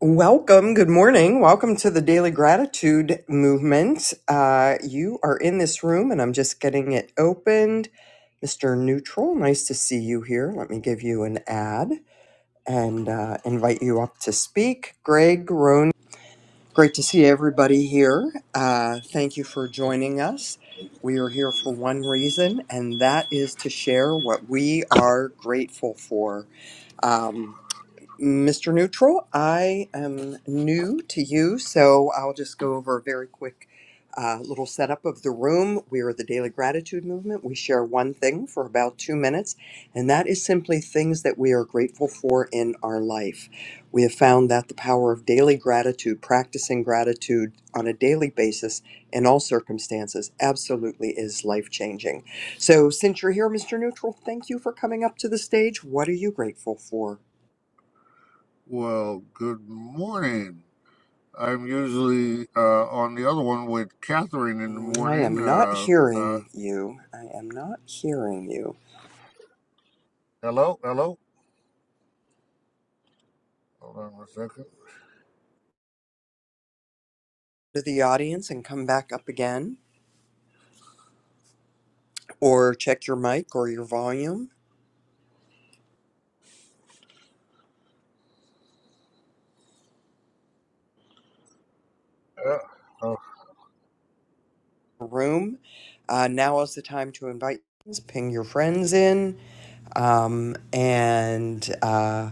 Welcome. Good morning. Welcome to the Daily Gratitude Movement. Uh, you are in this room, and I'm just getting it opened. Mr. Neutral, nice to see you here. Let me give you an ad and uh, invite you up to speak. Greg Roan, great to see everybody here. Uh, thank you for joining us. We are here for one reason, and that is to share what we are grateful for. Um, Mr. Neutral, I am new to you, so I'll just go over a very quick uh, little setup of the room. We are the Daily Gratitude Movement. We share one thing for about two minutes, and that is simply things that we are grateful for in our life. We have found that the power of daily gratitude, practicing gratitude on a daily basis in all circumstances, absolutely is life changing. So, since you're here, Mr. Neutral, thank you for coming up to the stage. What are you grateful for? Well, good morning. I'm usually uh, on the other one with Catherine in the Mm, I morning. am not Uh, uh, hearing you. I am not hearing you. hello, hello. Hold on a second. To the audience and come back up again, or check your mic or your volume Yeah. Oh. room. Uh, now is the time to invite, friends, ping your friends in, um, and uh,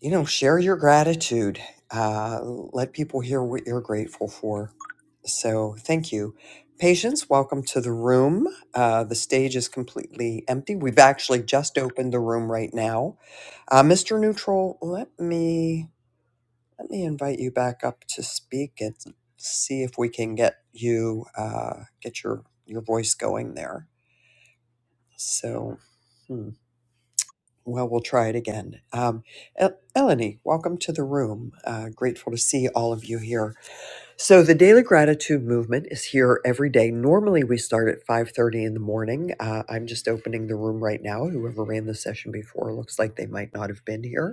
you know, share your gratitude. Uh, let people hear what you're grateful for. So, thank you. Patience, welcome to the room. Uh, the stage is completely empty. We've actually just opened the room right now Uh, Mr. Neutral, let me let me invite you back up to speak and see if we can get you uh, get your your voice going there. So, hmm, well, we'll try it again. Um, El- Eleni, welcome to the room. Uh, grateful to see all of you here. So, the Daily Gratitude Movement is here every day. Normally, we start at five thirty in the morning. Uh, I'm just opening the room right now. Whoever ran the session before looks like they might not have been here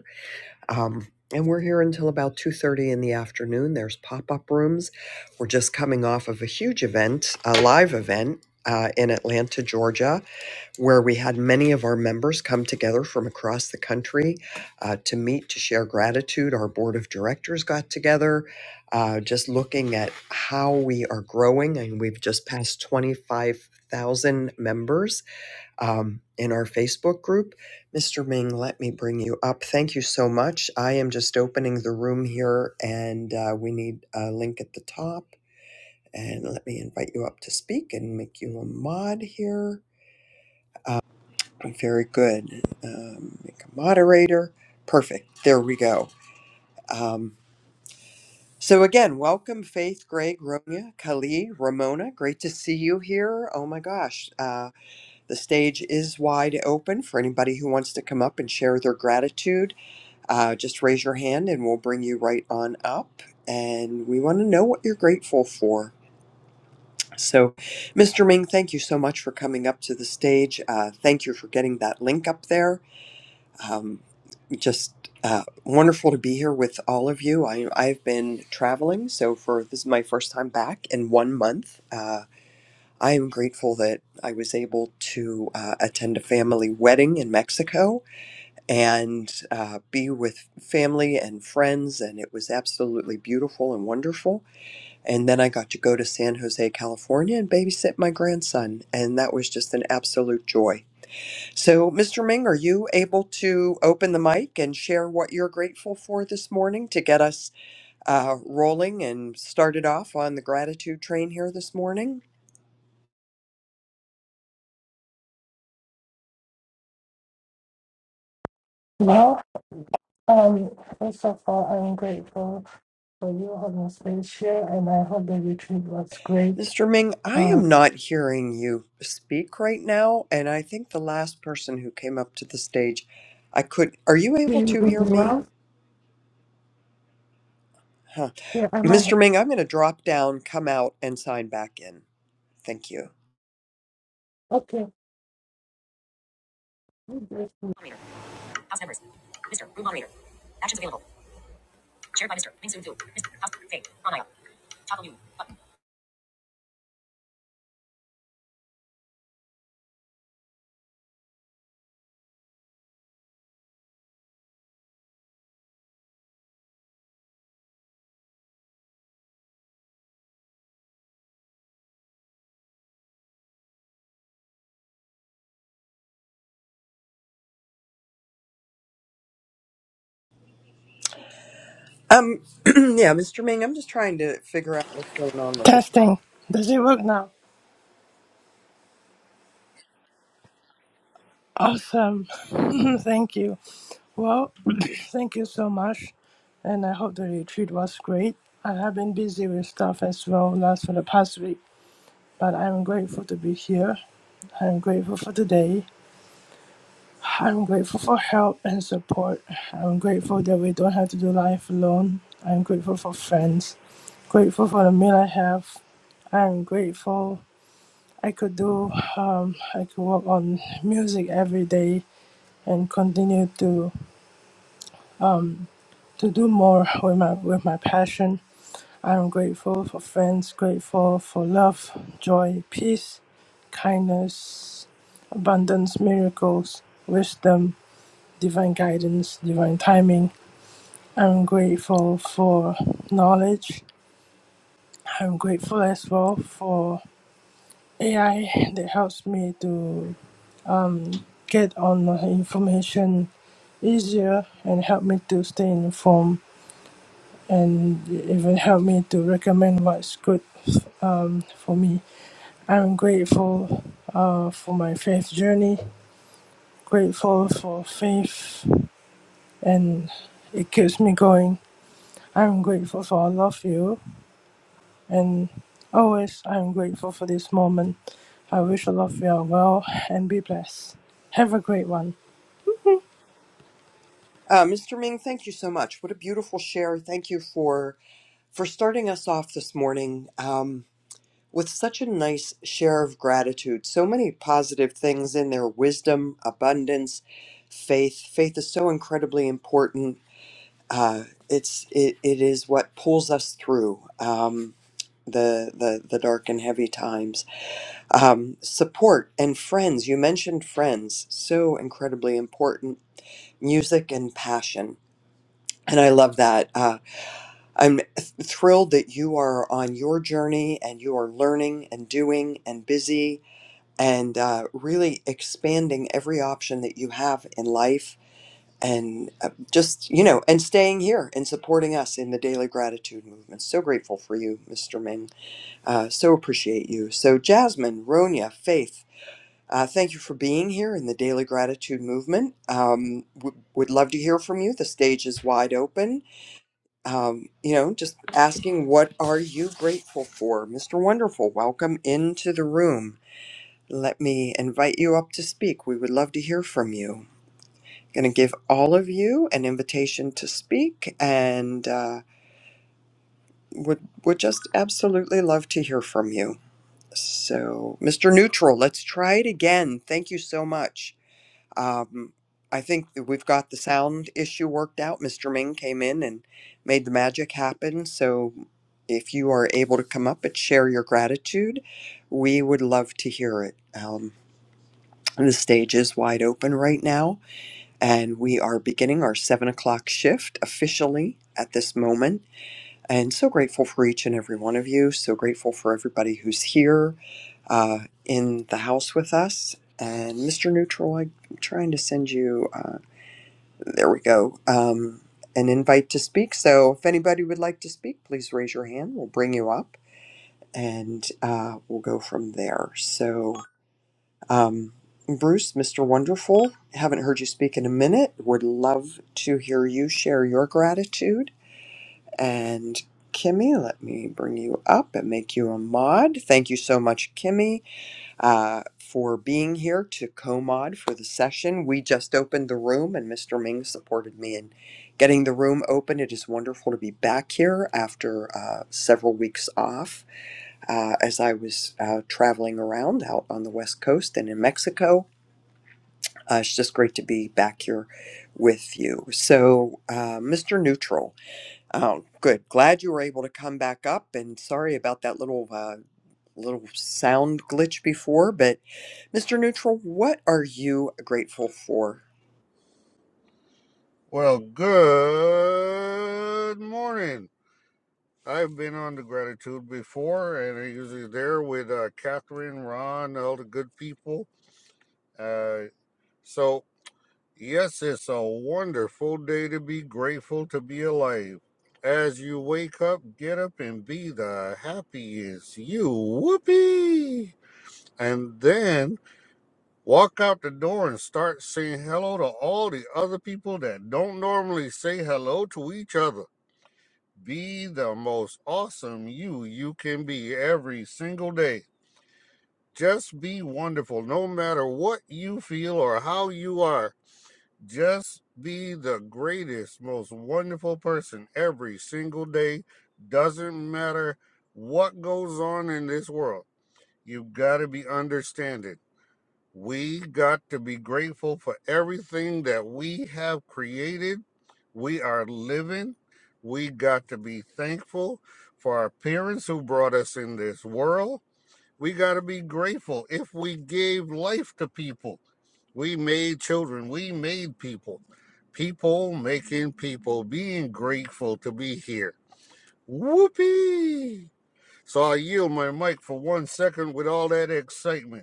Um, and we're here until about 2.30 in the afternoon. There's pop-up rooms. We're just coming off of a huge event, a live event uh, in Atlanta, Georgia, where we had many of our members come together from across the country uh, to meet, to share gratitude. Our board of directors got together, uh, just looking at how we are growing. And we've just passed 25,000 members um, in our Facebook group. Mr. Ming, let me bring you up. Thank you so much. I am just opening the room here, and uh, we need a link at the top. And let me invite you up to speak and make you a mod here. Uh, very good. Um, make a moderator. Perfect. There we go. Um, so again, welcome Faith, Greg, Ronya, Kali, Ramona. Great to see you here. Oh my gosh. Uh, The stage is wide open for anybody who wants to come up and share their gratitude. Uh, just raise your hand and we'll bring you right on up. And we want to know what you're grateful for. So, Mr. Ming, thank you so much for coming up to the stage. Uh, thank you for getting that link up there. Um, just uh, wonderful to be here with all of you. I, I've been traveling, so for this is my first time back in one month. Uh, I am grateful that I was able to uh, attend a family wedding in Mexico and uh, be with family and friends, and it was absolutely beautiful and wonderful. And then I got to go to San Jose, California, and babysit my grandson, and that was just an absolute joy. So, Mr. Ming, are you able to open the mic and share what you're grateful for this morning to get us uh, rolling and started off on the gratitude train here this morning? Well, um, first of all, I'm grateful for you having space here, and I hope the retreat was great. Mr. Ming, I Um, am not hearing you speak right now, and I think the last person who came up to the stage, I could. Are you able you to hear doing me? well? Huh. Yeah, I might. Have, Mr. Ming, I'm going to drop down, come out, and sign back in. Thank you. okay. Um, yeah, Mr. Ming, I'm just trying to figure out what's going on with this phone. Testing. Does it work now? Awesome. thank you. Well, thank you so much. And I hope the retreat was great. I have been busy with stuff as well last for the past week, but I'm grateful to be here. I'm grateful for today. I'm grateful for help and support. I'm grateful that we don't have to do life alone. I'm grateful for friends. Grateful for the meal I have. I'm grateful I could do um, I could work on music every day and continue to to do more with my with my passion. I'm grateful for friends, grateful for love, joy, peace, kindness, abundance, miracles, wisdom, divine guidance, divine timing. I'm grateful for knowledge. I'm grateful as well for AI that helps me to get on the information easier and help me to stay informed and even help me to recommend what's good um, for me. I'm grateful uh, for my faith journey, grateful for faith and it keeps me going. I'm grateful for all of you. And always I'm grateful for this moment. I wish all of you are well and be blessed. Have a great one. Uh, Mr. Ming, thank you so much. What a beautiful share. Thank you for for starting us off this morning. Um, with such a nice share of gratitude, so many positive things in their wisdom, abundance, faith. Faith is so incredibly important. Uh, it's it, it is what pulls us through um, the, the the dark and heavy times. Um, support and friends. You mentioned friends, so incredibly important. Music and passion, and I love that. Uh, I'm thrilled that you are on your journey and you are learning and doing and busy and uh, really expanding every option that you have in life and uh, just you know and staying here and supporting us in the daily gratitude movement so grateful for you mr ming uh, so appreciate you so jasmine ronia faith uh, thank you for being here in the daily gratitude movement um, w- would love to hear from you the stage is wide open um, you know just asking what are you grateful for mr wonderful welcome into the room let me invite you up to speak. We would love to hear from you. Going to give all of you an invitation to speak, and uh, would would just absolutely love to hear from you. So, Mr. Neutral, let's try it again. Thank you so much. Um, I think that we've got the sound issue worked out. Mr. Ming came in and made the magic happen. So, if you are able to come up and share your gratitude, we would love to hear it. Um, The stage is wide open right now, and we are beginning our seven o'clock shift officially at this moment. And so grateful for each and every one of you. So grateful for everybody who's here uh, in the house with us. And Mr. Neutral, I'm trying to send you, uh, there we go, um, an invite to speak. So if anybody would like to speak, please raise your hand. We'll bring you up and uh, we'll go from there. So. Um, Bruce, Mr. Wonderful, haven't heard you speak in a minute. Would love to hear you share your gratitude. And Kimmy, let me bring you up and make you a mod. Thank you so much, Kimmy, uh, for being here to co mod for the session. We just opened the room, and Mr. Ming supported me in getting the room open. It is wonderful to be back here after uh, several weeks off uh, as I was uh, traveling around out on the West Coast and in Mexico uh, it's just great to be back here with you. So, uh, Mr. Neutral, oh, good. Glad you were able to come back up, and sorry about that little uh, little sound glitch before. But, Mr. Neutral, what are you grateful for Well, good morning. I've been on the gratitude before, and I'm usually there with uh, Catherine, Ron, all the good people. Uh, so Yes, it's a wonderful day to be grateful to be alive. As you wake up, get up and be the happiest you. Whoopee! And then walk out the door and start saying hello to all the other people that don't normally say hello to each other. Be the most awesome you you can be every single day. Just be wonderful no matter what you feel or how you are. Just be the greatest, most wonderful person every single day. Doesn't matter what goes on in this world. You got to be understanding. We got to be grateful for everything that we have created. We are living. We got to be thankful for our parents who brought us in this world. We got to be grateful if we gave life to people. We made children. We made people. People making people. Being grateful to be here. Whoopee! So I yield my mic for one second with all that excitement.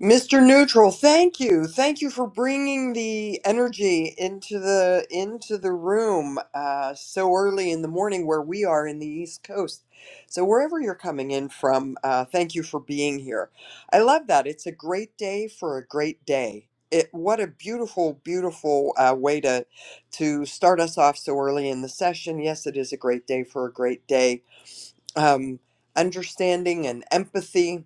Mr. Neutral, thank you. Thank you for bringing the energy into the into the room uh, so early in the morning where we are in the East Coast. So wherever you're coming in from, uh, thank you for being here. I love that. It's a great day for a great day. It what a beautiful, beautiful uh, way to to start us off so early in the session. Yes, it is a great day for a great day. Um, understanding and empathy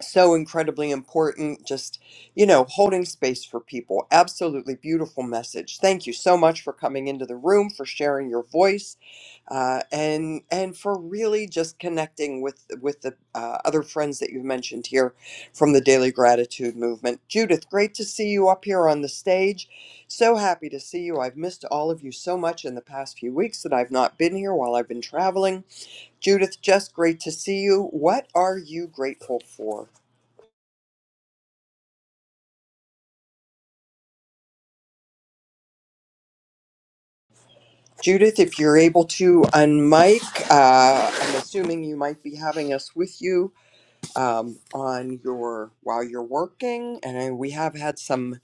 so incredibly important. Just, you know, holding space for people. Absolutely beautiful message. Thank you so much for coming into the room, for sharing your voice, uh, and and for really just connecting with with the uh, other friends that you've mentioned here from the Daily Gratitude Movement. Judith, great to see you up here on the stage. So happy to see you. I've missed all of you so much in the past few weeks that I've not been here while I've been traveling. Judith, just great to see you. What are you grateful for? Judith, if you're able to unmic, uh, I'm assuming you might be having us with you um, on your while you're working, and I, we have had some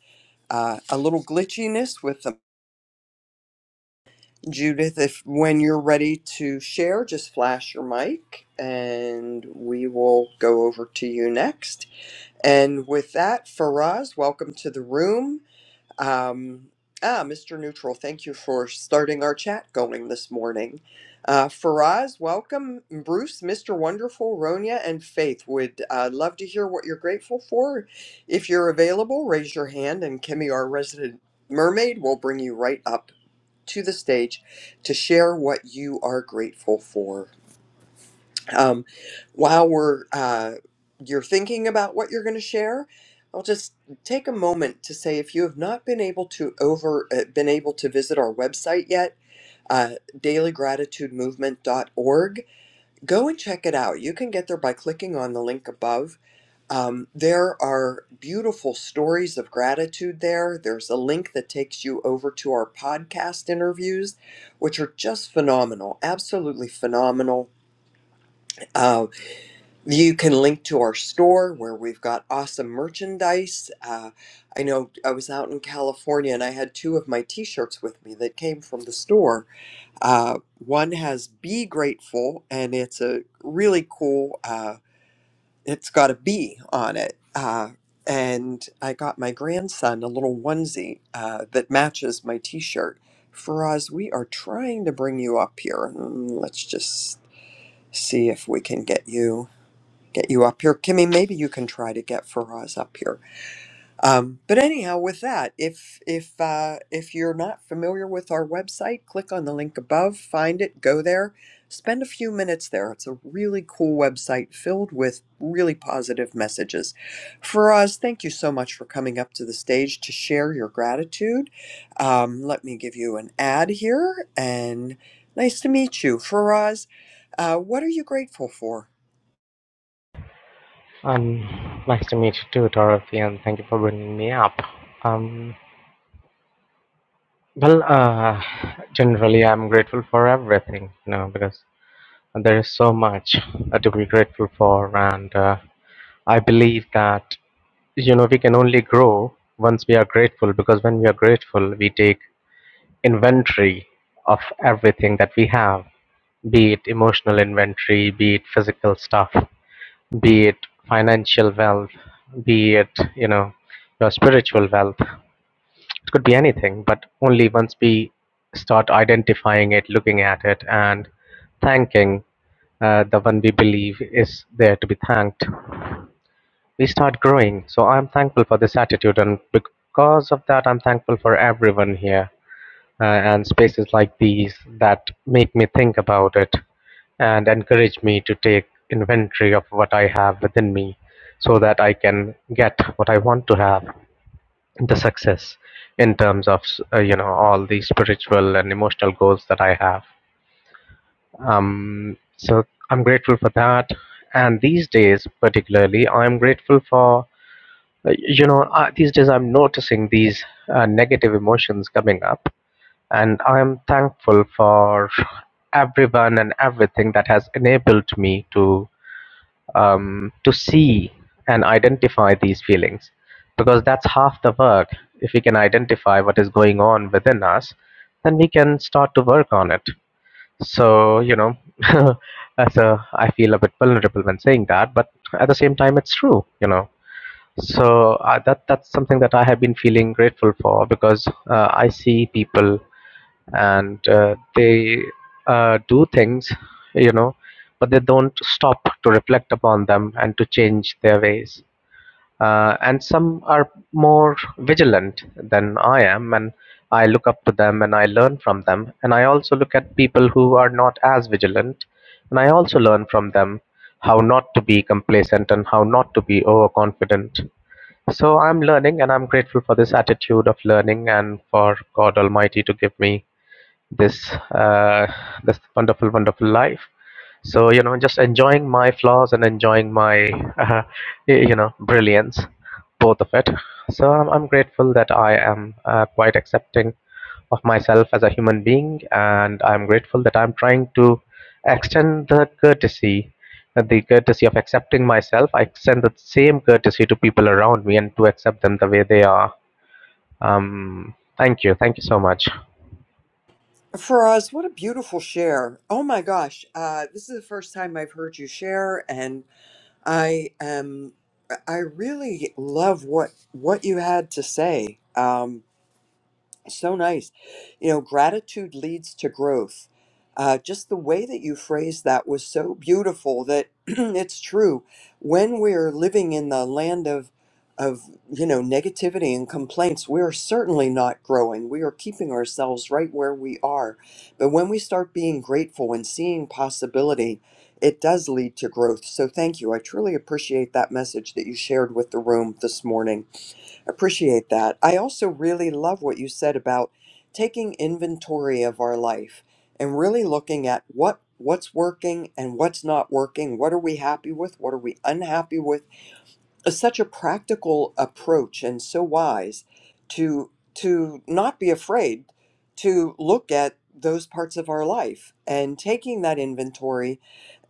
uh, a little glitchiness with them. Judith, if when you're ready to share, just flash your mic, and we will go over to you next. And with that, Faraz, welcome to the room. Um, ah, Mr. Neutral, thank you for starting our chat going this morning. Uh, Faraz, welcome. Bruce, Mr. Wonderful, Ronya, and Faith would uh, love to hear what you're grateful for. If you're available, raise your hand, and Kimmy, our resident mermaid, will bring you right up to the stage to share what you are grateful for um, while we're uh, you're thinking about what you're going to share i'll just take a moment to say if you have not been able to over uh, been able to visit our website yet uh, dailygratitudemovement.org go and check it out you can get there by clicking on the link above um, there are beautiful stories of gratitude there there's a link that takes you over to our podcast interviews which are just phenomenal absolutely phenomenal Um, you can link to our store where we've got awesome merchandise. Uh, I know I was out in California and I had two of my t shirts with me that came from the store. Uh, one has Be Grateful, and it's a really cool, uh, it's got a bee on it. Uh, and I got my grandson a little onesie uh, that matches my t shirt. Faraz, we are trying to bring you up here. Mm, Let's just see if we can get you get you up here. Kimmy, maybe you can try to get Faraz up here. Um, but anyhow, with that, if if uh, if you're not familiar with our website, click on the link above, find it, go there, spend a few minutes there. It's a really cool website filled with really positive messages. Faraz, thank you so much for coming up to the stage to share your gratitude. Um, let me give you an ad here, and nice to meet you, Faraz. Uh, what are you grateful for? Um, nice to meet you too, Dorothy, and thank you for bringing me up. Um, well, uh, generally, I'm grateful for everything, you know, because there is so much uh, to be grateful for, and uh, I believe that you know we can only grow once we are grateful, because when we are grateful, we take inventory of everything that we have, be it emotional inventory, be it physical stuff. be it financial wealth, be it, you know, your spiritual wealth. It could be anything, but only once we start identifying it, looking at it, and thanking uh, the one we believe is there to be thanked, we start growing. So I'm thankful for this attitude, and because of that, I'm thankful for everyone here uh, and spaces like these that make me think about it and encourage me to take inventory of what I have within me so that I can get what I want to have the success in terms of uh, you know all the spiritual and emotional goals that I have um, so I'm grateful for that and these days particularly I'm grateful for uh, you know uh, these days I'm noticing these uh, negative emotions coming up and I am thankful for everyone and everything that has enabled me to um, to see and identify these feelings, because that's half the work. If we can identify what is going on within us, then we can start to work on it. So you know, so I feel a bit vulnerable when saying that, but at the same time, it's true. You know. So uh, that that's something that I have been feeling grateful for because uh, I see people and uh, they uh, do things, you know, but they don't stop to reflect upon them and to change their ways. Uh, and some are more vigilant than I am, and I look up to them and I learn from them. And I also look at people who are not as vigilant, and I also learn from them how not to be complacent and how not to be overconfident so I'm learning and I'm grateful for this attitude of learning and for God Almighty to give me this uh, this wonderful wonderful life so you know just enjoying my flaws and enjoying my uh, y- you know brilliance both of it so i'm, I'm grateful that i am uh, quite accepting of myself as a human being and i'm grateful that i'm trying to extend the courtesy uh, the courtesy of accepting myself i extend the same courtesy to people around me and to accept them the way they are um, thank you thank you so much Faraz, what a beautiful share. Oh my gosh. Uh, this is the first time I've heard you share and I am I really love what what you had to say. Um, so nice. You know, gratitude leads to growth. Uh, just the way that you phrased that was so beautiful that it's true. When we're living in the land of of you know negativity and complaints, we are certainly not growing. We are keeping ourselves right where we are. But when we start being grateful and seeing possibility, it does lead to growth. So thank you. I truly appreciate that message that you shared with the room this morning. Appreciate that. I also really love what you said about taking inventory of our life and really looking at what what's working and what's not working. What are we happy with? What are we unhappy with? It's such a practical approach and so wise to to not be afraid to look at those parts of our life and taking that inventory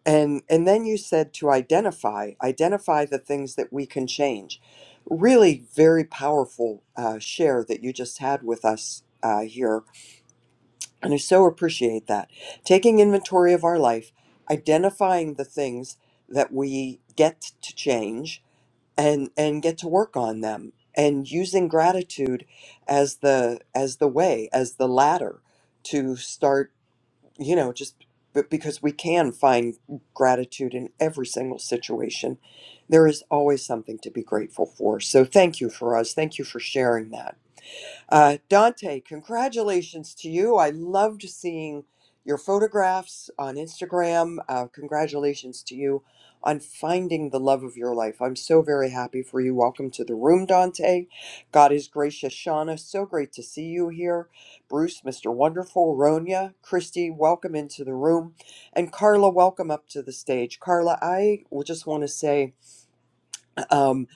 and and then you said to identify, identify the things that we can change. Really, very powerful uh, share that you just had with us uh, here, and I so appreciate that. Taking inventory of our life, identifying the things that we get to change, and and get to work on them, and using gratitude as the as the way as the ladder to start you know, just but because we can find gratitude in every single situation, there is always something to be grateful for. So thank you for us. Thank you for sharing that. Uh, Dante, congratulations to you. I loved seeing your photographs on Instagram. Uh, congratulations to you on finding the love of your life. I'm so very happy for you. Welcome to the room, Dante. God is gracious. Shauna, so great to see you here. Bruce, Mr. Wonderful, Ronya, Christy, welcome into the room. And Carla, welcome up to the stage. Carla, I w- just want to say, um,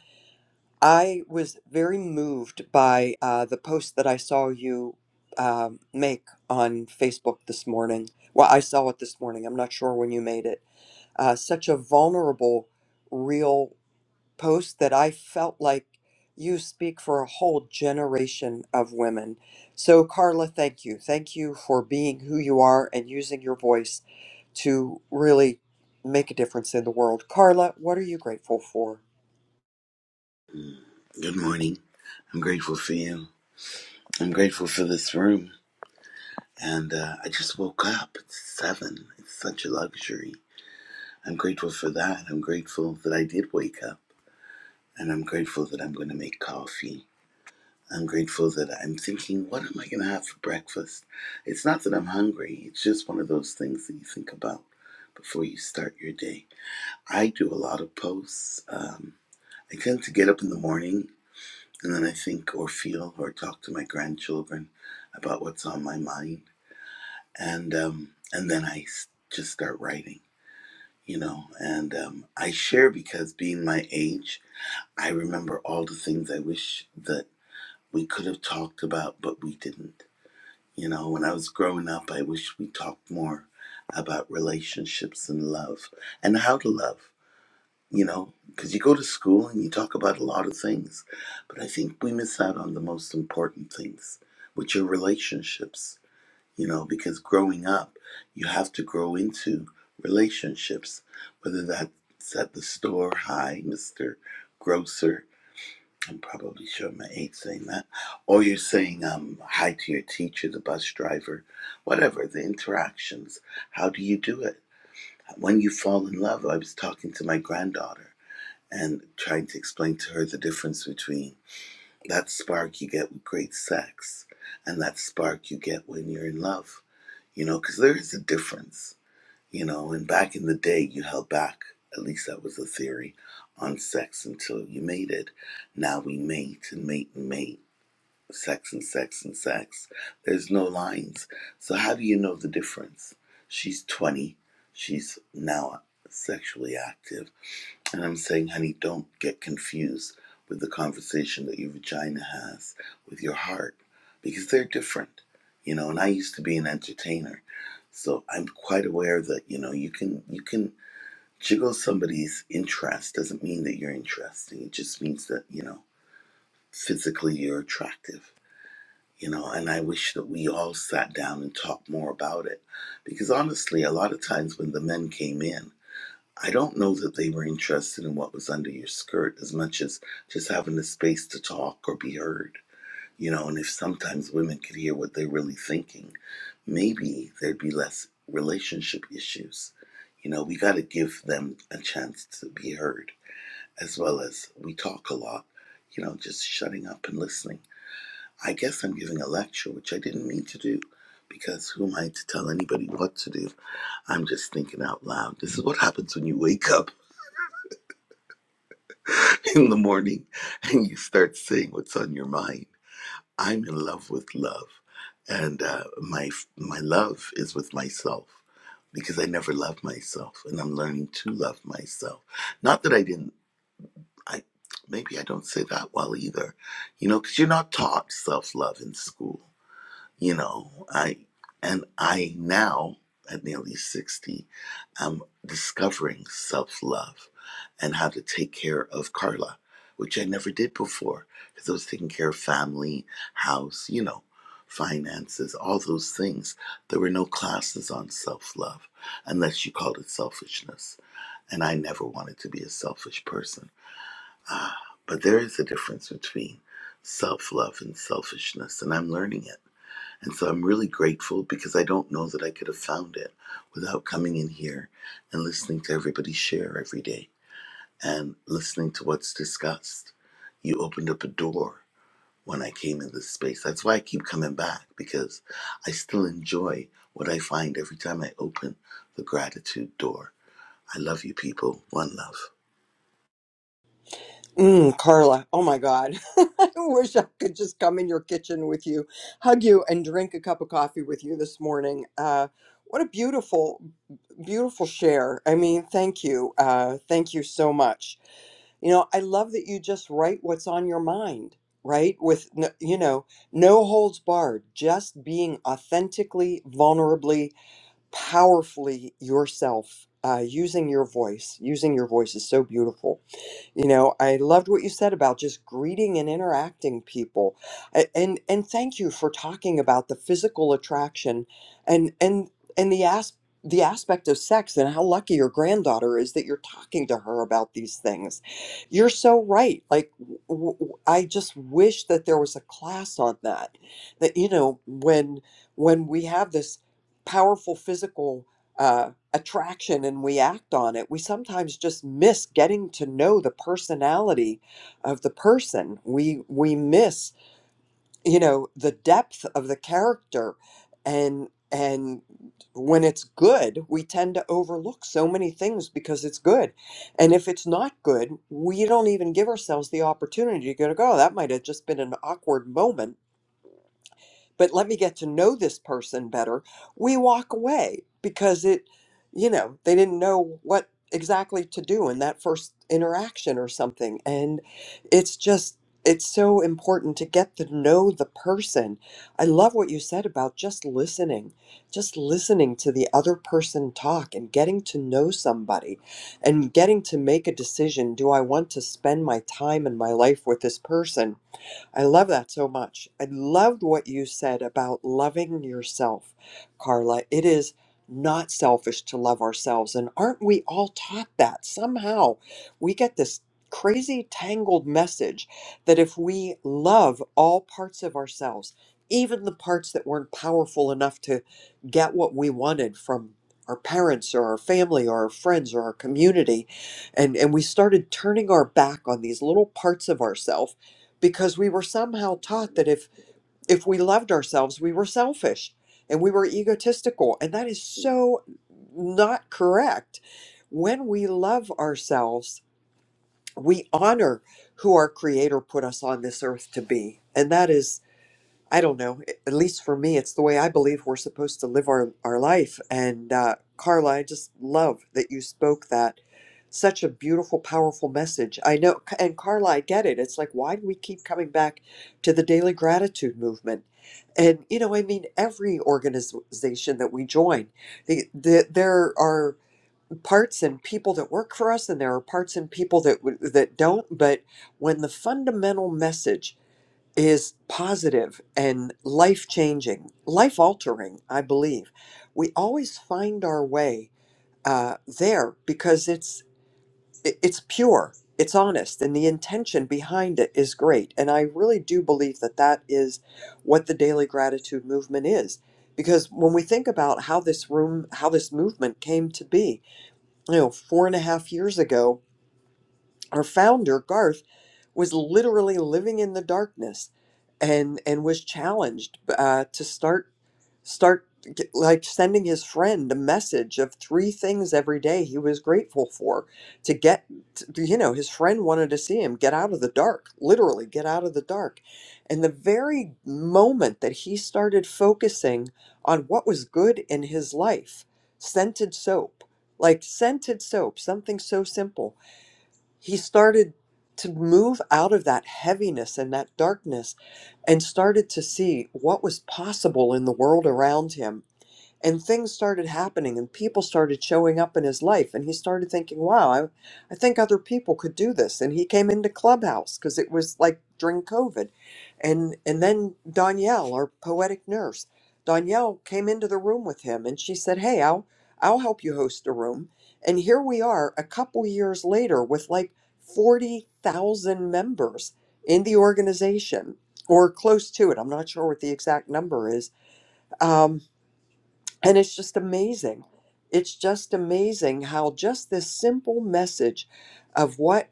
I was very moved by uh, the post that I saw you um, make on Facebook this morning. Well, I saw it this morning. I'm not sure when you made it. Uh, such a vulnerable, real post that I felt like you speak for a whole generation of women. So, Carla, thank you. Thank you for being who you are and using your voice to really make a difference in the world. Carla, what are you grateful for? Good morning. I'm grateful for you. I'm grateful for this room. And uh, I just woke up. It's seven. It's such a luxury. I'm grateful for that. I'm grateful that I did wake up. And I'm grateful that I'm going to make coffee. I'm grateful that I'm thinking, what am I going to have for breakfast? It's not that I'm hungry, it's just one of those things that you think about before you start your day. I do a lot of posts. Um, I tend to get up in the morning And then I think or feel or talk to my grandchildren about what's on my mind. And, um, and then I just start writing, you know. And um, I share because being my age, I remember all the things I wish that we could have talked about, but we didn't. You know, when I was growing up, I wish we talked more about relationships and love and how to love you know, because you go to school and you talk about a lot of things, but I think we miss out on the most important things, which are relationships, you know, because growing up, you have to grow into relationships, whether that's at the store, hi, Mr. Grocer. I'm probably showing my age saying that. Or you're saying um, hi to your teacher, the bus driver, whatever, the interactions. How do you do it? When you fall in love, I was talking to my granddaughter and trying to explain to her the difference between that spark you get with great sex and that spark you get when you're in love, you know, because there is a difference, you know. And back in the day, you held back, at least that was the theory, on sex until you mated. Now we mate and mate and mate, sex and sex and sex. There's no lines. So, how do you know the difference? She's 20, she's now sexually active and I'm saying, honey, don't get confused with the conversation that your vagina has with your heart because they're different, you know. And I used to be an entertainer, so I'm quite aware that you know you can you can jiggle somebody's interest doesn't mean that you're interesting. It just means that you know physically you're attractive. You know, and I wish that we all sat down and talked more about it. Because honestly, a lot of times when the men came in, I don't know that they were interested in what was under your skirt as much as just having the space to talk or be heard. You know, and if sometimes women could hear what they're really thinking, maybe there'd be less relationship issues. You know, we got to give them a chance to be heard, as well as we talk a lot, you know, just shutting up and listening. I guess I'm giving a lecture, which I didn't mean to do, because who am I to tell anybody what to do? I'm just thinking out loud. This is what happens when you wake up in the morning and you start saying what's on your mind. I'm in love with love, and uh, my my love is with myself because I never loved myself, and I'm learning to love myself. Not that I didn't. I maybe I don't say that well either, you know, because you're not taught self love in school you know i and i now at nearly 60 i'm discovering self-love and how to take care of carla which i never did before because i was taking care of family house you know finances all those things there were no classes on self-love unless you called it selfishness and i never wanted to be a selfish person but there is a difference between self-love and selfishness and i'm learning it and so I'm really grateful because I don't know that I could have found it without coming in here and listening to everybody share every day and listening to what's discussed. You opened up a door when I came in this space. That's why I keep coming back because I still enjoy what I find every time I open the gratitude door. I love you people. One love. Mm, Carla, oh my God. I wish I could just come in your kitchen with you, hug you, and drink a cup of coffee with you this morning. Uh, what a beautiful, beautiful share. I mean, thank you. Uh, thank you so much. You know, I love that you just write what's on your mind, right? With, n- you know, no holds barred, just being authentically, vulnerably, powerfully yourself, uh, using your voice. Using your voice is so beautiful. You know, I loved what you said about just greeting and interacting people. A- And and thank you for talking about the physical attraction and and and the as the aspect of sex and how lucky your granddaughter is that you're talking to her about these things. You're so right. Like w- w- I just wish that there was a class on that. That you know, when when we have this powerful physical uh, attraction and we act on it, we sometimes just miss getting to know the personality of the person. We we miss, you know, the depth of the character and and when it's good, we tend to overlook so many things because it's good. And if it's not good, we don't even give ourselves the opportunity to go, oh, that might have just been an awkward moment but let me get to know this person better, we walk away because it, you know, they didn't know what exactly to do in that first interaction or something. And it's just, it's so important to get to know the person. I love what you said about just listening, just listening to the other person talk and getting to know somebody and getting to make a decision. Do I want to spend my time and my life with this person? I love that so much. I loved what you said about loving yourself, Carla. It is not selfish to love ourselves. And aren't we all taught that? Somehow we get this crazy tangled message that if we love all parts of ourselves, even the parts that weren't powerful enough to get what we wanted from our parents or our family or our friends or our community and and we started turning our back on these little parts of ourselves because we were somehow taught that if if we loved ourselves we were selfish and we were egotistical and that is so not correct when we love ourselves we honor who our creator put us on this earth to be and that is I don't know. At least for me, it's the way I believe we're supposed to live our, our life. And uh, Carla, I just love that you spoke that. Such a beautiful, powerful message. I know. And Carla, I get it. It's like, why do we keep coming back to the daily gratitude movement? And, you know, I mean, every organization that we join, the, the, there are parts and people that work for us, and there are parts and people that, w- that don't. But when the fundamental message is positive and life changing, life altering, I believe. We always find our way uh, there because it's it- it's pure, it's honest, and the intention behind it is great. And I really do believe that that is what the daily gratitude movement is. Because when we think about how this room, how this movement came to be, you know, four and a half years ago, our founder, Garth, was literally living in the darkness and and was challenged uh, to start start g- like sending his friend a message of three things every day he was grateful for to get t- you know his friend wanted to see him get out of the dark literally get out of the dark and the very moment that he started focusing on what was good in his life scented soap like scented soap something so simple he started to move out of that heaviness and that darkness and started to see what was possible in the world around him and things started happening and people started showing up in his life and he started thinking wow i, I think other people could do this and he came into clubhouse because it was like during covid and and then danielle our poetic nurse danielle came into the room with him and she said hey i'll i'll help you host a room and here we are a couple years later with like 40,000 members in the organization or close to it i'm not sure what the exact number is Um. And it's just amazing. It's just amazing how just this simple message of what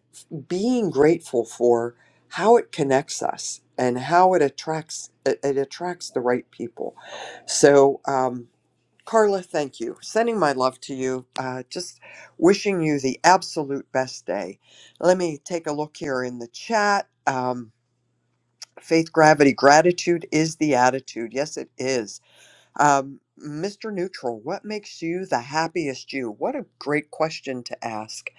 being grateful for, how it connects us and how it attracts it, it attracts the right people. So um, Carla, thank you. Sending my love to you. Uh, just wishing you the absolute best day. Let me take a look here in the chat. Um, faith, gravity, gratitude is the attitude. Yes, it is. Um, Mr. Neutral, what makes you the happiest you? What a great question to ask.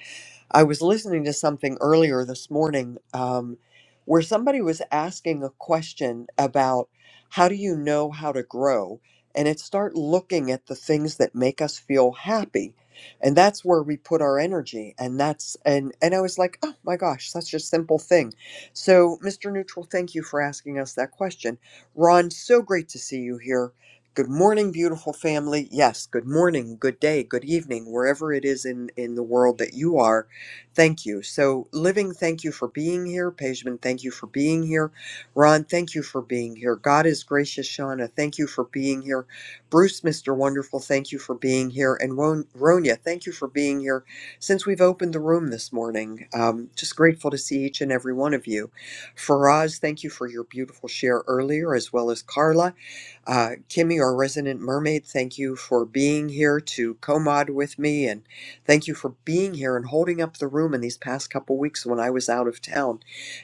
I was listening to something earlier this morning um, where somebody was asking a question about how do you know how to grow? And it start looking at the things that make us feel happy. And that's where we put our energy. And that's, and, and I was like, oh my gosh, such a simple thing. So, Mr. Neutral, thank you for asking us that question. Ron, so great to see you here. Good morning, beautiful family. Yes, good morning, good day, good evening, wherever it is in, in the world that you are. Thank you. So, Living, thank you for being here. Pejman, thank you for being here. Ron, thank you for being here. God is gracious, Shauna, thank you for being here. Bruce, Mr. Wonderful, thank you for being here. And Ron- Ronya, thank you for being here. Since we've opened the room this morning, um, just grateful to see each and every one of you. Faraz, thank you for your beautiful share earlier, as well as Carla. Uh, Kimmy, our resident mermaid, thank you for being here to co-mod with me, and thank you for being here and holding up the room in these past couple weeks when I was out of town.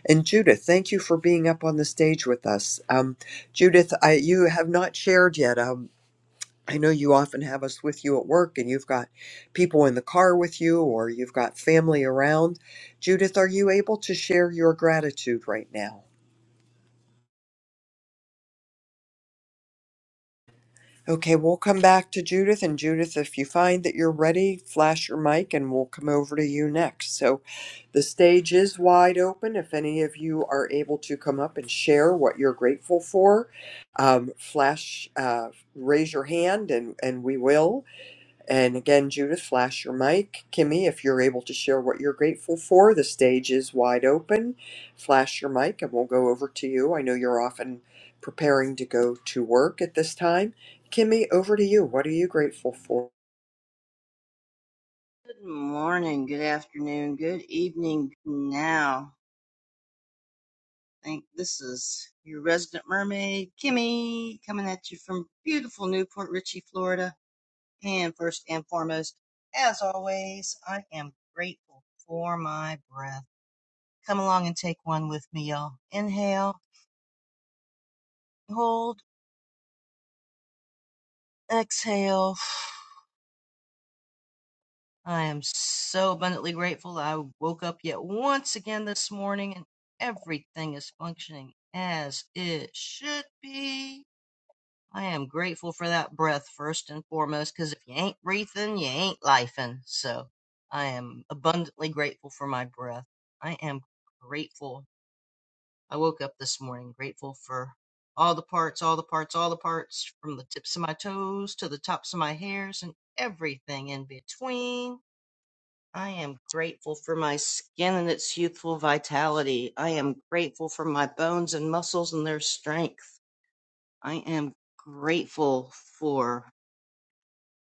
And Judith, thank you for being up on the stage with us. Um, Judith, I, you have not shared yet. Um, I know you often have us with you at work, and you've got people in the car with you, or you've got family around. Judith, are you able to share your gratitude right now? Okay, we'll come back to Judith. And Judith, if you find that you're ready, flash your mic and we'll come over to you next. So the stage is wide open. If any of you are able to come up and share what you're grateful for, um, flash, uh, raise your hand and, and we will. And again, Judith, flash your mic. Kimmy, if you're able to share what you're grateful for, the stage is wide open. Flash your mic and we'll go over to you. I know you're often preparing to go to work at this time. Kimmy, over to you. What are you grateful for? Good morning, good afternoon, good evening now. I think this is your resident mermaid, Kimmy, coming at you from beautiful Newport Richey, Florida. And first and foremost, as always, I am grateful for my breath. Come along and take one with me, y'all. Inhale, hold, exhale. I am so abundantly grateful that I woke up yet once again this morning and everything is functioning as it should be. I am grateful for that breath first and foremost because if you ain't breathing, you ain't lifing. So I am abundantly grateful for my breath. I am grateful. I woke up this morning grateful for all the parts, all the parts, all the parts from the tips of my toes to the tops of my hairs and everything in between. I am grateful for my skin and its youthful vitality. I am grateful for my bones and muscles and their strength. I am grateful for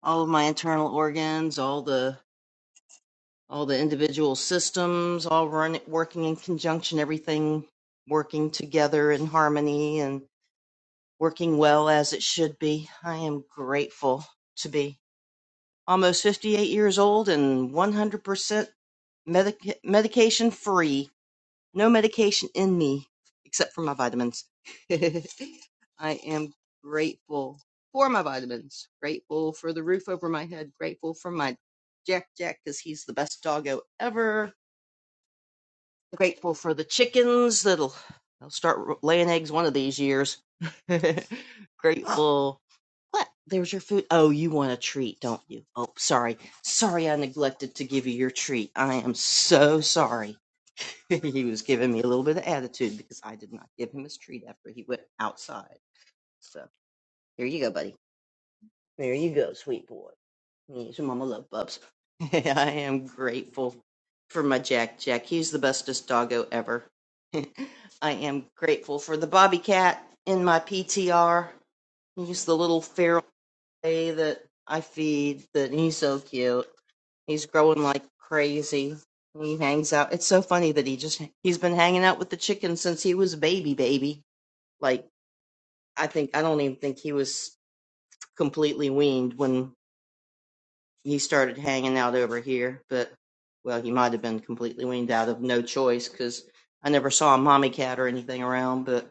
all of my internal organs, all the all the individual systems, all run, working in conjunction, everything working together in harmony and working well as it should be. I am grateful to be almost 58 years old and 100% medic- medication free. No medication in me except for my vitamins. I am grateful for my vitamins, grateful for the roof over my head, grateful for my Jack Jack because he's the best doggo ever, grateful for the chickens that'll they'll start laying eggs one of these years. grateful. What? There's your food. Oh, you want a treat, don't you? Oh, sorry. Sorry I neglected to give you your treat. I am so sorry. he was giving me a little bit of attitude because I did not give him his treat after he went outside. So here you go, buddy. There you go, sweet boy. Here's your mama love bubs. I am grateful for my Jack Jack. He's the bestest doggo ever. I am grateful for the Bobby Cat in my PTR. He's the little feral. Clay that I feed that he's so cute. He's growing like crazy. He hangs out. It's so funny that he just he's been hanging out with the chickens since he was a baby baby. Like I think I don't even think he was completely weaned when he started hanging out over here, but well, he might have been completely weaned out of no choice cuz I never saw a mommy cat or anything around, but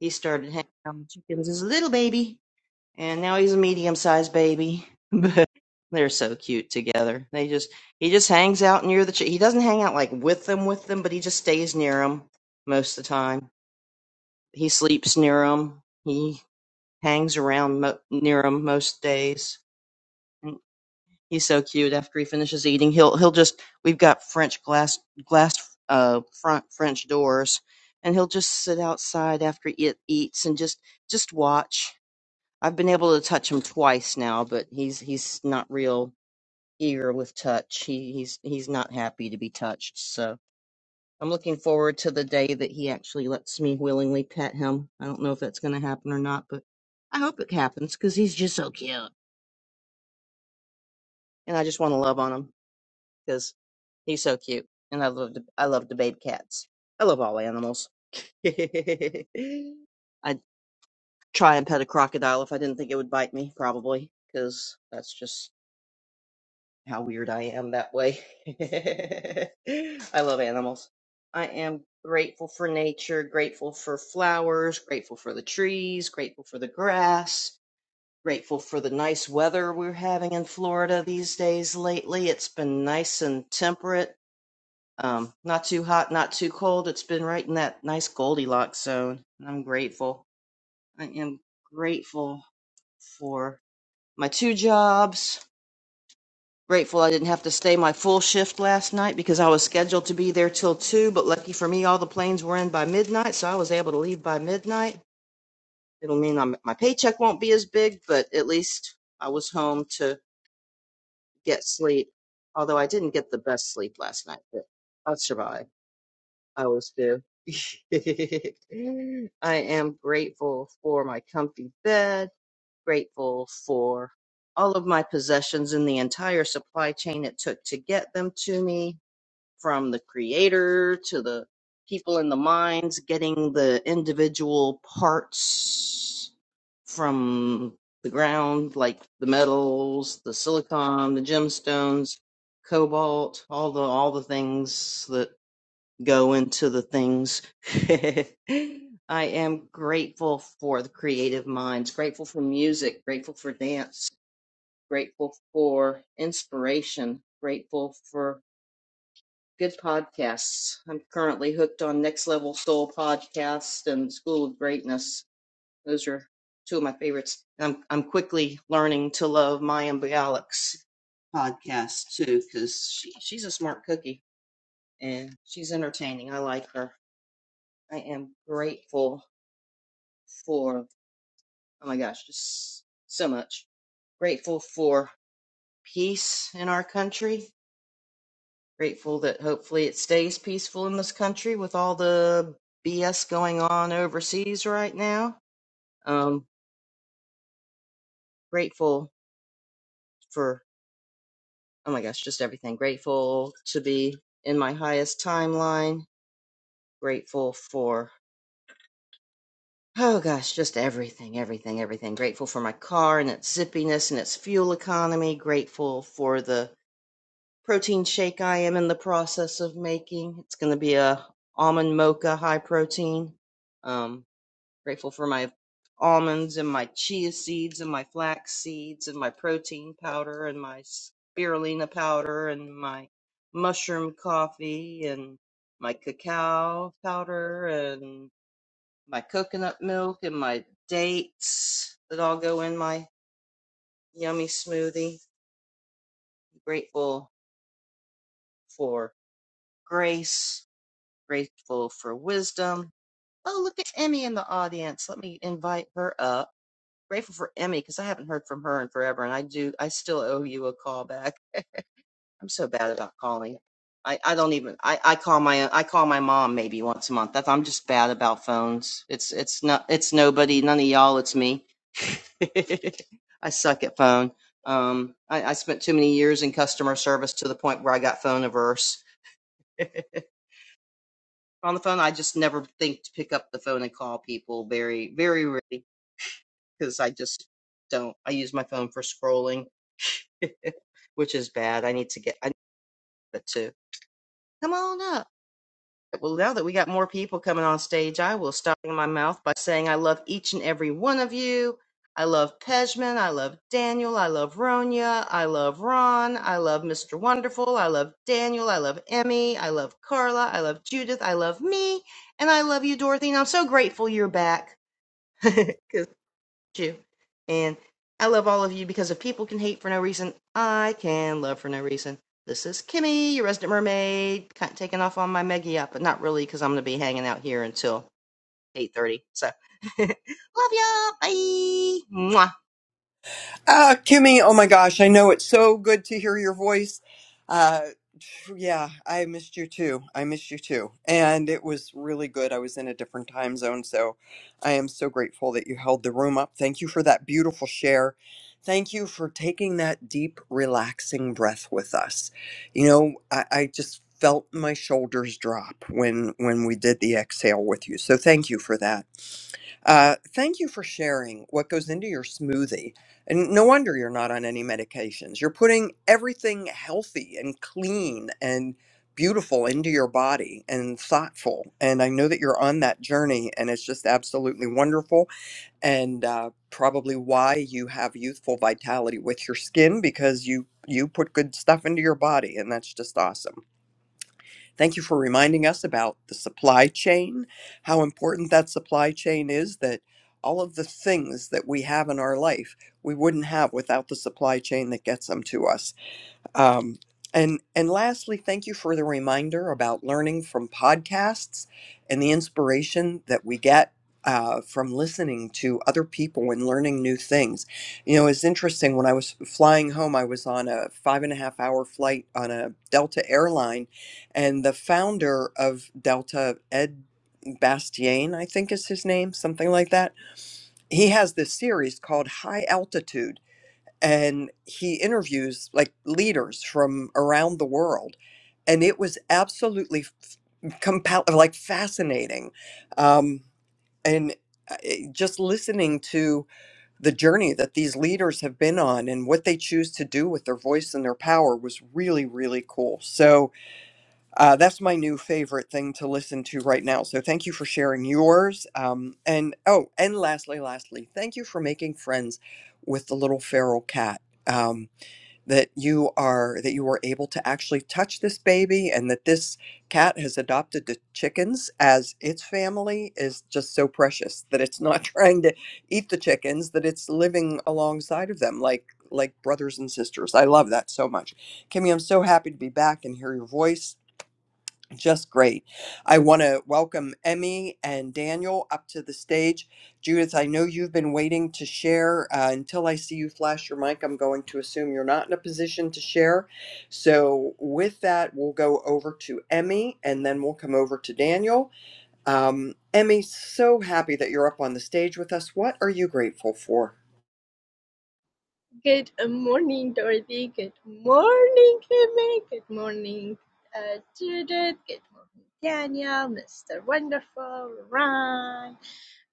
he started hanging out with chickens as a little baby. and now he's a medium-sized baby. But they're so cute together. They just he just hangs out near the. Ch- he doesn't hang out like with them, with them, but he just stays near them most of the time. He sleeps near them. He hangs around mo- near them most days. And He's so cute. After he finishes eating, he'll he'll just. We've got French glass glass uh front French doors, and he'll just sit outside after it eats and just just watch. I've been able to touch him twice now, but he's he's not real eager with touch. He he's he's not happy to be touched. So I'm looking forward to the day that he actually lets me willingly pet him. I don't know if that's going to happen or not, but I hope it happens because he's just so cute, and I just want to love on him because he's so cute, and I love to, I love to bathe cats. I love all animals. I'd try and pet a crocodile if I didn't think it would bite me, probably, because that's just how weird I am that way. I love animals. I am grateful for nature, grateful for flowers, grateful for the trees, grateful for the grass, grateful for the nice weather we're having in Florida these days lately. It's been nice and temperate. Um, not too hot, not too cold. It's been right in that nice Goldilocks zone. and I'm grateful. I am grateful for my two jobs Grateful I didn't have to stay my full shift last night because I was scheduled to be there till 2, but lucky for me, all the planes were in by midnight, so I was able to leave by midnight. It'll mean I'm, my paycheck won't be as big, but at least I was home to get sleep. Although I didn't get the best sleep last night, but I'll survive. I always do. I am grateful for my comfy bed, grateful for all of my possessions and the entire supply chain it took to get them to me from the creator to the people in the mines getting the individual parts from the ground like the metals the silicon the gemstones cobalt all the all the things that go into the things i am grateful for the creative minds grateful for music grateful for dance grateful for inspiration grateful for good podcasts. I'm currently hooked on Next Level Soul podcast and School of Greatness. Those are two of my favorites. I'm I'm quickly learning to love Maya Bialik's podcast too because she, she's a smart cookie and she's entertaining. I like her. I am grateful for oh my gosh, just so much. Grateful for peace in our country Grateful that hopefully it stays peaceful in this country with all the BS going on overseas right now. Um, grateful for, oh my gosh, just everything. Grateful to be in my highest timeline. Grateful for, oh gosh, just everything, everything, everything. Grateful for my car and its zippiness and its fuel economy. Grateful for the protein shake I am in the process of making. It's going to be a almond mocha high protein. Um, Grateful for my almonds and my chia seeds and my flax seeds and my protein powder and my spirulina powder and my mushroom coffee and my cacao powder and my coconut milk and my dates that all go in my yummy smoothie. Grateful for grace, grateful for wisdom. Oh, look at Emmy in the audience. Let me invite her up. grateful for Emmy because I haven't heard from her in forever, and I do. I still owe you a call back. I'm so bad about calling. I, I don't even. I, I call my I call my mom maybe once a month. That's, I'm just bad about phones. It's it's not it's nobody. None of y'all. It's me. I suck at phone. Um, I, I spent too many years in customer service to the point where I got phone averse. On the phone, I just never think to pick up the phone and call people. Very very rarely because I just don't. I use my phone for scrolling which is bad. I need to get I need it to come on up. Well, now that we got more people coming on stage, I will stop in my mouth by saying I love each and every one of you. I love Pejman. I love Daniel. I love Ronya. I love Ron. I love Mr. Wonderful. I love Daniel. I love Emmy. I love Carla. I love Judith. I love me. And I love you, Dorothy. And I'm so grateful you're back. Because you. And I love all of you because if people can hate for no reason, I can love for no reason. This is Kimmy, your resident mermaid, kind of taking off on my Meggie up, but not really because I'm going to be hanging out here until 8.30. So, love y'all. Bye. Mwah. Uh, Kimmy, oh my gosh, I know it's so good to hear your voice. Uh, yeah, I missed you too. I missed you too. And it was really good. I was in a different time zone, so I am so grateful that you held the room up. Thank you for that beautiful share. Thank you for taking that deep, relaxing breath with us. You know, I, I just felt my shoulders drop when when we did the exhale with you. So thank you for that. Uh, thank you for sharing what goes into your smoothie. And no wonder you're not on any medications. You're putting everything healthy and clean and beautiful into your body and thoughtful. And I know that you're on that journey and it's just absolutely wonderful. And uh, probably why you have youthful vitality with your skin because you you put good stuff into your body and that's just awesome. Thank you for reminding us about the supply chain, how important that supply chain is, that all of the things that we have in our life we wouldn't have without the supply chain that gets them to us. Um, and and lastly, thank you for the reminder about learning from podcasts and the inspiration that we get uh, from listening to other people and learning new things. You know, it's interesting. When I was flying home, I was on a five and a half hour flight on a Delta airline, and the founder of Delta, Ed Bastian, I think is his name, something like that. He has this series called High Altitude and he interviews like leaders from around the world and it was absolutely compel like fascinating um, and uh, it- just listening to the journey that these leaders have been on and what they choose to do with their voice and their power was really really cool so uh, that's my new favorite thing to listen to right now so thank you for sharing yours um, and oh and lastly lastly thank you for making friends with the little feral cat um, that you are that you were able to actually touch this baby and that this cat has adopted the chickens as its family is just so precious that it's not trying to eat the chickens that it's living alongside of them like like brothers and sisters i love that so much kimmy i'm so happy to be back and hear your voice just great. I want to welcome Emmy and Daniel up to the stage. Judith, I know you've been waiting to share. Uh, until I see you flash your mic, I'm going to assume you're not in a position to share. So, with that, we'll go over to Emmy and then we'll come over to Daniel. Um, Emmy, so happy that you're up on the stage with us. What are you grateful for? Good morning, Dorothy. Good morning, Kimmy. Good morning, uh, Judith. Good morning, Daniel, Mr. Wonderful, Ron,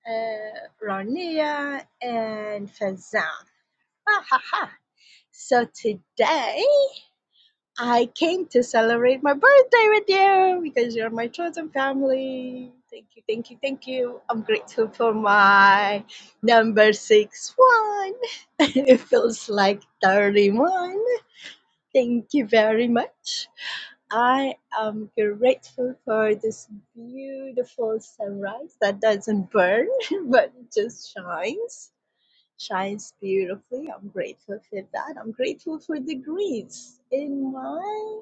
uh, Ronia, and Fazan. Ha ha, ha. So today I came to celebrate my birthday with you because you're my chosen family. Thank you, thank you, thank you. I'm grateful for my number six one. it feels like 31 Thank you very much. I am grateful for this beautiful sunrise that doesn't burn but it just shines. Shines beautifully. I'm grateful for that. I'm grateful for the greens in my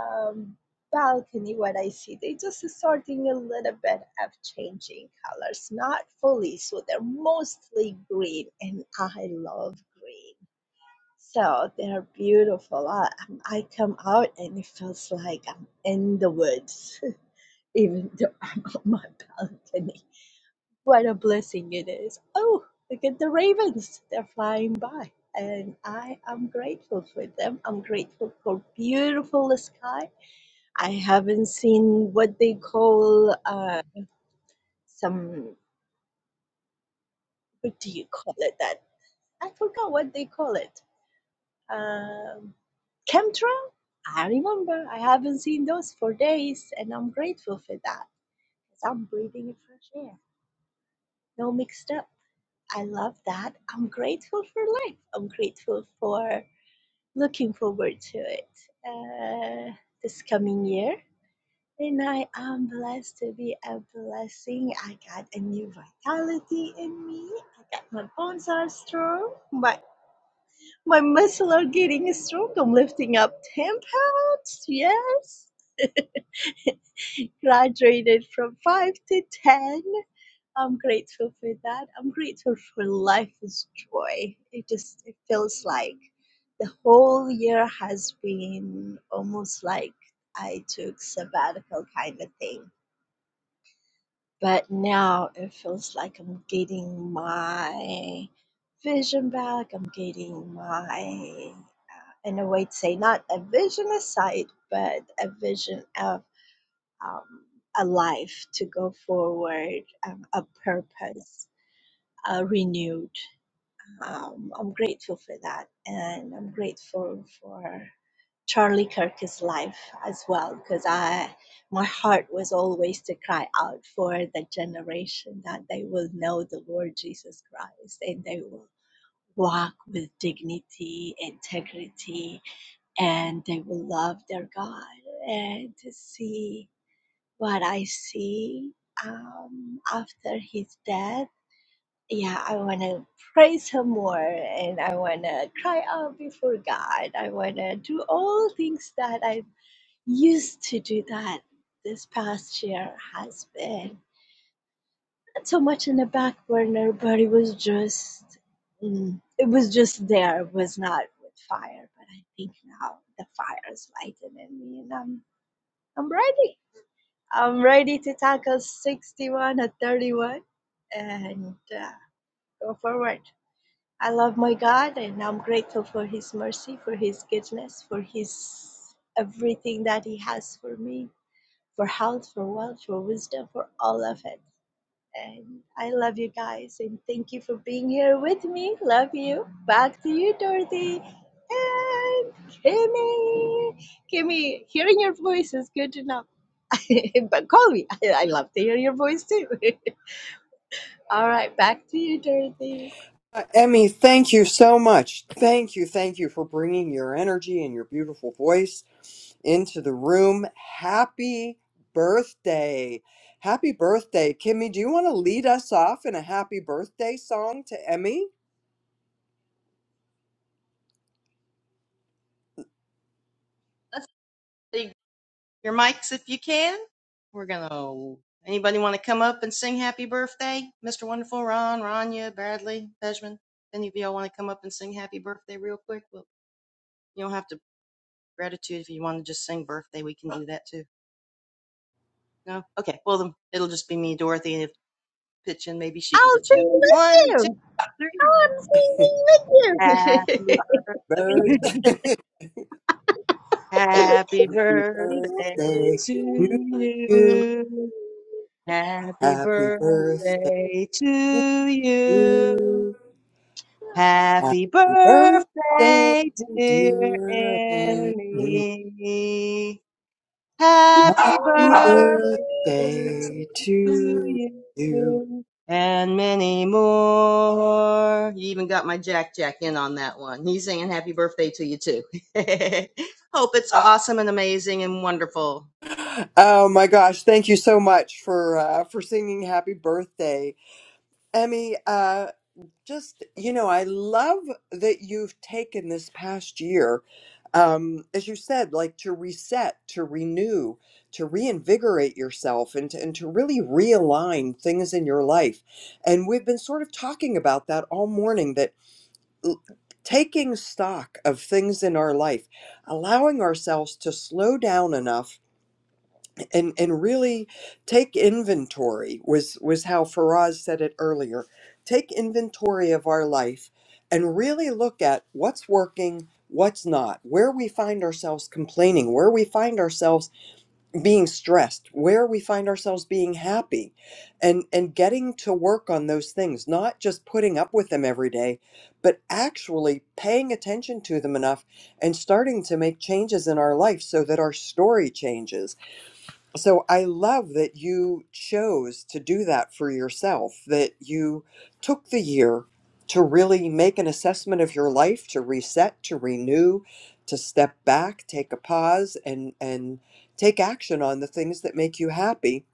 um, balcony. What I see, they just starting a little bit of changing colors, not fully, so they're mostly green, and I love green. So they're beautiful. I, um, I come out and it feels like I'm in the woods, even though I'm on my balcony. What a blessing it is. Oh, look at the ravens. They're flying by. And I am grateful for them. I'm grateful for beautiful sky. I haven't seen what they call uh, some, what do you call it that? I forgot what they call it Um Chemtra, I remember. I haven't seen those for days, and I'm grateful for that. 'cause I'm breathing fresh air, no mixed up. I love that. I'm grateful for life. I'm grateful for looking forward to it uh, this coming year. And I am blessed to be a blessing. I got a new vitality in me. I got my bones are strong. My My muscles are getting strong. I'm lifting up 10 pounds. Yes. Graduated from 5 to 10. I'm grateful for that. I'm grateful for life is joy. It just it feels like the whole year has been almost like I took sabbatical kind of thing. But now it feels like I'm getting my vision back. I'm getting my in a way to say not a vision aside, but a vision of um, a life to go forward, um, a purpose, uh, renewed. Um, I'm grateful for that, and I'm grateful for Charlie Kirk's life as well, because I my heart was always to cry out for the generation that they will know the Lord Jesus Christ and they will walk with dignity, integrity, and they will love their God. And to see what I see um, after his death, yeah, I want to praise him more and I want to cry out before God. I want to do all things that I used to do that this past year has been not so much in the back burner, but it was just, mm, it was just there, it was not with fire. But I think now the fire is lighted in me and I'm I'm ready. I'm ready to tackle 61 at 31 and uh, go forward. I love my God and I'm grateful for His mercy, for His goodness, for His everything that He has for me, for health, for wealth, for wisdom, for all of it. And I love you guys and thank you for being here with me. Love you. Back to you, Dorothy. And Kimmy. Kimmy, hearing your voice is good enough. but call me. I, I love to hear your voice too. All right, back to you, Dorothy. Uh, Emmy, thank you so much. Thank you, thank you for bringing your energy and your beautiful voice into the room. Happy birthday. Happy birthday. Kimmy, do you want to lead us off in a happy birthday song to Emmy? Let's see your mics if you can. We're going to, anybody want to come up and sing happy birthday? Mr. Wonderful, Ron, Ranya, Bradley, Benjamin. Any of y'all want to come up and sing happy birthday real quick? Well, you don't have to gratitude. If you want to just sing birthday, we can do that too. No? Okay. Well, then it'll just be me, Dorothy, and if pitch in, maybe she can I'll pitch in. sing with One, two, you. three. I'm singing with you. Happy birthday. I birth, mean, Happy happy we don't birthday birthday to to need you. you. Happy Happy birthday birthday to to you. you. Happy Happy birthday, birthday, dear dear Annie. Annie. Happy Happy birthday to to birthday be to you. you and many more. You even got my Jack Jack in on that one. He's saying happy birthday to you too. Hope it's awesome and amazing and wonderful. Oh my gosh! Thank you so much for uh, for singing "Happy Birthday," Emmy. Uh, Just, you know, I love that you've taken this past year, um, as you said, like to reset, to renew, to reinvigorate yourself and to, and to really realign things in your life. And we've been sort of talking about that all morning that l- taking stock of things in our life, allowing ourselves to slow down enough and and really take inventory was was how Faraz said it earlier take inventory of our life and really look at what's working what's not where we find ourselves complaining where we find ourselves being stressed where we find ourselves being happy and and getting to work on those things not just putting up with them every day but actually paying attention to them enough and starting to make changes in our life so that our story changes so I love that you chose to do that for yourself, that you took the year to really make an assessment of your life, to reset, to renew, to step back, take a pause and and take action on the things that make you happy.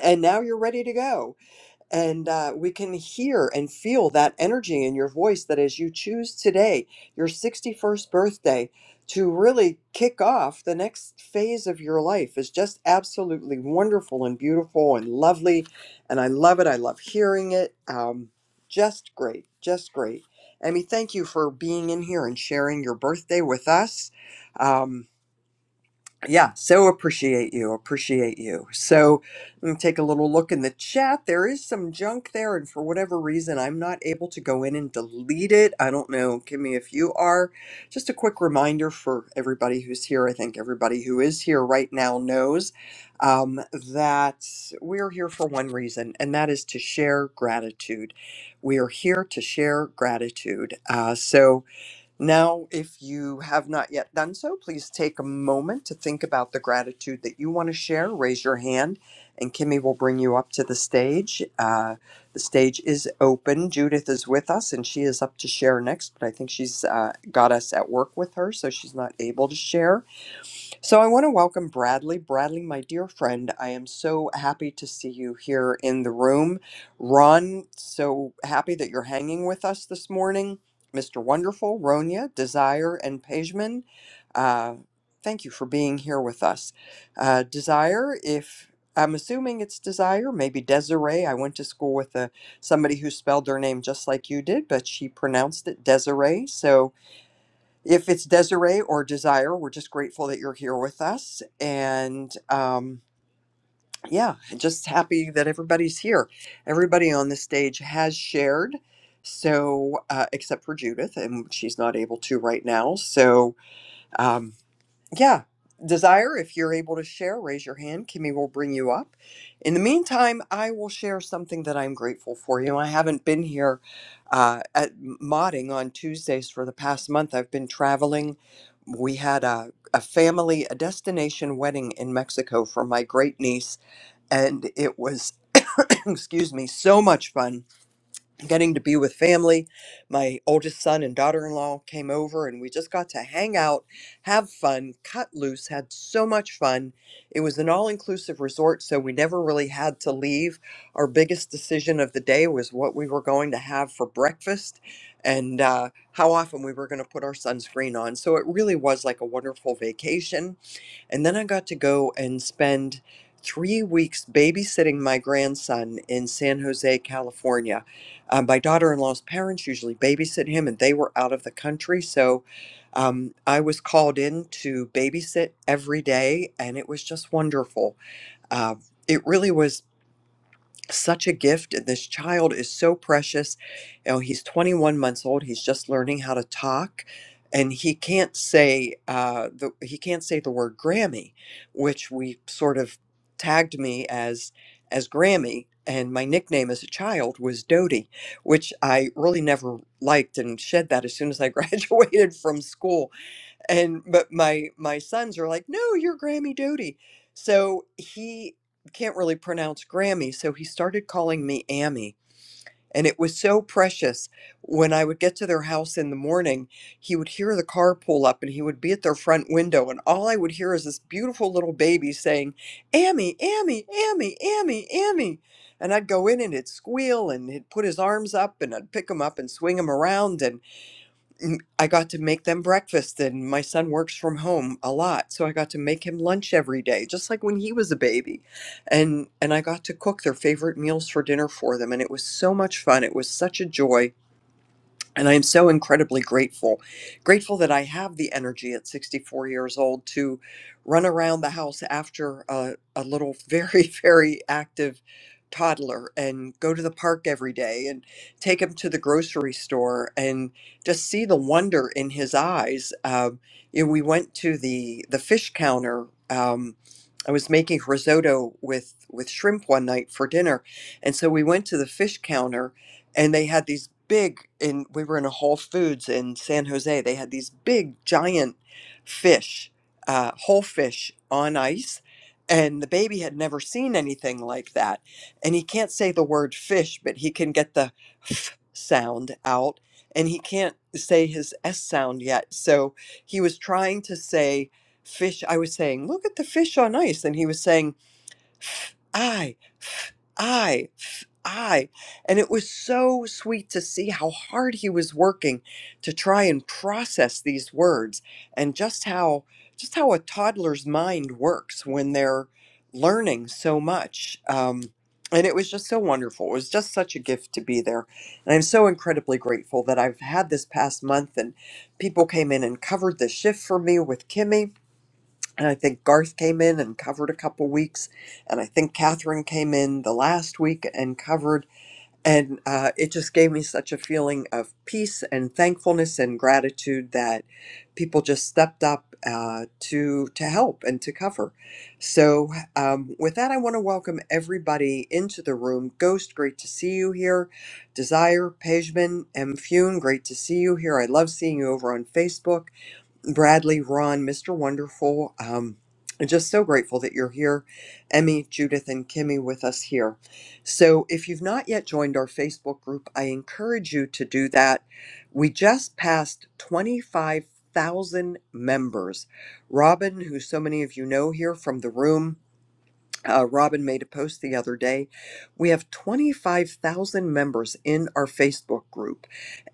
And now you're ready to go. And uh, we can hear and feel that energy in your voice that as you choose today, your 61st birthday, to really kick off the next phase of your life is just absolutely wonderful and beautiful and lovely. And I love it. I love hearing it. Um, just great. Just great. Emmy, thank you for being in here and sharing your birthday with us. Um, yeah, so appreciate you, appreciate you. So let me take a little look in the chat. There is some junk there, and for whatever reason, I'm not able to go in and delete it. I don't know, Kimmy, if you are. Just a quick reminder for everybody who's here. I think everybody who is here right now knows um, that we're here for one reason, and that is to share gratitude. We are here to share gratitude. Uh, so now, if you have not yet done so, please take a moment to think about the gratitude that you want to share. Raise your hand, and Kimmy will bring you up to the stage. Uh, the stage is open. Judith is with us, and she is up to share next, but I think she's uh, got us at work with her, so she's not able to share. So I want to welcome Bradley. Bradley, my dear friend, I am so happy to see you here in the room. Ron, so happy that you're hanging with us this morning. Mr. Wonderful, Ronya, Desire, and Pejman, uh, thank you for being here with us. Uh, Desire, if I'm assuming it's Desire, maybe Desiree. I went to school with a, somebody who spelled their name just like you did, but she pronounced it Desiree. So if it's Desiree or Desire, we're just grateful that you're here with us. And um, yeah, just happy that everybody's here. Everybody on the stage has shared. So, uh, except for Judith, and she's not able to right now. So, um, yeah. Desire, if you're able to share, raise your hand. Kimmy will bring you up. In the meantime, I will share something that I'm grateful for. You know, I haven't been here uh, at modding on Tuesdays for the past month. I've been traveling. We had a, a family, a destination wedding in Mexico for my great niece, and it was, excuse me, so much fun getting to be with family. My oldest son and daughter in law came over, and we just got to hang out, have fun, cut loose, had so much fun. It was an all inclusive resort, so we never really had to leave. Our biggest decision of the day was what we were going to have for breakfast and uh, how often we were going to put our sunscreen on. So it really was like a wonderful vacation and then I got to go and spend three weeks babysitting my grandson in San Jose, California. Um, my daughter in law's parents usually babysit him, and they were out of the country. So um, I was called in to babysit every day, and it was just wonderful. Uh, it really was such a gift. And this child is so precious. You know, he's 21 months old. He's just learning how to talk, and he can't say uh, the he can't say the word Grammy, which we sort of tagged me as as Grammy. And my nickname as a child was Dodie, which I really never liked and shed that as soon as I graduated from school and but my my sons are like no you're grammy doty so he can't really pronounce grammy so he started calling me ammy and it was so precious when i would get to their house in the morning he would hear the car pull up and he would be at their front window and all i would hear is this beautiful little baby saying ammy ammy ammy ammy ammy and i'd go in and he'd squeal and he'd put his arms up and i'd pick him up and swing him around and n- I got to make them breakfast, and my son works from home a lot, so I got to make him lunch every day, just like when he was a baby, and and I got to cook their favorite meals for dinner for them, and it was so much fun. It was such a joy and I am so incredibly grateful. Grateful that I have the energy at 64 years old to run around the house after a, a little very, very active toddler and go to the park every day and take him to the grocery store and just see the wonder in his eyes. Um, you know, we went to the, the fish counter. Um, I was making risotto with, with shrimp one night for dinner. And so we went to the fish counter and they had these big and we were in a whole foods in san jose they had these big giant fish uh, whole fish on ice and the baby had never seen anything like that and he can't say the word fish but he can get the f sound out and he can't say his s sound yet so he was trying to say fish i was saying look at the fish on ice and he was saying "I." I, I. And it was so sweet to see how hard he was working to try and process these words and just how just how a toddler's mind works when they're learning so much. Um, and it was just so wonderful. It was just such a gift to be there. And I'm so incredibly grateful that I've had this past month and people came in and covered the shift for me with Kimmy and I think Garth came in and covered a couple weeks. And I think Catherine came in the last week and covered. And uh, it just gave me such a feeling of peace and thankfulness and gratitude that people just stepped up uh, to, to help and to cover. So, um, with that, I want to welcome everybody into the room. Ghost, great to see you here. Desire, Pejman, M. Fune, great to see you here. I love seeing you over on Facebook. Bradley, Ron, Mr. Wonderful. Um, I'm just so grateful that you're here, Emmy, Judith, and Kimmy with us here. So, if you've not yet joined our Facebook group, I encourage you to do that. We just passed 25,000 members. Robin, who so many of you know here from the room, uh, Robin made a post the other day. We have 25,000 members in our Facebook group,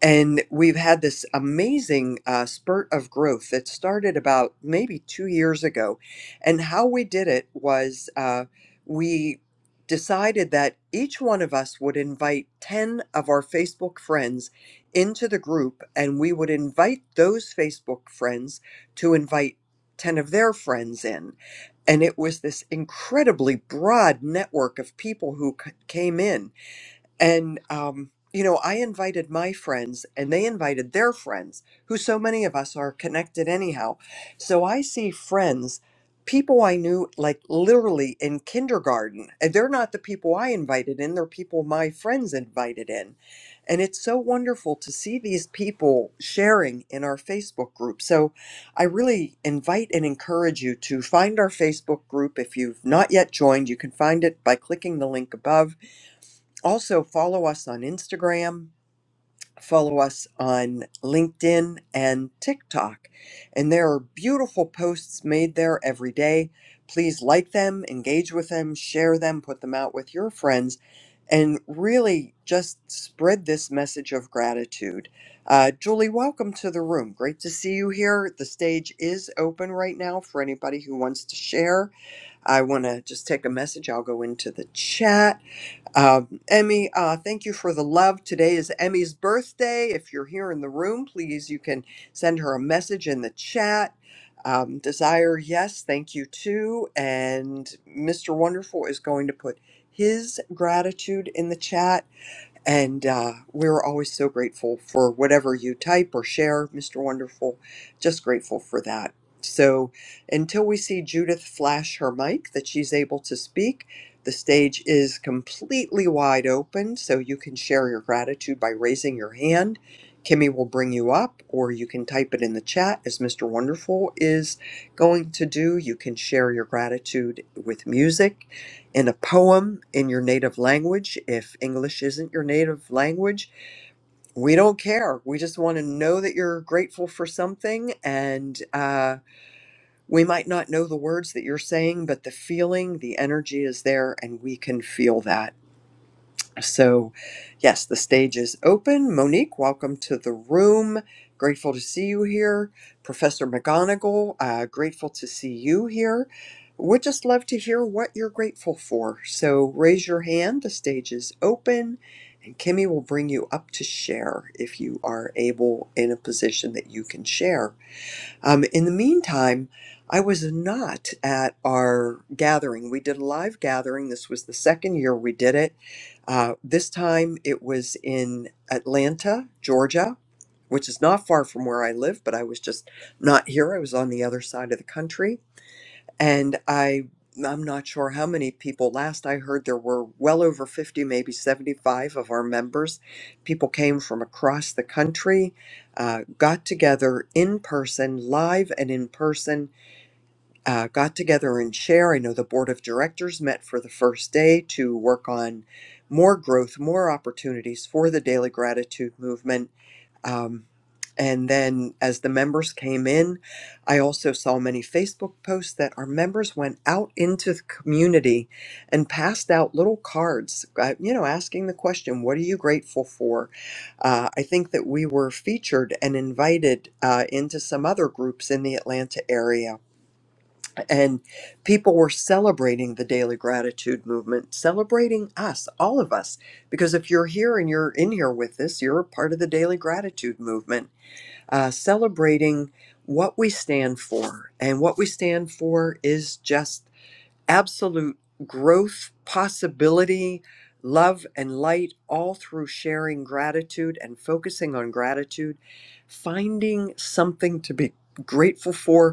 and we've had this amazing uh, spurt of growth that started about maybe two years ago. And how we did it was uh, we decided that each one of us would invite 10 of our Facebook friends into the group, and we would invite those Facebook friends to invite 10 of their friends in and it was this incredibly broad network of people who c- came in and, um, you know, I invited my friends and they invited their friends, who so many of us are connected anyhow. So I see friends, people I knew like literally in kindergarten, and they're not the people I invited in, they're people my friends invited in. And it's so wonderful to see these people sharing in our Facebook group. So I really invite and encourage you to find our Facebook group. If you've not yet joined, you can find it by clicking the link above also, follow us on Instagram, follow us on LinkedIn and TikTok. And there are beautiful posts made there every day. Please like them, engage with them, share them, put them out with your friends, and really just spread this message of gratitude. Uh, Julie, welcome to the room. Great to see you here. The stage is open right now for anybody who wants to share. I want to just take a message. I'll go into the chat. Um, Emmy, uh, thank you for the love. Today is Emmy's birthday. If you're here in the room, please, you can send her a message in the chat. Um, Desire, yes, thank you too. And Mr. Wonderful is going to put his gratitude in the chat and uh, we're always so grateful for whatever you type or share, Mr. Wonderful. Just grateful for that. So until we see Judith flash her mic that she's able to speak, the stage is completely wide open. So you can share your gratitude by raising your hand. Kimmy will bring you up, or you can type it in the chat as Mr. Wonderful is going to do. You can share your gratitude with music in a poem in your native language. If English isn't your native language, we don't care. We just want to know that you're grateful for something. And uh, we might not know the words that you're saying, but the feeling, the energy is there, and we can feel that. So, yes, the stage is open. Monique, welcome to the room. Grateful to see you here. Professor McGonagall. uh, grateful to see you here. Would just love to hear what you're grateful for. So, raise your hand. The stage is open, and Kimmy will bring you up to share if you are able in a position that you can share. Um, in the meantime, I was not at our gathering. We did a live gathering. This was the second year we did it uh, this time it was in Atlanta, Georgia, which is not far from where I live, but I was just not here. I was on the other side of the country. And I, I'm not sure how many people. Last I heard, there were well over 50, maybe 75 of our members. People came from across the country, uh, got together in person, live and in person uh, got together and share. I know the board of directors met for the first day to work on more growth, more opportunities for the daily gratitude movement. Um, and then as the members came in, I also saw many Facebook posts that our members went out into the community and passed out little cards, uh, you know, asking the question, What are you grateful for? Uh, I think that we were featured and invited uh, into some other groups in the Atlanta area and people were celebrating the daily gratitude movement celebrating us all of us because if you're here and you're in here with us you're a part of the daily gratitude movement uh, celebrating what we stand for and what we stand for is just absolute growth possibility love and light all through sharing gratitude and focusing on gratitude finding something to be grateful for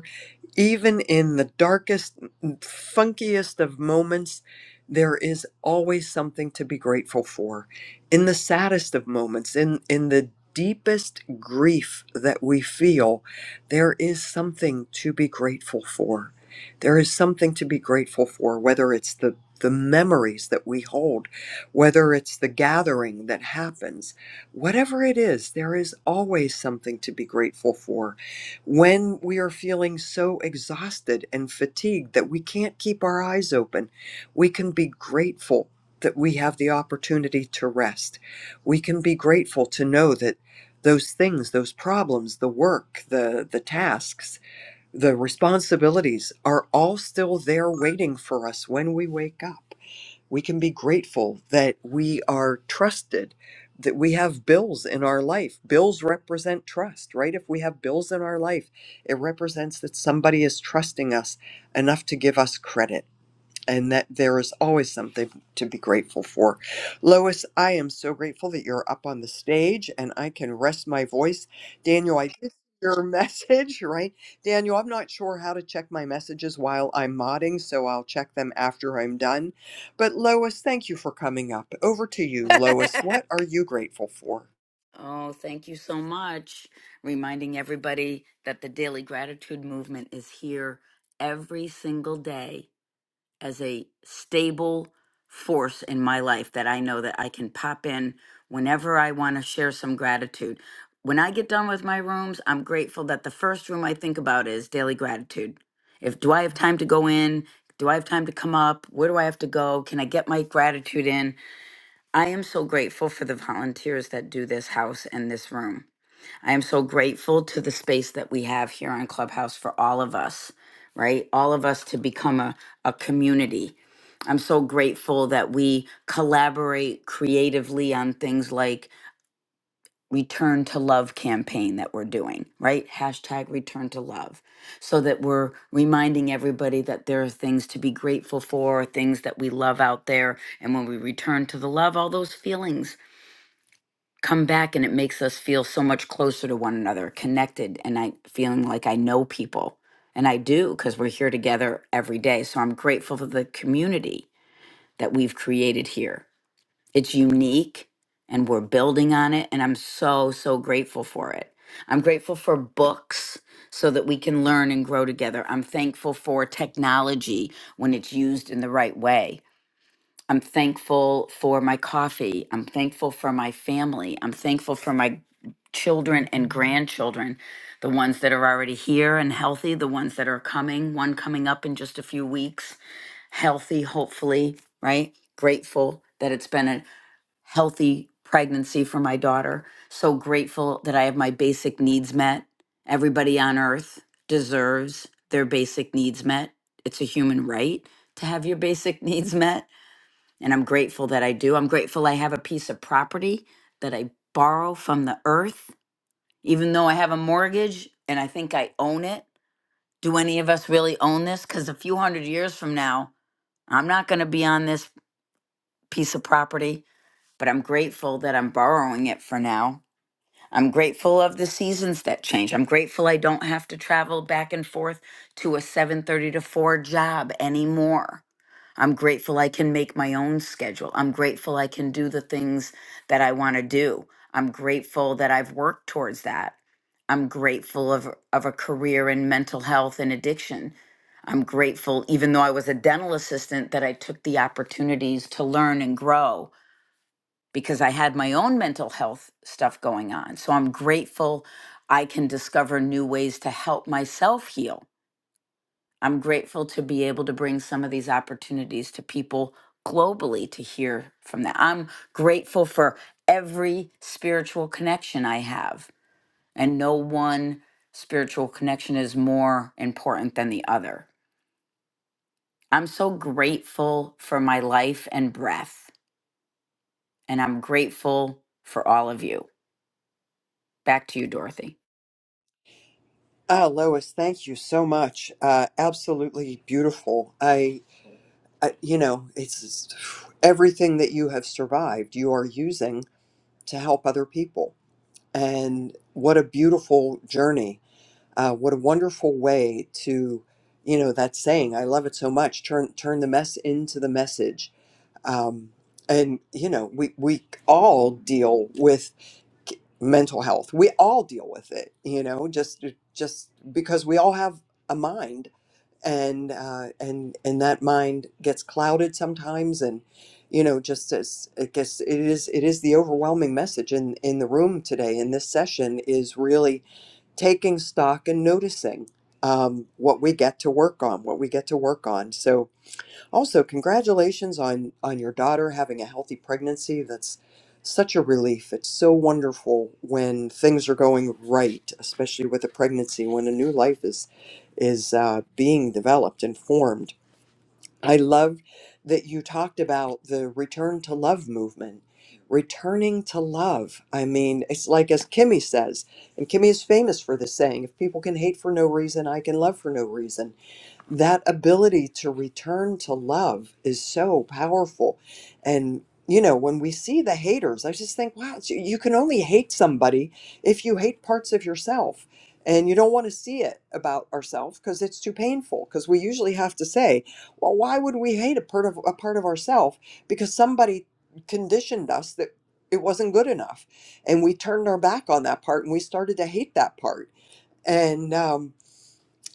even in the darkest, funkiest of moments, there is always something to be grateful for. In the saddest of moments, in, in the deepest grief that we feel, there is something to be grateful for. There is something to be grateful for, whether it's the the memories that we hold, whether it's the gathering that happens, whatever it is, there is always something to be grateful for when we are feeling so exhausted and fatigued that we can't keep our eyes open, we can be grateful that we have the opportunity to rest. We can be grateful to know that those things, those problems, the work, the, the tasks, the responsibilities are all still there waiting for us when we wake up we can be grateful that we are trusted, that we have bills in our life. Bills represent trust, right? If we have bills in our life, it represents that somebody is trusting us enough to give us credit and that there is always something to be grateful for. Lois, I am so grateful that you're up on the stage and I can rest my voice. Daniel, I did see your message, right? Daniel, I'm not sure how to check my messages while I'm modding, so I'll check them after I'm done. But Lois, thank you for coming up. Over to you, Lois. What are you grateful for? Oh, thank you so much. Reminding everybody that the Daily Gratitude Movement is here every single day as a stable force in my life that I know that I can pop in whenever I want to share some gratitude. When I get done with my rooms, I'm grateful that the first room I think about is daily gratitude. If do I have time to go in? Do I have time to come up? Where do I have to go? Can I get my gratitude in? I am so grateful for the volunteers that do this house and this room. I am so grateful to the space that we have here on Clubhouse for all of us, right? All of us to become a, a community. I'm so grateful that we collaborate creatively on things like return to love campaign that we're doing, right? Hashtag return to love. So that we're reminding everybody that there are things to be grateful for, things that we love out there. And when we return to the love, all those feelings come back and it makes us feel so much closer to one another, connected, and I feeling like I know people. And I do because we're here together every day. So I'm grateful for the community that we've created here. It's unique and we're building on it. And I'm so, so grateful for it. I'm grateful for books so that we can learn and grow together. I'm thankful for technology when it's used in the right way I'm thankful for my coffee. I'm thankful for my family. I'm thankful for my children and grandchildren, the ones that are already here and healthy, the ones that are coming, one coming up in just a few weeks, healthy, hopefully, right? Grateful that it's been a healthy pregnancy for my daughter. So grateful that I have my basic needs met. Everybody on earth deserves their basic needs met. It's a human right to have your basic needs met and I'm grateful that I do. I'm grateful I have a piece of property that I borrow from the earth, even though I have a mortgage and I think I own it. Do any of us really own this? Because a few hundred years from now, I'm not going to be on this piece of property, but I'm grateful that I'm borrowing it for now. I'm grateful of the seasons that change. I'm grateful I don't have to travel back and forth to a 7:30 to 4 job anymore. I'm grateful I can make my own schedule. I'm grateful I can do the things that I want to do. I'm grateful that I've worked towards that. I'm grateful of, of a career in mental health and addiction. I'm grateful, even though I was a dental assistant, that I took the opportunities to learn and grow because I had my own mental health stuff going on. So I'm grateful I can discover new ways to help myself heal. I'm grateful to be able to bring some of these opportunities to people globally to hear from them. I'm grateful for every spiritual connection I have, and no one spiritual connection is more important than the other. I'm so grateful for my life and breath, and I'm grateful for all of you. Back to you, Dorothy. Ah, Lois, thank you so much. Uh, absolutely beautiful. I. I, you know, it's just- everything that you have survived, you are using to help other people. And what a beautiful journey. Uh, what a wonderful way to, you know, that saying, I love it so much, turn, turn the mess into the message. Um, and, you know, we, we all deal with k- mental health. We all deal with it, you know, just, just because we all have a mind and uh, and and that mind gets clouded sometimes and you know just as i guess it is it is the overwhelming message in in the room today in this session is really taking stock and noticing um, what we get to work on what we get to work on so also, congratulations on on your daughter having a healthy pregnancy. That's such a relief. It's so wonderful when things are going right, especially with a pregnancy, when a new life is is uh, being developed and formed. I love that you talked about the return to love movement. Returning to love. I mean, it's like as Kimmy says, and Kimmy is famous for this saying if people can hate for no reason, I can love for no reason that ability to return to love is so powerful. And, you know, when we see the haters, I just think, wow, it's- you can only hate somebody if you hate parts of yourself. And you don't want to see it about ourselves because it's too painful. Because we usually have to say, well, why would we hate a part of a part of ourselves? Because somebody conditioned us that it wasn't good enough, and we turned our back on that part and we started to hate that part. And um,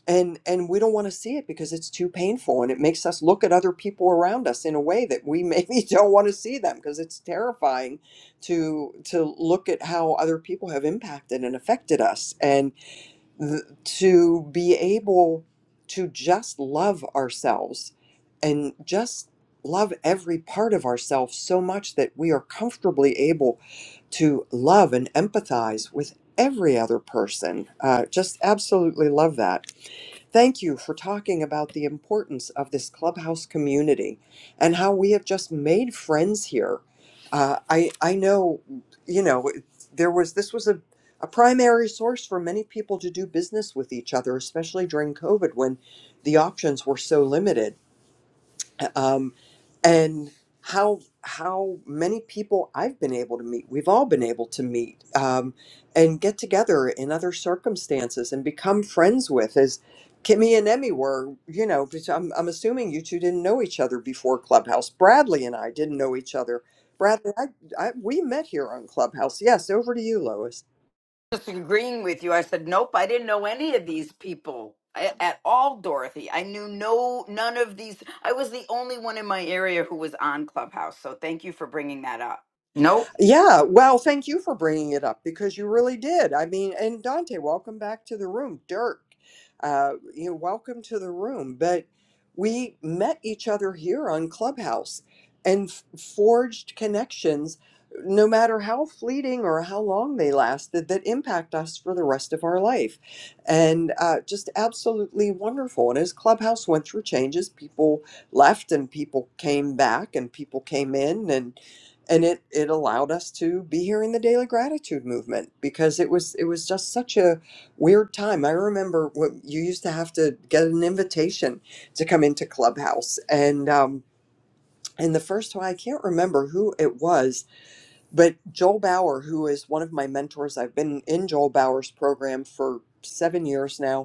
and and we don't want to see it because it's too painful and it makes us look at other people around us in a way that we maybe don't want to see them because it's terrifying to to look at how other people have impacted and affected us and th- to be able to just love ourselves and just love every part of ourselves so much that we are comfortably able to love and empathize with every other person uh, just absolutely love that Thank you for talking about the importance of this clubhouse community and how we have just made friends here. Uh, I I know, you know, there was this was a a primary source for many people to do business with each other, especially during COVID when the options were so limited um, and how how many people I've been able to meet, we've all been able to meet, um, and get together in other circumstances and become friends with, as Kimmy and Emmy were. You know, because I'm I'm assuming you two didn't know each other before Clubhouse. Bradley and I didn't know each other. Bradley, I, I we met here on Clubhouse. Yes, over to you, Lois. disagreeing with you. I said, nope, I didn't know any of these people a- at all, Dorothy. I knew no, none of these. I was the only one in my area who was on Clubhouse. So thank you for bringing that up. Nope. Yeah, well, thank you for bringing it up because you really did. I mean, and Dante, welcome back to the room. Dirk, uh, you know, welcome to the room. But we met each other here on Clubhouse and f- forged connections, no matter how fleeting or how long they lasted, that impact us for the rest of our life. And uh, just absolutely wonderful. And as Clubhouse went through changes, people left and people came back and people came in and and it it allowed us to be here in the daily gratitude movement because it was it was just such a weird time i remember what you used to have to get an invitation to come into clubhouse and um and the first one i can't remember who it was but joel bauer who is one of my mentors i've been in joel bauer's program for seven years now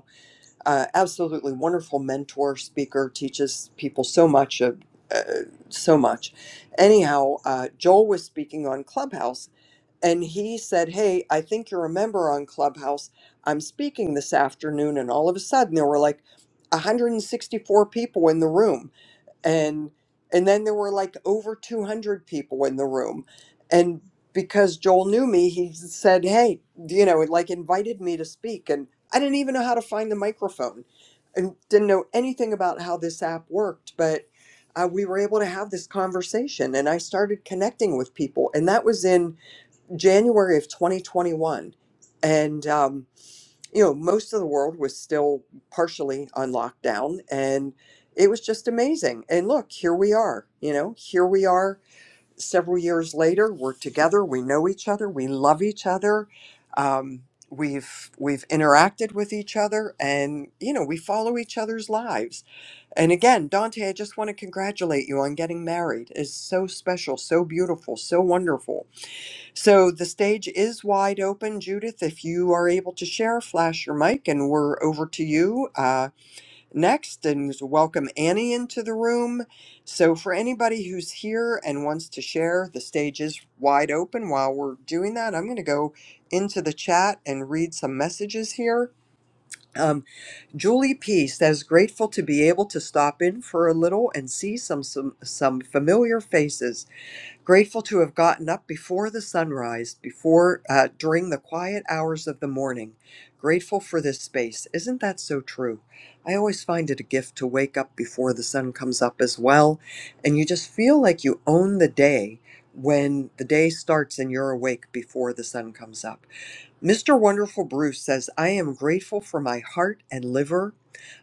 uh, absolutely wonderful mentor speaker teaches people so much of uh, so much anyhow uh, joel was speaking on clubhouse and he said hey i think you're a member on clubhouse i'm speaking this afternoon and all of a sudden there were like 164 people in the room and and then there were like over 200 people in the room and because joel knew me he said hey you know it like invited me to speak and i didn't even know how to find the microphone and didn't know anything about how this app worked but uh, we were able to have this conversation and i started connecting with people and that was in january of 2021 and um, you know, most of the world was still partially on lockdown and it was just amazing. And look, here we are, you know, here we are several years later. We're together, we know each other, we love each other. Um, we've we've interacted with each other and you know we follow each other's lives and again dante i just want to congratulate you on getting married it's so special so beautiful so wonderful so the stage is wide open, Judith. If you are able to share, flash your mic, and we're over to you uh, next. And welcome Annie into the room. So for anybody who's here and wants to share, the stage is wide open. While we're doing that, I'm going to go into the chat and read some messages here. Um, Julie P says, grateful to be able to stop in for a little and see some some, some familiar faces. Grateful to have gotten up before the sunrise, before uh, during the quiet hours of the morning. Grateful for this space. Isn't that so true? I always find it a gift to wake up before the sun comes up as well. And you just feel like you own the day when the day starts and you're awake before the sun comes up. Mr. Wonderful Bruce says, I am grateful for my heart and liver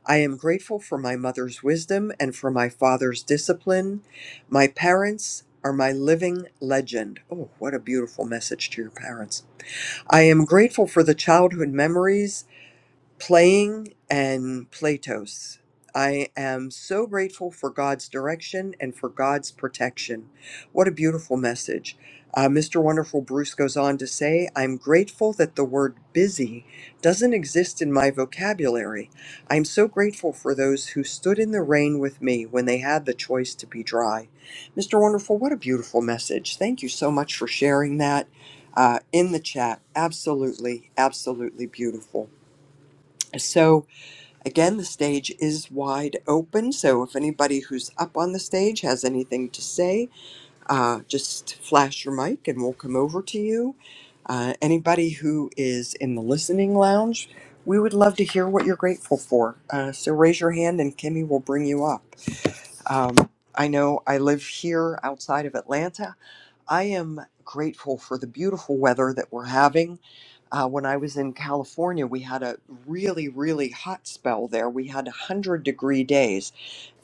I am grateful for my mother's wisdom and for my father's discipline. My parents are my living legend. Oh, what a beautiful message to your parents. I am grateful for the childhood memories Playing and Platos. I am so grateful for God's direction and for God's protection. What a beautiful message. Uh, Mr. Wonderful Bruce goes on to say, I'm grateful that the word busy doesn't exist in my vocabulary. I'm so grateful for those who stood in the rain with me when they had the choice to be dry. Mr. Wonderful, what a beautiful message. Thank you so much for sharing that uh, in the chat. Absolutely, absolutely beautiful. So, Again, the stage is wide open, so if anybody who's up on the stage has anything to say, uh, just flash your mic and we'll come over to you. Uh, anybody who is in the listening lounge, we would love to hear what you're grateful for. Uh, so raise your hand and Kimmy will bring you up. Um, I know I live here outside of Atlanta. I am grateful for the beautiful weather that we're having uh, when I was in California, we had a really, really hot spell there. We had 100 degree days,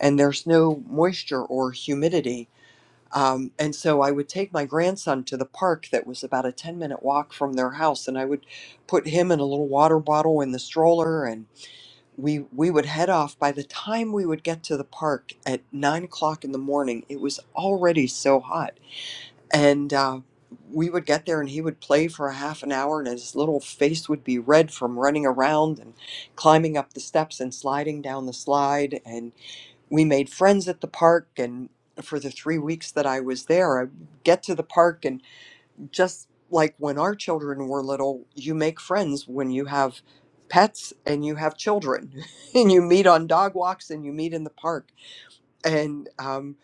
and there's no moisture or humidity. Um, and so I would take my grandson to the park that was about a 10 minute walk from their house, and I would put him in a little water bottle in the stroller, and we, we would head off. By the time we would get to the park at 9 o'clock in the morning, it was already so hot and uh, we would get there and he would play for a half an hour and his little face would be red from running around and climbing up the steps and sliding down the slide. And we made friends at the park. And for the three weeks that I was there, I would get to the park and just like when our children were little, you make friends when you have pets and you have children and you meet on dog walks and you meet in the park and um,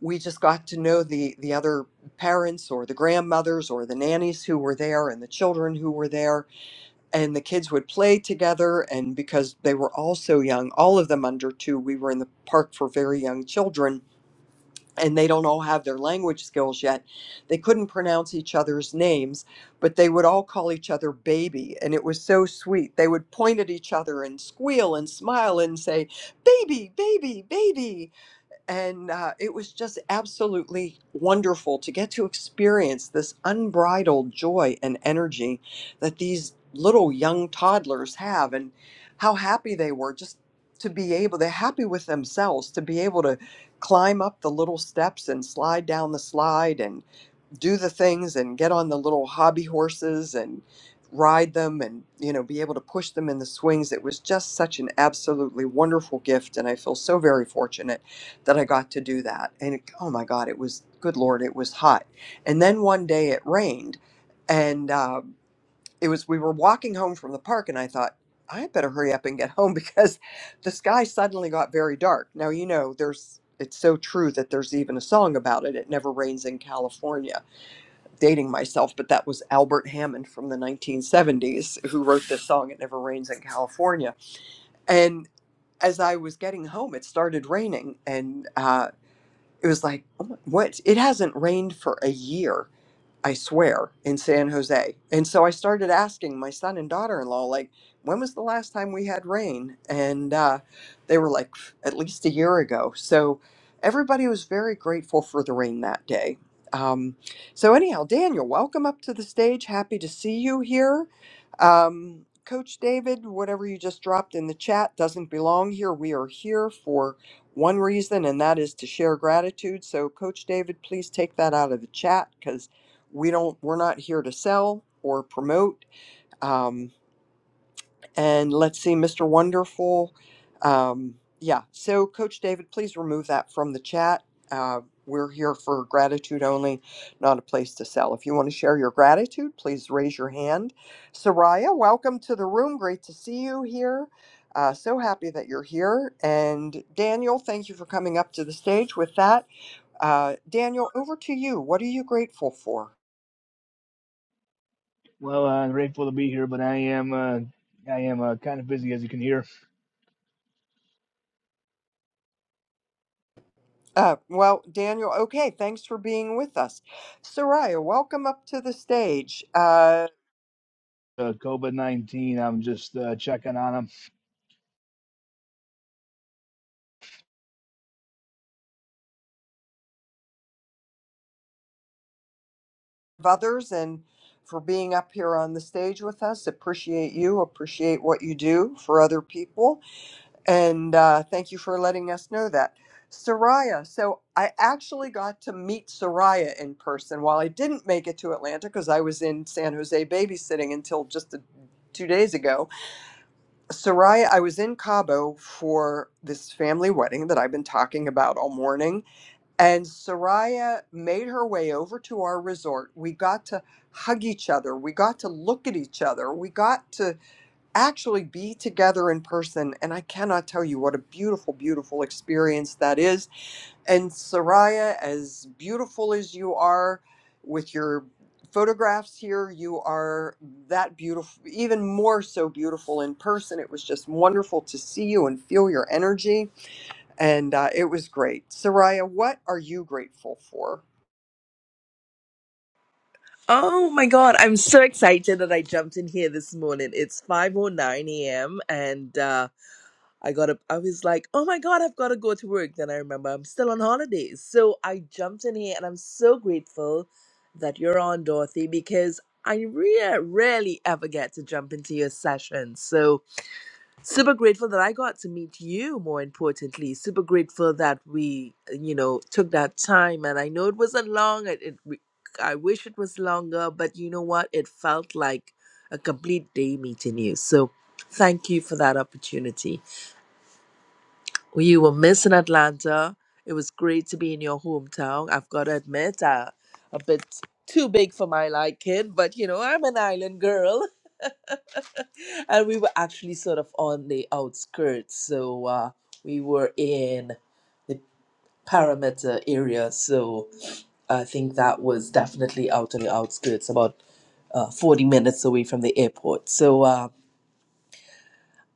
we just got to know the the other parents or the grandmothers or the nannies who were there and the children who were there and the kids would play together and because they were all so young all of them under two we were in the park for very young children and they don't all have their language skills yet they couldn't pronounce each other's names but they would all call each other baby and it was so sweet they would point at each other and squeal and smile and say baby baby baby and uh, it was just absolutely wonderful to get to experience this unbridled joy and energy that these little young toddlers have and how happy they were just to be able they're happy with themselves to be able to climb up the little steps and slide down the slide do the things and get on the little hobby horses and ride them and you know be able to push them in the swings it was just such an absolutely wonderful gift and i feel so very fortunate that i got to do that and it, oh my god it was good lord it was hot and then one day it rained and uh, it was we were walking home from the park and i thought i better hurry up and get home because the sky suddenly got very dark now you know there's it's so true that there's even a song about it it never rains in california dating myself, but that was Albert Hammond from the 1970s who wrote this song, It Never Rains in California. And as I was getting home, it started raining. And uh, it was like, oh my, what? It hasn't rained for a year I swear, in San Jose. And so I started asking my son and daughter in law, like, when was the last time we had rain? And uh, they were like, at least a year ago. So everybody was very grateful for the rain that day. Um, so, anyhow, Daniel, welcome up to the stage. Happy to see you here. Um, Coach David, whatever you just dropped in the chat doesn't belong here. We are here for one reason, and that is to share gratitude. So, Coach David, please take that out of the chat because we don't we're not here to sell or promote um, and let's see mr wonderful um, yeah so coach david please remove that from the chat uh, we're here for gratitude only not a place to sell if you want to share your gratitude please raise your hand soraya welcome to the room great to see you here uh, so happy that you're here and daniel thank you for coming up to the stage with that uh, daniel over to you what are you grateful for Well, uh, I'm grateful to be here, but I am uh, I am uh, kind of busy, as you can hear. Uh, well, Daniel, okay, thanks for being with us. Soraya, welcome up to the stage. Uh, Uh, COVID nineteen. I'm just uh, checking on 'em. of others and for being up here on the stage with us. Appreciate you, appreciate what you do for other people, and uh, thank you for letting us know that. Soraya, so I actually got to meet Soraya in person while I didn't make it to Atlanta because I was in San Jose babysitting until just a, two days ago Soraya, I was in Cabo for this family wedding that I've been talking about all morning, and Soraya made her way over to our resort. We got to hug each other. We got to look at each other. We got to actually be together in person, and I cannot tell you what a beautiful, beautiful experience that is and Soraya, as beautiful as you are with your photographs here, you are that beautiful, even more so beautiful in person. It was just wonderful to see you and feel your energy. And uh, it was great. Soraya, what are you grateful for? Oh my God, I'm so excited that I jumped in here this morning. It's 5:09 a.m. and uh I got up I was like, "Oh my God, I've got to go to work." Then I remember I'm still on holidays. So I jumped in here and I'm so grateful that you're on, Dorothy, because I re- rarely ever get to jump into your session. So super grateful that I got to meet you, more importantly. Super grateful that we, you know, took that time. And I know it wasn't long. It, it, we- I wish it was longer, but you know what? It felt like a complete day meeting you. So thank you for that opportunity. You were missing Atlanta. It was great to be in your hometown. I've got to admit, uh, a bit too big for my liking, but you know, I'm an island girl and we were actually sort of on the outskirts so uh, we were in the parameter area so i think that was definitely out on the outskirts about uh, 40 minutes away from the airport so uh,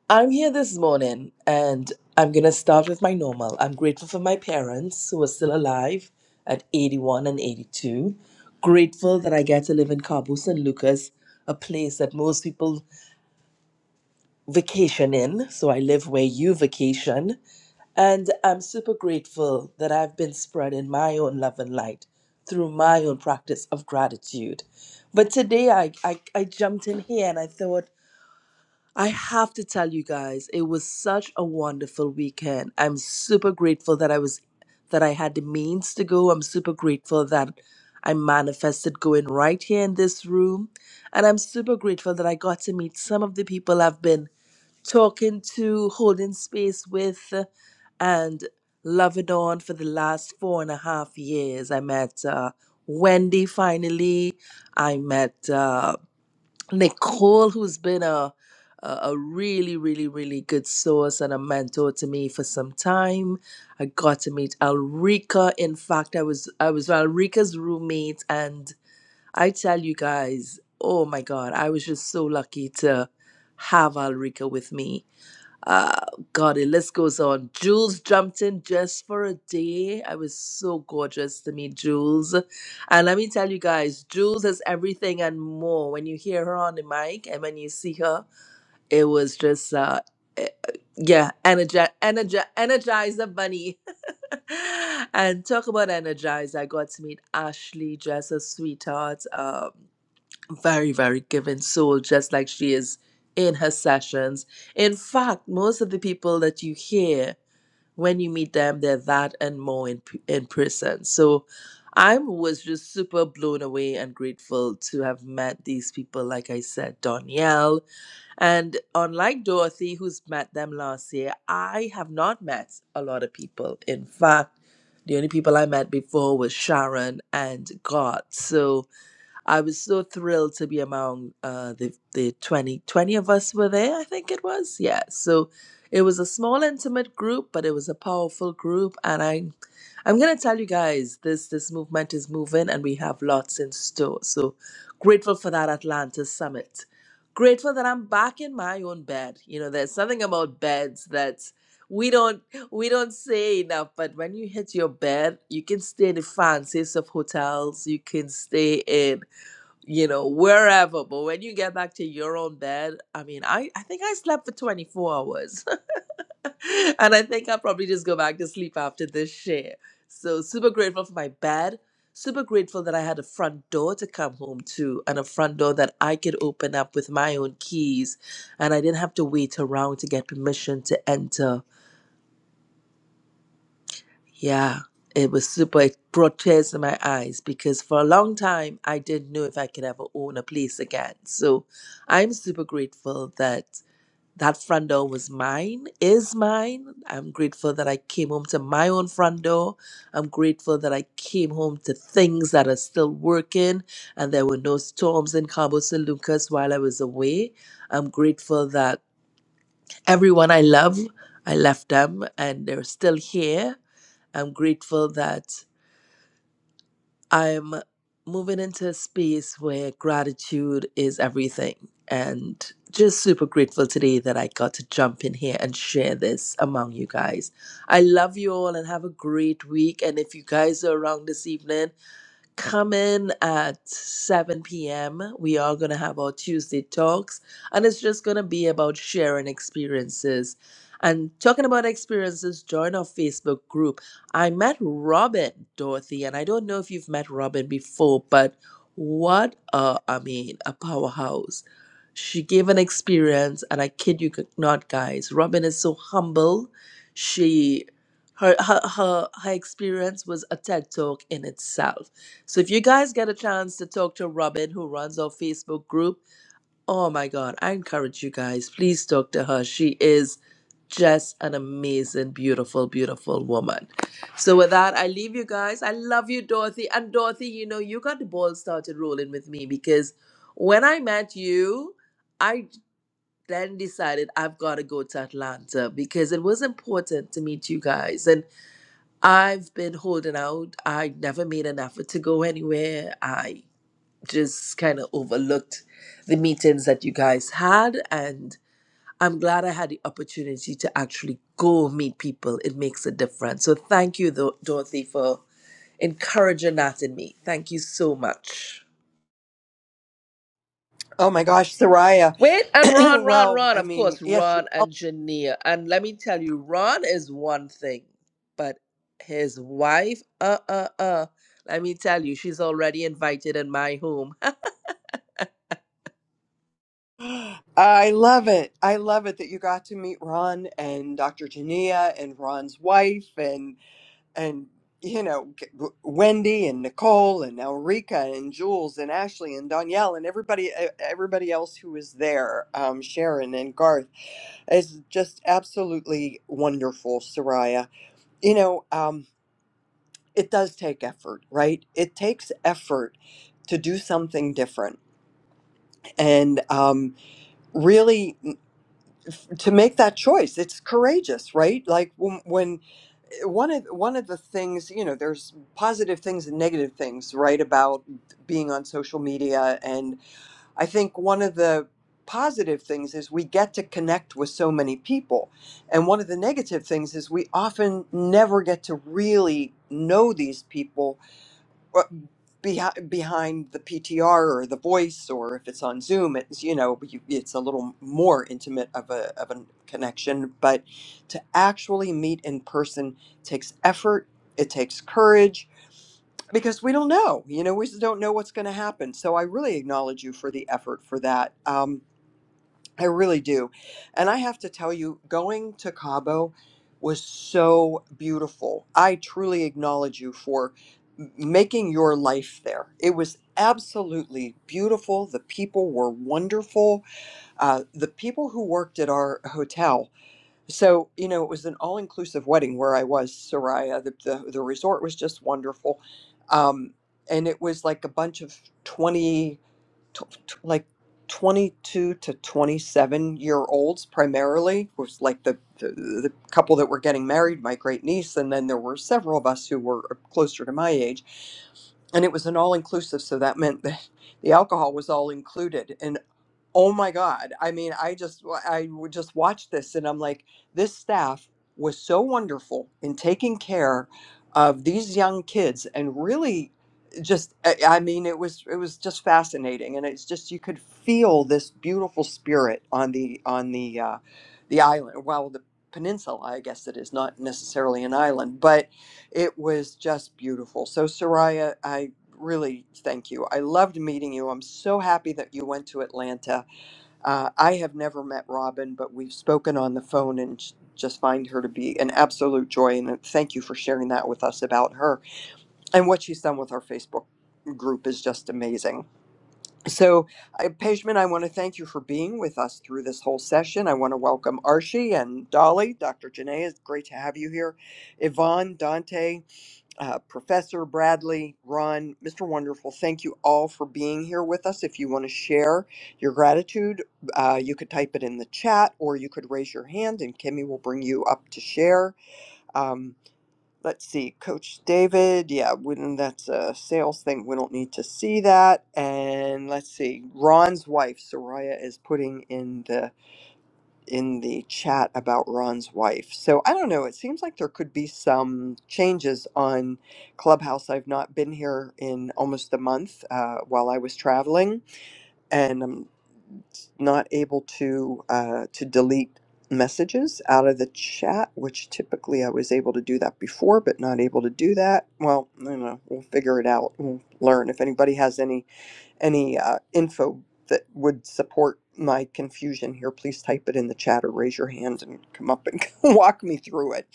i'm here this morning and i'm going to start with my normal i'm grateful for my parents who are still alive at 81 and 82 grateful that i get to live in cabo san lucas a place that most people vacation in. So I live where you vacation. And I'm super grateful that I've been spreading my own love and light through my own practice of gratitude. But today I, I, I jumped in here and I thought, I have to tell you guys, it was such a wonderful weekend. I'm super grateful that I was that I had the means to go. I'm super grateful that I manifested going right here in this room. And I'm super grateful that I got to meet some of the people I've been talking to, holding space with, and loving on for the last four and a half years. I met uh, Wendy finally. I met uh, Nicole, who's been a a a really, really, really good source and a mentor to me for some time. I got to meet Alrika. In fact, I was I was Alrika's roommate, and I tell you guys, oh my God, I was just so lucky to have Alrika with me uh, God, the list goes on. Jules jumped in just for a day. I was so gorgeous to meet Jules. And let me tell you guys, Jules is everything and more. When you hear her on the mic and when you see her, it was just, uh, eh, yeah, energi- energi- energize the bunny. and talk about energize. I got to meet Ashley, just a sweetheart. Um, very, very giving soul, just like she is in her sessions. In fact, most of the people that you hear when you meet them, they're that and more in, p- in person. So I was just super blown away and grateful to have met these people, like I said, Danielle. And unlike Dorothy, who's met them last year, I have not met a lot of people. In fact, the only people I met before was Sharon and God. So I was so thrilled to be among uh, the, the 20 20 of us were there, I think it was. Yeah. So it was a small, intimate group, but it was a powerful group. And I, I'm going to tell you guys, this, this movement is moving and we have lots in store. So grateful for that Atlanta summit. Grateful that I'm back in my own bed. You know, there's something about beds that we don't we don't say enough, but when you hit your bed, you can stay in the fanciest of hotels. You can stay in you know, wherever. But when you get back to your own bed, I mean, I, I think I slept for 24 hours. and I think I'll probably just go back to sleep after this share. So, super grateful for my bed. Super grateful that I had a front door to come home to and a front door that I could open up with my own keys. And I didn't have to wait around to get permission to enter Yeah, it was super. It brought tears to my eyes because for a long time I didn't know if I could ever own a place again. So I'm super grateful that that front door was mine, is mine. I'm grateful that I came home to my own front door. I'm grateful that I came home to things that are still working and there were no storms in Cabo San Lucas while I was away. I'm grateful that everyone I love, I left them and they're still here I'm grateful that I'm moving into a space where gratitude is everything. And just super grateful today that I got to jump in here and share this among you guys. I love you all and have a great week. And if you guys are around this evening, Come in at 7 p.m. We are going to have our Tuesday talks, and it's just going to be about sharing experiences. And talking about experiences, join our Facebook group. I met Robin, Dorothy, and I don't know if you've met Robin before, but what a, I mean, a powerhouse. She gave an experience, and I kid you not, guys. Robin is so humble. She her her her, her experience was a TED talk in itself. So if you guys get a chance to talk to Robin, who runs our Facebook group, oh my God, I encourage you guys, please talk to her. She is just an amazing, beautiful, beautiful woman. So with that, I leave you guys. I love you, Dorothy. And Dorothy, you know, you got the ball started rolling with me because when I met you, I then decided I've got to go to Atlanta because it was important to meet you guys. And I've been holding out. I never made an effort to go anywhere. I just kind of overlooked the meetings that you guys had and I'm glad I had the opportunity to actually go meet people. It makes a difference. So thank you, Dor- Dorothy, for encouraging that in me. Thank you so much. Oh my gosh, Soraya. Wait, and Ron, Ron, well, Ron, I of mean, course, yes, you're Ron and welcome. Jania. And let me tell you, Ron is one thing, but his wife, uh, uh, uh, let me tell you, she's already invited in my home. I love it. I love it that you got to meet Ron and Dr. Jania and Ron's wife and and you know Wendy and Nicole and Elrica and Jules and Ashley and Danielle and everybody e- everybody else who was there, um, Sharon and Garth is just absolutely wonderful, Soraya. You know, um, it does take effort, right? It takes effort to do something different and um, really to make that choice. It's courageous, right? Like when when one of one of the things you know there's positive things and negative things right about being on social media and i think one of the positive things is we get to connect with so many people and one of the negative things is we often never get to really know these people well, behind behind the PTR or the voice, or if it's on Zoom, it's you know you, it's a little more intimate of a of a connection. But to actually meet in person takes effort. It takes courage because we don't know. You know, we just don't know what's going to happen. So I really acknowledge you for the effort for that. Um, I really do. And I have to tell you, going to Cabo was so beautiful. I truly acknowledge you for m- making your life there. It was absolutely beautiful. The people were wonderful. Uh, the people who worked at our hotel. So, you know, it was an all inclusive wedding where I was, Soraya. The, the, the resort was just wonderful. Um, and it was like a bunch of 20 tw- tw- like 22 to 27 year olds primarily was like the, the the couple that were getting married my great niece and then there were several of us who were uh, closer to my age and it was an all inclusive so that meant that the alcohol was all included and. Oh my God. I mean, I just I would just watch this and I'm like, this staff was so wonderful in taking care of these young kids and really just I I mean it was it was just fascinating and it's just you could feel this beautiful spirit on the on the uh the island well the peninsula I guess it is not necessarily an island but it was just beautiful so Soraya I really thank you I loved meeting you I'm so happy that you went to Atlanta uh, I have never met Robin, but we've spoken on the phone and sh- just find her to be an absolute joy. And uh, thank you for sharing that with us about her. And what she's done with our Facebook group is just amazing. So, uh, Pejman, I want to thank you for being with us through this whole session. I want to welcome Archie and Dolly. Dr. Janae, it's great to have you here. Yvonne, Dante, uh, Professor Bradley, Ron, Mr. Wonderful, thank you all for being here with us. If you want to share your gratitude, uh, you could type it in the chat or you could raise your hand and Kimmy will bring you up to share. Um, let's see, Coach David, yeah, when that's a sales thing, we don't need to see that. And let's see, Ron's wife, Soraya, is putting in the in the chat about Ron's wife. So I don't know. It seems like there could be some changes on Clubhouse. I've not been here in almost a month uh, while I was traveling, and I'm not able to uh, to delete messages out of the chat, which typically I was able to do that before, but not able to do that. Well, I don't know. We'll figure it out. We'll learn. If anybody has any any uh, info that would support my confusion here, please type it in the chat or raise your hand and come up and walk me through it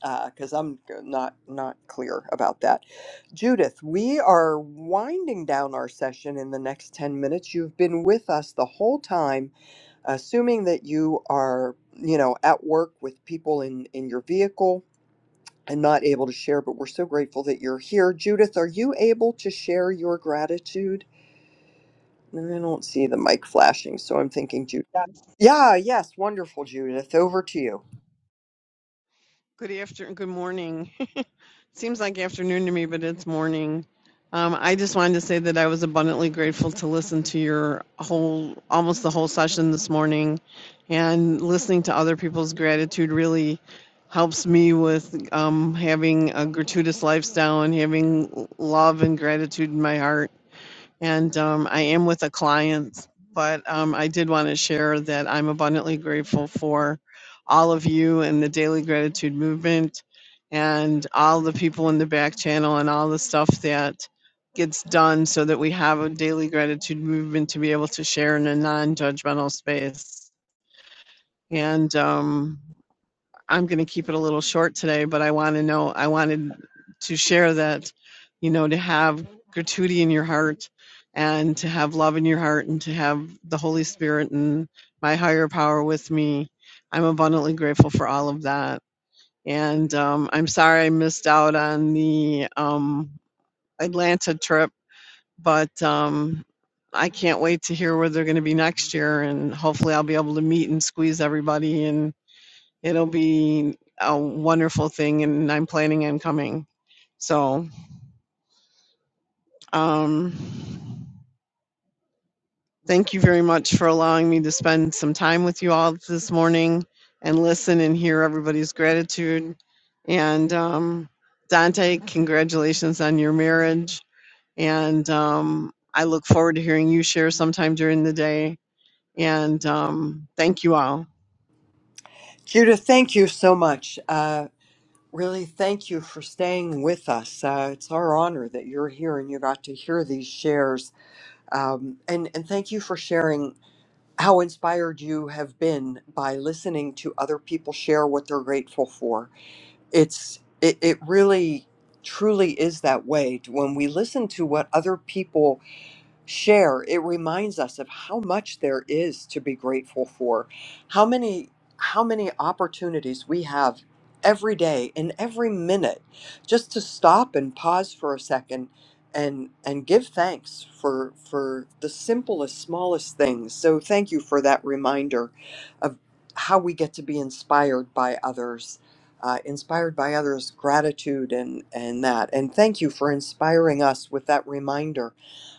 because uh, I'm not not clear about that. Judith, we are winding down our session in the next 10 minutes. You've been with us the whole time, assuming that you are, you know, at work with people in, in your vehicle and not able to share, but we're so grateful that you're here. Judith, are you able to share your gratitude? And I don't see the mic flashing, so I'm thinking Judith. Yeah, yes, wonderful, Judith. Over to you. Good afternoon. good morning. Seems like afternoon to me, but it's morning. Um, I just wanted to say that I was abundantly grateful to listen to your whole, almost the whole session this morning, and listening to other people's gratitude really helps me with um, having a gratuitous lifestyle and having love and gratitude in my heart. and um, I am with a client. But um, I did want to share that I'm abundantly grateful for all of you and the Daily Gratitude Movement, and all the people in the back channel, and all the stuff that gets done so that we have a Daily Gratitude Movement to be able to share in a non-judgmental space. And um, I'm going to keep it a little short today, but I want to know, I wanted to share that, you know, to have gratuity in your heart and to have love in your heart and to have the Holy Spirit and my higher power with me. I'm abundantly grateful for all of that. And um, I'm sorry I missed out on the um, Atlanta trip, but um, I can't wait to hear where they're going to be next year. And hopefully I'll be able to meet and squeeze everybody and it'll be a wonderful thing and i'm planning on coming so um thank you very much for allowing me to spend some time with you all this morning and listen and hear everybody's gratitude and um dante congratulations on your marriage and um i look forward to hearing you share sometime during the day and um thank you all Judith, thank you so much. Uh, really, thank you for staying with us. Uh, it's our honor that you're here and you got to hear these shares. Um, and, and thank you for sharing how inspired you have been by listening to other people share what they're grateful for. It's it, it really truly is that way when we listen to what other people share, it reminds us of how much there is to be grateful for, how many how many opportunities we have every day and every minute just to stop and pause for a second and and give thanks for for the simplest smallest things. So thank you for that reminder of how we get to be inspired by others. Uh, inspired by others, gratitude and and that, and thank you for inspiring us with that reminder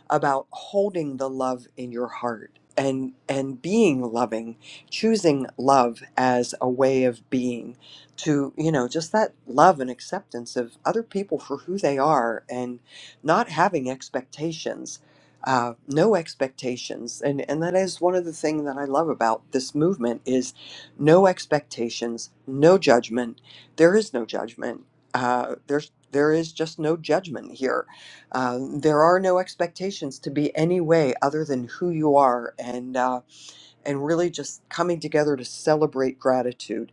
about holding the love in your heart and and being loving choosing love as a way of being to you know just that love and acceptance of other people for who they are and not having expectations uh, no expectations and and that is one of the things that i love about this movement is no expectations no judgment there is no judgment uh, there's there is just no judgment here um, there are no expectations to be any way other than who you are, and uh, and really just coming together to celebrate gratitude.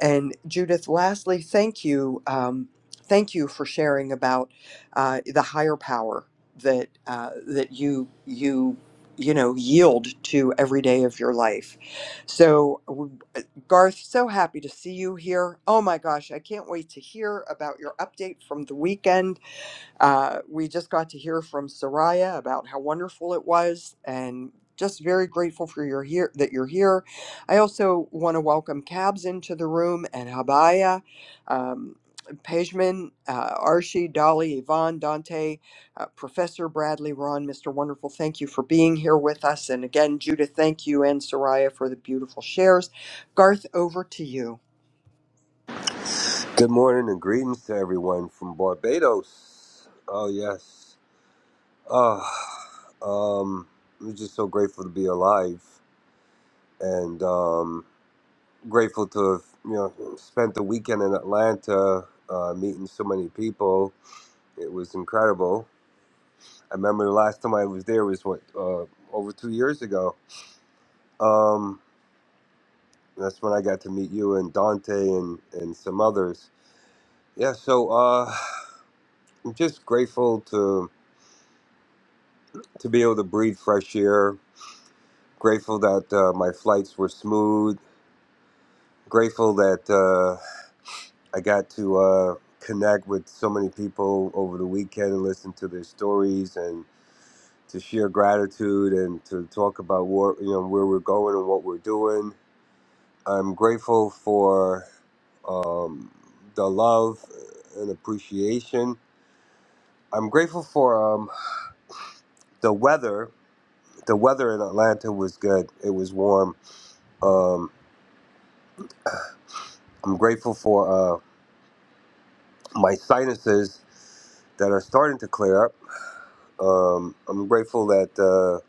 And Judith, lastly, thank you, um, thank you for sharing about uh, the higher power that uh, that you you you know yield to every day of your life. So, w- Garth, so happy to see you here. Oh my gosh, I can't wait to hear about your update from the weekend uh, we just got to hear from Soraya about how wonderful it was, and just very grateful for your here that you're here. I also want to welcome Cabs into the room and Habaya, um, Pejman, uh, Arshi, Dolly, Yvonne, Dante, uh, Professor Bradley, Ron, Mr. Wonderful. Thank you for being here with us, and again, Judith, thank you and Soraya for the beautiful shares. Garth, over to you. Good morning and greetings to everyone from Barbados. Oh yes. Uh, um, I'm just so grateful to be alive and um, grateful to have you know spent the weekend in Atlanta uh, meeting so many people. It was incredible. I remember the last time I was there was what uh, over two years ago. Um, that's when I got to meet you and Dante and and some others. Yeah. So uh, I'm just grateful to to be able to breathe fresh air Grateful that uh, my flights were smooth. Grateful that uh, I got to uh, connect with so many people over the weekend and listen to their stories and to share gratitude and to talk about what you know where we're going and what we're doing. I'm grateful for um, the love and appreciation. I'm grateful for um, the weather. The weather in Atlanta was good. It was warm. Um, I'm grateful for uh, my sinuses. that are starting to clear up. Um, I'm grateful that uh,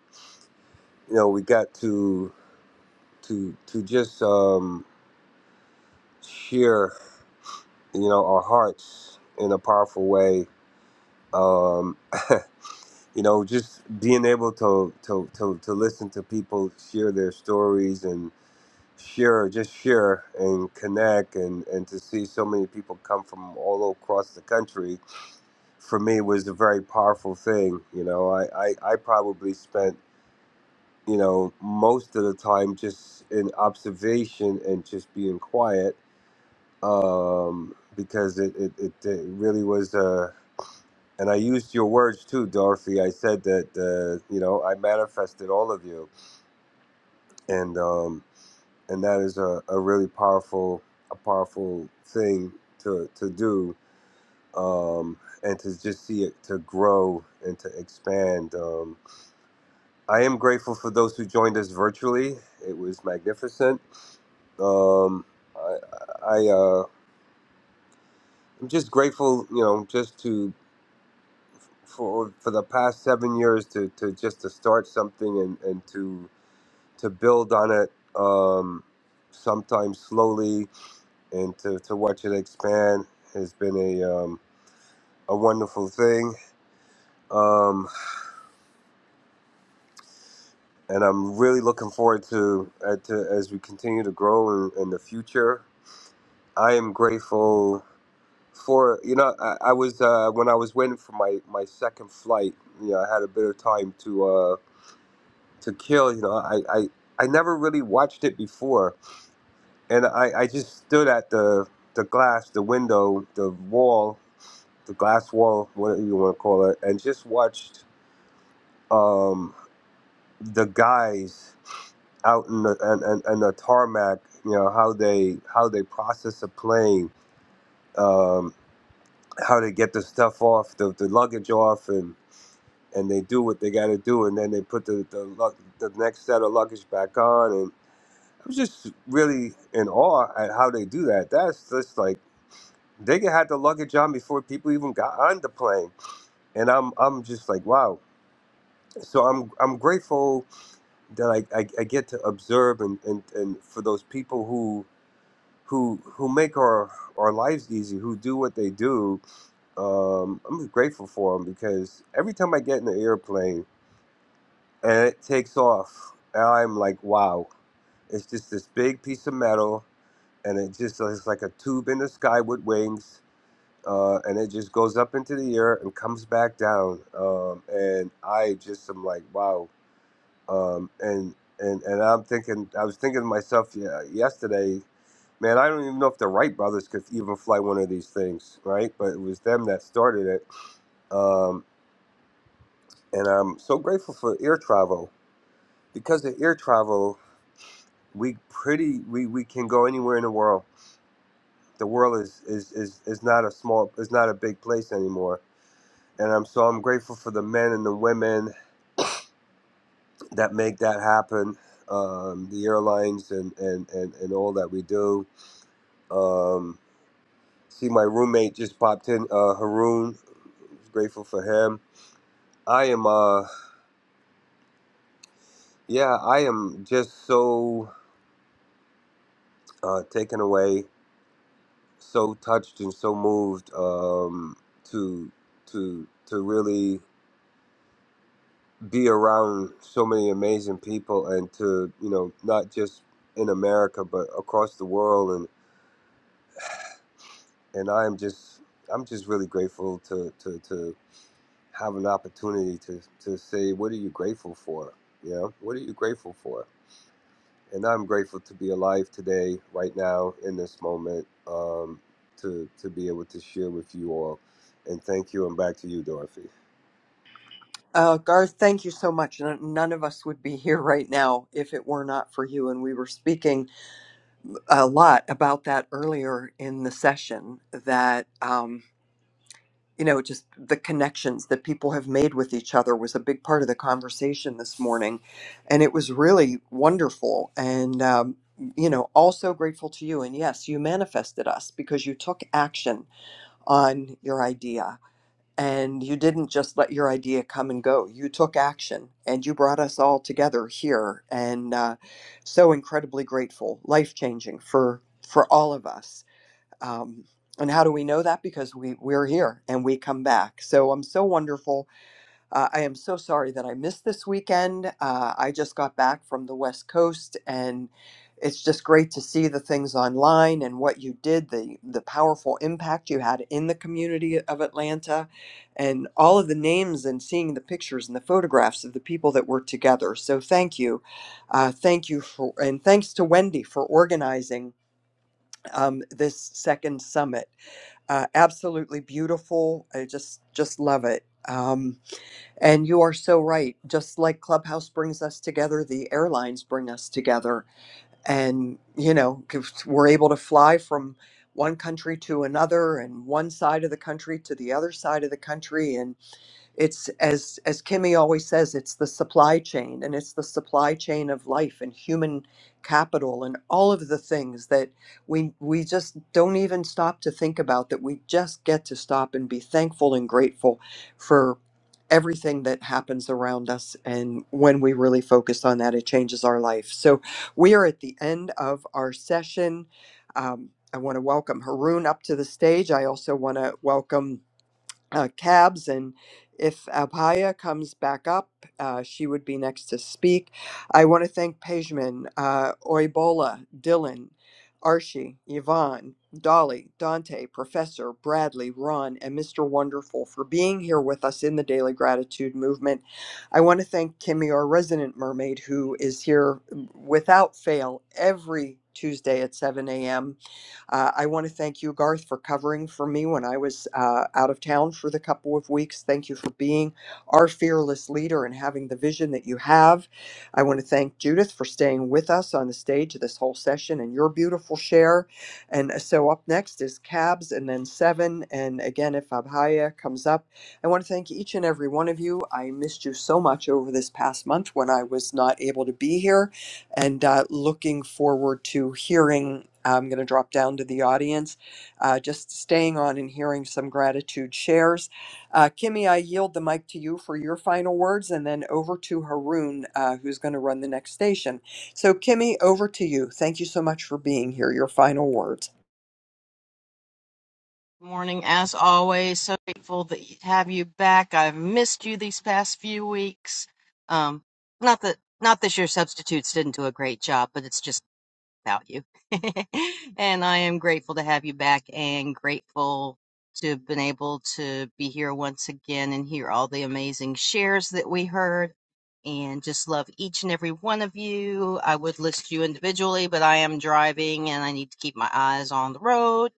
you know we got to to to just um, share you know our hearts in a powerful way. Um, you know, just being able to, to to to listen to people share their stories and share just share and connect and and to see so many people come from all across the country for me was a very powerful thing you know i i, I probably spent you know, most of the time just in observation and just being quiet um, because it, it, it, it really was. Uh, and I used your words too, Dorothy. I said that, uh, you know, I manifested all of you. And, um, and that is a, a really powerful, a powerful thing to, to do. Um, and to just see it to grow and to expand. Um, I am grateful for those who joined us virtually. It was magnificent Um, I, I uh, I'm just grateful, you know, just to for for the past seven years to, to just to start something and, and to to build on it. Um, sometimes slowly and to, to watch it expand has been a um, a wonderful thing. Um, and I'm really looking forward to, uh, to as we continue to grow in, in the future. I am grateful for you know I, I was uh, when I was waiting for my my second flight you know I had a bit of time to uh, to kill you know I, I I never really watched it before and I, I just stood at the the glass the window the wall the glass wall whatever you want to call it and just watched um, the guys out in the and, and, and the tarmac you know how they how they process a plane um, how they get the stuff off the, the luggage off and and they do what they got to do, and then they put the the, luck, the next set of luggage back on. And I was just really in awe at how they do that. That's just like they had the luggage on before people even got on the plane, and I'm I'm just like wow. So I'm I'm grateful that I, I, I get to observe and, and, and for those people who who who make our our lives easy, who do what they do. Um, I'm just grateful for them because every time I get in the airplane and it takes off. And I'm like, wow, it's just this big piece of metal, and it just it's like a tube in the sky with wings, uh, and it just goes up into the air and comes back down. Um, and I just am like, wow. Um, and and and I'm thinking, I was thinking to myself, yeah, yesterday, man, I don't even know if the Wright brothers could even fly one of these things, right? But it was them that started it. Um, and I'm so grateful for air travel because of air travel. we pretty we, we can go anywhere in the world. The world is, is is is not a small is not a big place anymore. And I'm so I'm grateful for the men and the women that make that happen. Um, the airlines and, and, and, and all that we do. Um, see my roommate just popped in, uh, Haroon. Grateful for him. I am uh yeah, I am just so uh, taken away, so touched and so moved um, to to to really be around so many amazing people and to you know not just in America but across the world and and I'm just I'm just really grateful to to, to have an opportunity to to say what are you grateful for you know what are you grateful for and I'm grateful to be alive today right now in this moment um, to to be able to share with you all and thank you and back to you Dorothy. Uh, Garth, thank you so much. N- None of us would be here right now if it were not for you. And we were speaking a lot about that earlier in the session that, um, you know, just the connections that people have made with each other was a big part of the conversation this morning. And it was really wonderful. And, um, you know, also grateful to you. And yes, you manifested us because you took action on your idea and you didn't just let your idea come and go. You took action and you brought us all together here. And uh, so incredibly grateful, life changing for, for all of us. Um, and how do we know that? Because we, we're here and we come back. So I'm so wonderful uh, I am so sorry that I missed this weekend. Uh, I just got back from the West Coast, and it's just great to see the things online and what you did, the the powerful impact you had in the community of Atlanta, and all of the names and seeing the pictures and the photographs of the people that were together. So thank you, uh, thank you for, and thanks to Wendy for organizing um, this second summit. Uh, absolutely beautiful. I just just love it. Um, and you are so right. Just like Clubhouse brings us together, the airlines bring us together. And, you know, 'cause we're able to fly from one country to another and one side of the country to the other side of the country. and it's as as kimmy always says it's the supply chain and it's the supply chain of life and human capital and all of the things that we we just don't even stop to think about that we just get to stop and be thankful and grateful for everything that happens around us and when we really focus on that it changes our life so we are at the end of our session um, i want to welcome haroon up to the stage i also want to welcome uh, cabs. And if Abhaya comes back up, uh, she would be next to speak. I want to thank Pejman, uh, Oibola, Dylan, Archie, Yvonne, Dolly, Dante, Professor, Bradley, Ron, and Mr. Wonderful for being here with us in the Daily Gratitude Movement. I want to thank Kimmy, our resident mermaid, who is here mm, without fail every Tuesday at 7 a.m uh, I want to thank you, Garth, for covering for me when I was uh, out of town for the couple of weeks. Thank you for being our fearless leader and having the vision that you have. I want to thank Judith for staying with us on the stage this whole session and your beautiful share. And uh, so up next is Cabs and then Seven. And again, if Abhaya comes up, I want to thank each and every one of you. I missed you so much over this past month when I was not able to be here and uh, looking forward to hearing. I'm going to drop down to the audience, uh, just staying on and hearing some gratitude shares. Uh, Kimmy, I yield the mic to you for your final words and then over to Haroon, uh, who's going to run the next station. So, Kimmy, over to you. Thank you so much for being here. Your final words. Morning, as always. So grateful that you- to have you back. I've missed you these past few weeks. Um, not that not that your substitutes didn't do a great job, but it's just about you. and I am grateful to have you back and grateful to have been able to be here once again and hear all the amazing shares that we heard. And just love each and every one of you. I would list you individually, but I am driving and I need to keep my eyes on the road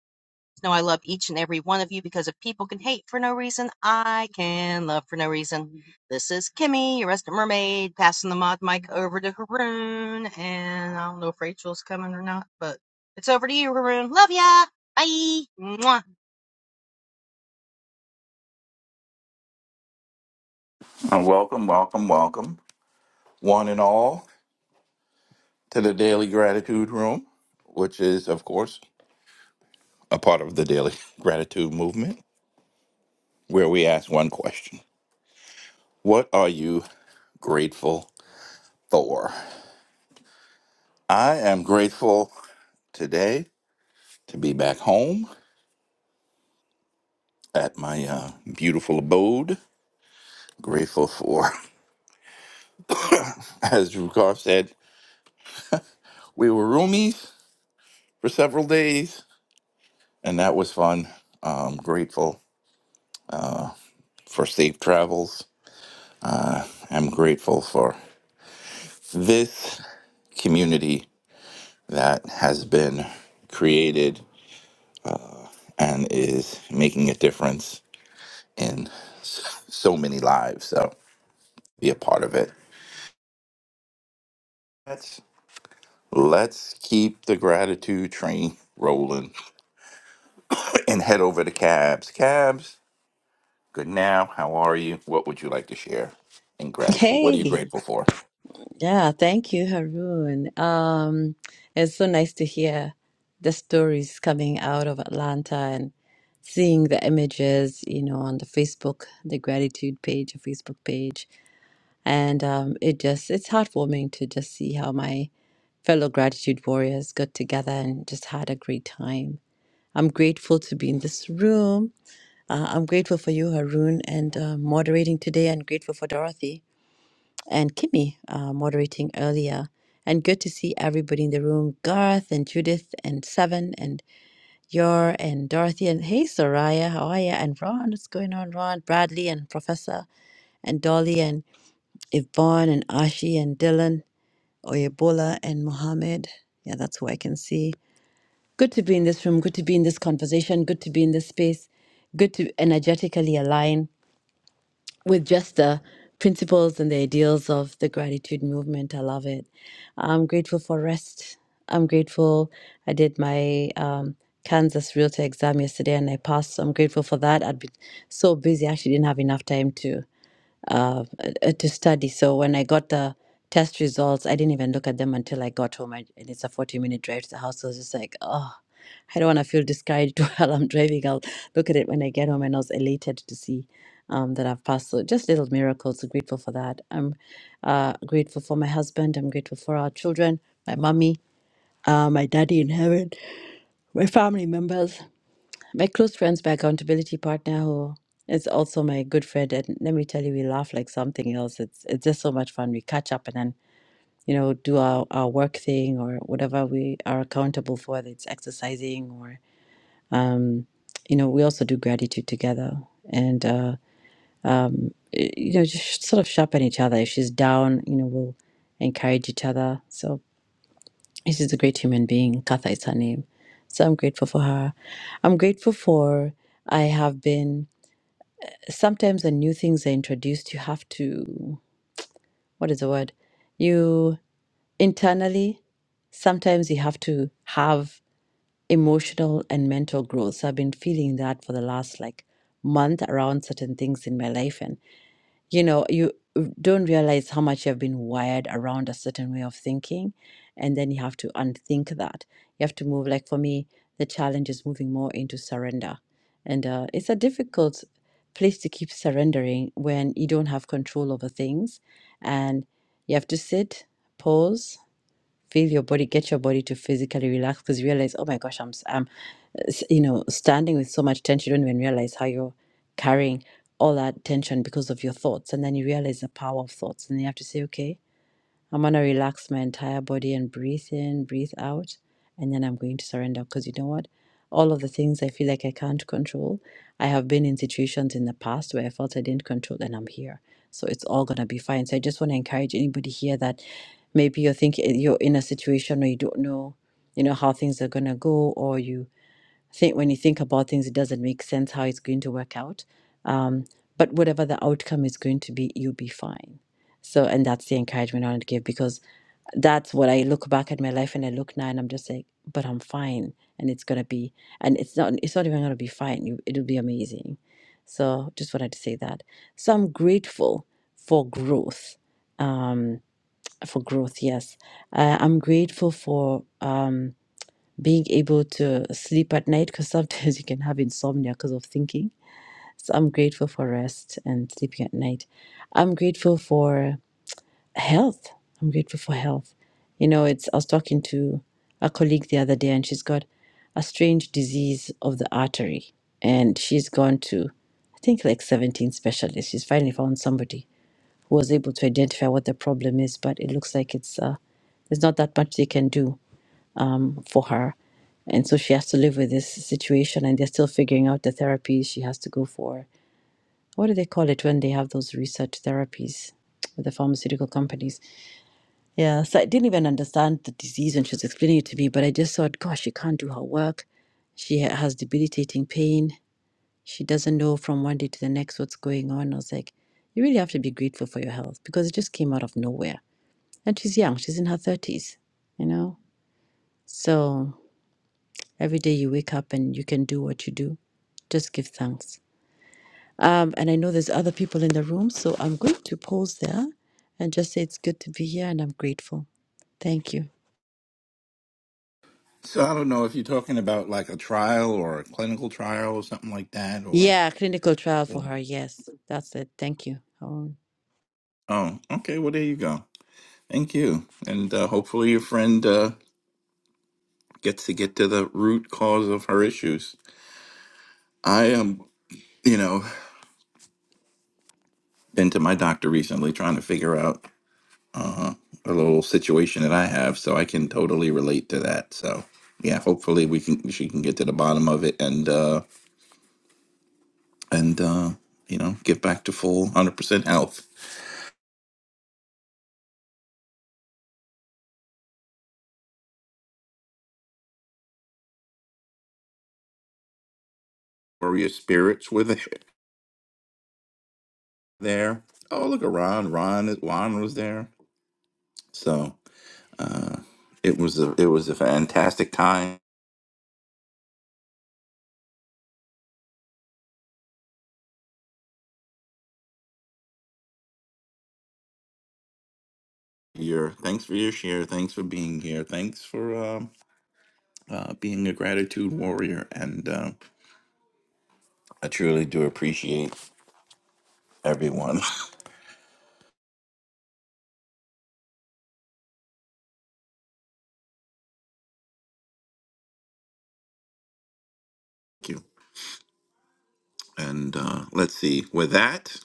know I love each and every one of you because if people can hate for no reason, I can love for no reason. This is Kimmy, your resident mermaid, passing the mod mic over to Haroon. And I don't know if Rachel's coming or not, but it's over to you, Haroon. Love ya. Bye. Mwah. And welcome, welcome, welcome, one and all, to the Daily Gratitude Room, which is, of course, a part of the Daily Gratitude Movement, where we ask one question What are you grateful for? I am grateful today to be back home at my uh, beautiful abode. Grateful for, as Drew Carr said, we were roomies for several days, and that was fun. Um, grateful for safe travels. I'm grateful for this community that has been created and is making a difference in s- so many lives. So be a part of it. Let's let's keep the gratitude train rolling and head over to Cabs. Cabs, good now. How are you? What would you like to share in gratitude? What are you Hey, grateful for? yeah, thank you, Haroon. Um, it's so nice to hear the stories coming out of Atlanta and seeing the images, you know, on the Facebook, the gratitude page, the Facebook page. And um, it just, it's heartwarming to just see how my fellow gratitude warriors got together and just had a great time. I'm grateful to be in this room. Uh, I'm grateful for you, Haroon, and uh, moderating today. I'm grateful for Dorothy. and Kimmy uh, moderating earlier. And good to see everybody in the room Garth and Judith and Seven and Yor and Dorothy and hey, Soraya, how are you? And Ron, what's going on, Ron? Bradley and Professor and Dolly and Yvonne and Ashi and Dylan, Oyebola and Mohammed. Yeah, that's who I can see. Good to be in this room. Good to be in this conversation. Good to be in this space. Good to energetically align with just the principles and the ideals of the gratitude movement. I love it. I'm grateful for rest. I'm grateful. I did my um, Kansas Realtor exam yesterday and I passed. So I'm grateful for that. I'd been so busy, I actually didn't have enough time to uh, uh, to study. So when I got the test results, I didn't even look at them until I got home. I, and it's a 40 minute drive to the house. So I was just like, oh, I don't want to feel discouraged while I'm driving. I'll look at it when I get home. And I was elated to see um, that I've passed. So just little miracles. Grateful for that. I'm uh, grateful for my husband. I'm grateful for our children, my mommy, uh, my daddy in heaven, my family members. My close friends, my accountability partner, who is also my good friend, and let me tell you, we laugh like something else. It's it's just so much fun. We catch up and then you know do our our work thing or whatever we are accountable for. Whether it's exercising or you know we also do gratitude together and uh, y- you know just sort of sharpen each other. If she's down, you know we'll encourage each other. So she's a great human being. Katha is her name. So I'm grateful for her. I'm grateful for I have been. sometimes when new things are introduced, you have to, what is the word? You internally, sometimes you have to have emotional and mental growth. So I've been feeling that for the last like month around certain things in my life. and you know you uh, don't realize how much you've been wired around a certain way of thinking and then you have to unthink that you have to move like for me the challenge is moving more into surrender and uh, it's a difficult place to keep surrendering when you don't have control over things and you have to sit pause feel your body get your body to physically relax because you realize oh my gosh i'm s- i'm uh, s- you know standing with so much tension you don't even realize how you're carrying all that tension because of your thoughts and then you realize the power of thoughts and you have to say okay I'm going to relax my entire body and breathe in, breathe out, and then I'm going to surrender because you know what? All of the things I feel like I can't control, I have been in situations in the past where I felt I didn't control and I'm here. So it's all going to be fine. So I just want to encourage anybody here that maybe you're thinking you're in a situation where you don't know, you know, how things are going to go or you think when you think about things it doesn't make sense how it's going to work out. Um, but whatever the outcome is going to be, you'll be fine. So, and that's the encouragement I want to give because that's what I look back at my life and I look now and I'm just like, but I'm fine and it's gonna be and it's not it's not even gonna be fine. You- It'll be amazing. So just wanted to say that. So I'm grateful for growth. Um for growth, yes. Uh, I'm grateful for um being able to sleep at night because sometimes you can have insomnia because of thinking. So I'm grateful for rest and sleeping at night. I'm grateful for health. I'm grateful for health. You know, it's I was talking to a colleague the other day and she's got a strange disease of the artery and she's gone to I think like 17 specialists. She's finally found somebody who was able to identify what the problem is, but it looks like it's uh there's not that much they can do um for her. And so she has to live with this situation and they're still figuring out the therapies she has to go for. What do they call it when they have those research therapies with the pharmaceutical companies? Yeah, so I didn't even understand the disease when she was explaining it to me, but I just thought, gosh, she can't do her work. She ha- has debilitating pain. She doesn't know from one day to the next what's going on. I was like, you really have to be grateful for your health because it just came out of nowhere. And she's young, she's in her 30s, you know? So every day you wake up and you can do what you do, just give thanks. Um, and I know there's other people in the room, so I'm going to pause there and just say it's good to be here and I'm grateful. Thank you. So I don't know if you're talking about like a trial or a clinical trial or something like that, or. Yeah, clinical trial for or- her. Yes, that's it. Thank you. Hold Oh, okay. Well, there you go. Thank you. And uh, hopefully your friend uh, gets to get to the root cause of her issues. I am, you know, been to my doctor recently trying to figure out uh, a little situation that I have, so I can totally relate to that. So yeah, hopefully we can she can get to the bottom of it and uh, and uh, you know get back to full hundred percent health. Or your spirits were there. there. Oh look, at Ron. Ron Ron was there. So uh, it was a it was a fantastic time your thanks for your share. Thanks for being here. Thanks for um, uh, being a gratitude warrior. And uh, I truly do appreciate everyone. Thank you. And uh, let's see. With that,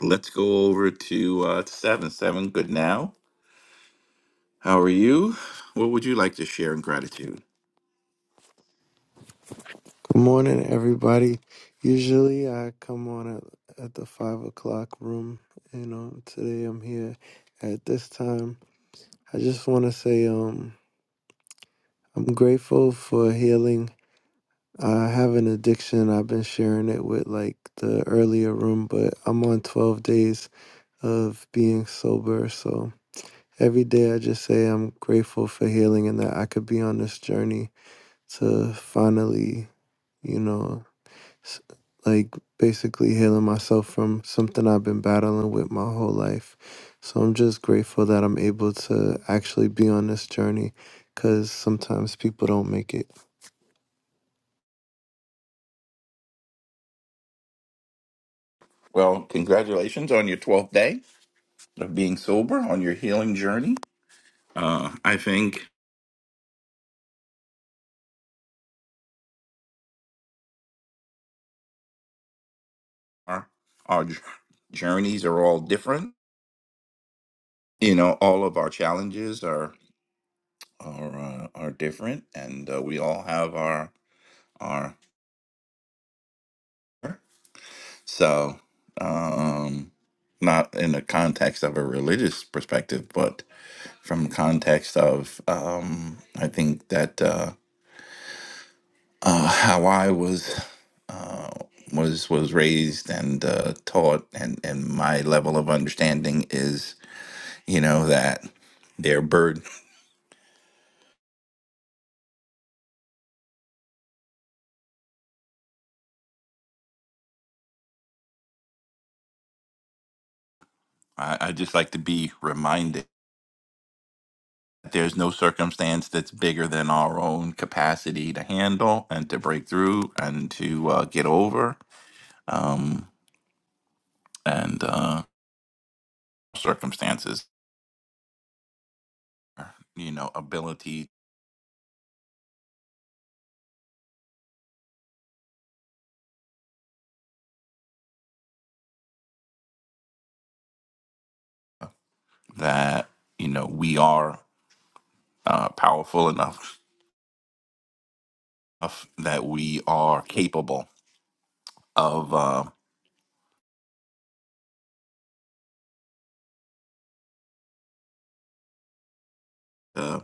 let's go over to uh, seven. Seven, good now. How are you? What would you like to share in gratitude? Good morning, everybody. Usually I come on at, at the five o'clock room, and um, today I'm here at this time. I just want to say um, I'm grateful for healing. I have an addiction. I've been sharing it with like the earlier room, but I'm on 12 days of being sober. So every day I just say I'm grateful for healing and that I could be on this journey to finally, you know. like basically healing myself from something I've been battling with my whole life. So I'm just grateful that I'm able to actually be on this journey because sometimes people don't make it. Well, congratulations on your 12th day of being sober on your healing journey. Uh, I think our, our journeys are all different. You know, all of our challenges are are uh, are different, and uh, we all have our our so um, not in the context of a religious perspective, but from context of um, I think that uh, uh, how I was uh, was was raised and uh, taught, and and my level of understanding is you know that their burden. I, I just like to be reminded. There's no circumstance that's bigger than our own capacity to handle and to break through and to uh, get over. Um, and uh, circumstances, you know, ability that, you know, we are uh, powerful enough, enough that we are capable of uh, the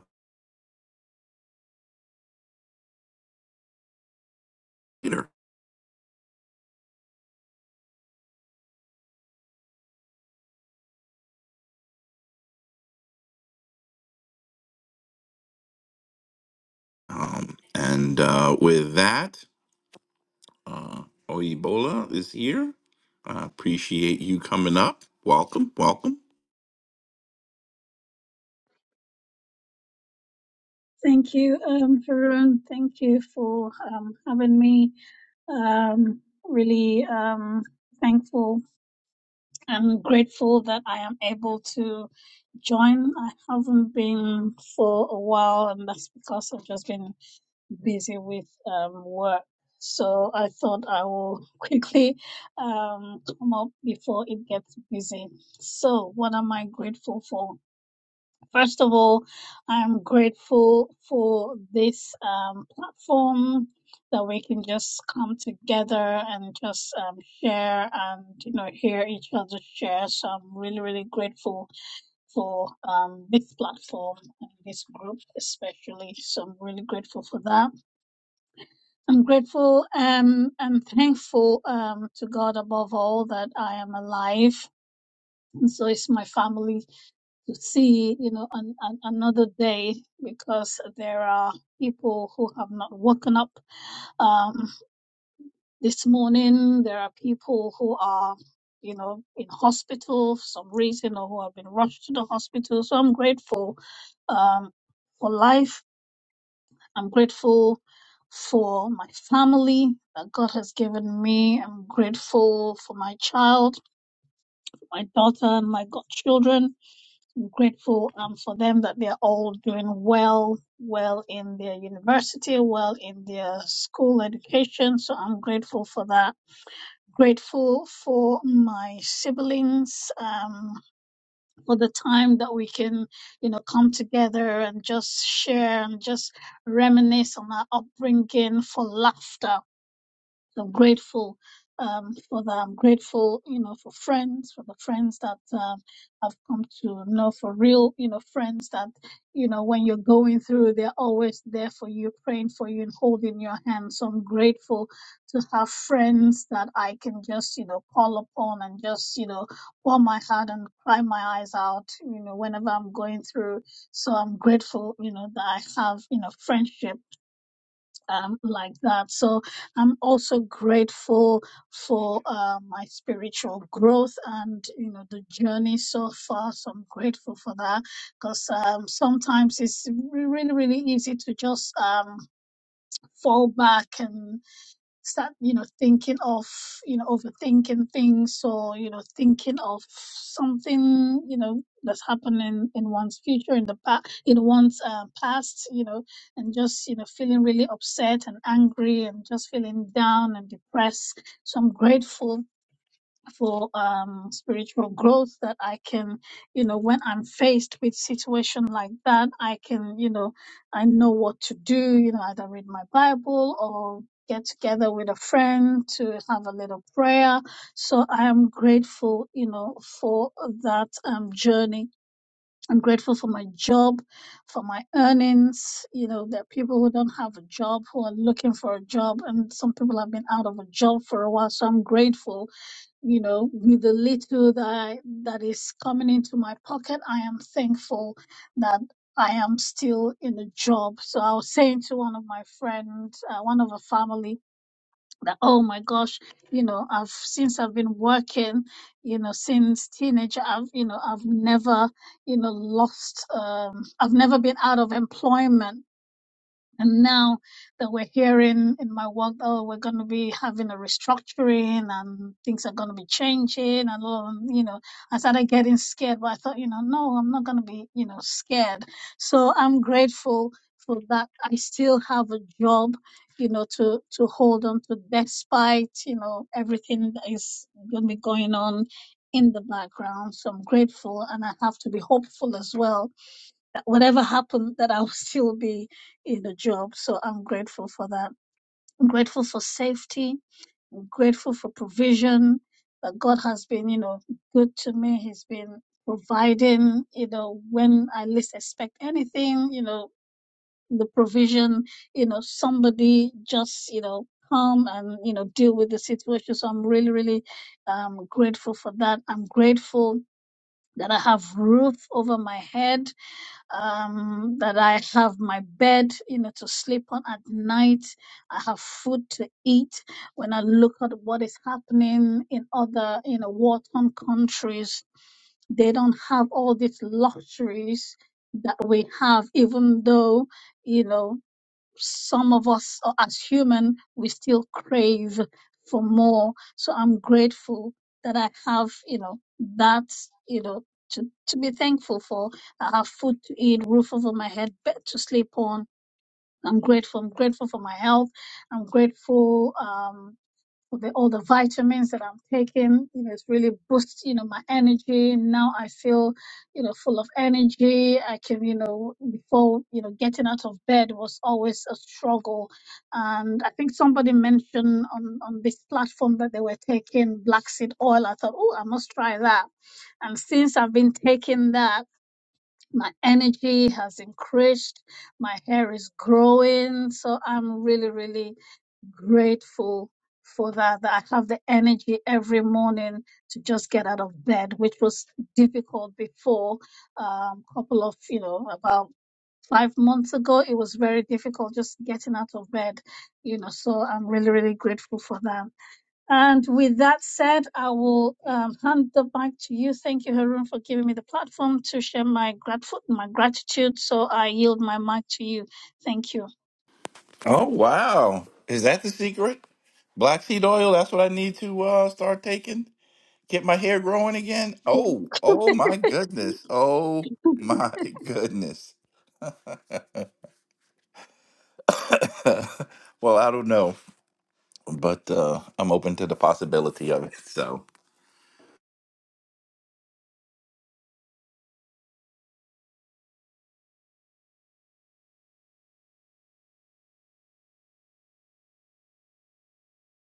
leader. Um, and uh, with that, uh, Oibola is here. I appreciate you coming up. Welcome, welcome. Thank you, um, Varun. Thank you for um, having me. Um, really um, thankful and grateful that I am able to join. I haven't been for a while, and that's because I've just been busy with um, work. So I thought I will quickly um, come up before it gets busy. So, what am I grateful for? First of all, I'm grateful for this um, platform that we can just come together and just um, share and you know hear each other share. So I'm really really grateful for um, this platform and this group especially. So I'm really grateful for that. I'm grateful um, and thankful um, to God above all that I am alive. And so is my family to see, you know, an, an, another day because there are people who have not woken up um, this morning. There are people who are, you know, in hospital for some reason or who have been rushed to the hospital. So I'm grateful um, for life. I'm grateful for my family that God has given me. I'm grateful for my child, my daughter, and my godchildren. grateful um, for them that they're all doing well, well in their university, well in their school education. So I'm grateful for that. Grateful for my siblings, um, for the time that we can, you know, come together and just share and just reminisce on our upbringing, for laughter, so I'm grateful um, for that. I'm grateful, you know, for friends, for the friends that um, I've come to know, for real, you know, friends that, you know, when you're going through, they're always there for you, praying for you and holding your hand. So I'm grateful to have friends that I can just, you know, call upon and just, you know, pour my heart and cry my eyes out, you know, whenever I'm going through. So I'm grateful, you know, that I have, you know, friendship um, like that. So I'm also grateful for uh, my spiritual growth and you know the journey so far. So I'm grateful for that because um, sometimes it's re- really really easy to just um, fall back and start you know thinking of you know overthinking things or you know thinking of something you know that's happening in one's future in the past in one's uh, past you know and just you know feeling really upset and angry and just feeling down and depressed so i'm grateful for um, spiritual growth that I can, you know, when I'm faced with situation like that, I can, you know, I know what to do, you know, either read my Bible or get together with a friend to have a little prayer. So I am grateful, you know, for that um, journey. I'm grateful for my job, for my earnings. You know, there are people who don't have a job who are looking for a job, and some people have been out of a job for a while. So I'm grateful you know with the little that I, that is coming into my pocket i am thankful that i am still in a job so i was saying to one of my friends uh, one of a family that oh my gosh you know i've since i've been working you know since teenager i've you know i've never you know lost um i've never been out of employment and now that we're hearing in my work, oh, we're going to be having a restructuring and things are going to be changing and all, you know, I started getting scared, but I thought, you know, no, I'm not going to be, you know, scared. So I'm grateful for that. I still have a job, you know, to, to hold on to despite, you know, everything that is going to be going on in the background. So I'm grateful and I have to be hopeful as well whatever happened that I'll still be in a job. So I'm grateful for that. I'm grateful for safety. I'm grateful for provision. That God has been, you know, good to me. He's been providing, you know, when I least expect anything, you know, the provision, you know, somebody just, you know, come and, you know, deal with the situation. So I'm really, really um, grateful for that. I'm grateful that I have roof over my head um, that I have my bed, you know, to sleep on at night. I have food to eat. When I look at what is happening in other, you know, war-torn countries, they don't have all these luxuries that we have, even though, you know some of us uh, as human we still crave for more so i'm grateful that i have you know that you know to, to be thankful for i have food to eat roof over my head bed to sleep on i'm grateful i'm grateful for my health i'm grateful um, with the, all the vitamins that I'm taking, you know, it's really boosts, you know, my energy. Now I feel, you know, full of energy. I can, you know, before, you know, getting out of bed was always a struggle. And I think somebody mentioned on, on this platform that they were taking black seed oil. I thought, oh, I must try that. And since I've been taking that, my energy has increased. My hair is growing. So I'm really, really grateful for that, that I have the energy every morning to just get out of bed, which was difficult before. A couple of, you know, about five months ago, it was very difficult just getting out of bed, you know, so I'm really, really grateful for that. And with that said, I will um, hand the mic to you. Thank you, Harun, for giving me the platform to share my, grateful, my gratitude. So I yield my mic to you. Thank you. Oh wow. Is that the secret? Black seed oil, that's what I need to uh start taking? Get my hair growing again? Oh, oh my goodness. Oh my goodness. well, I don't know, but uh I'm open to the possibility of it. So,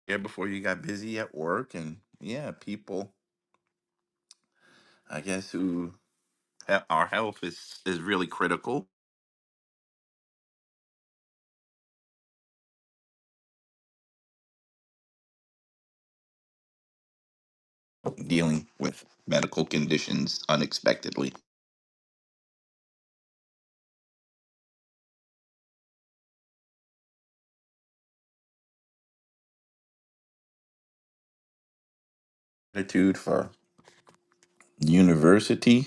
yeah, before you got busy at work and yeah, people I guess who ha- our health is is really critical dealing with medical conditions unexpectitude for university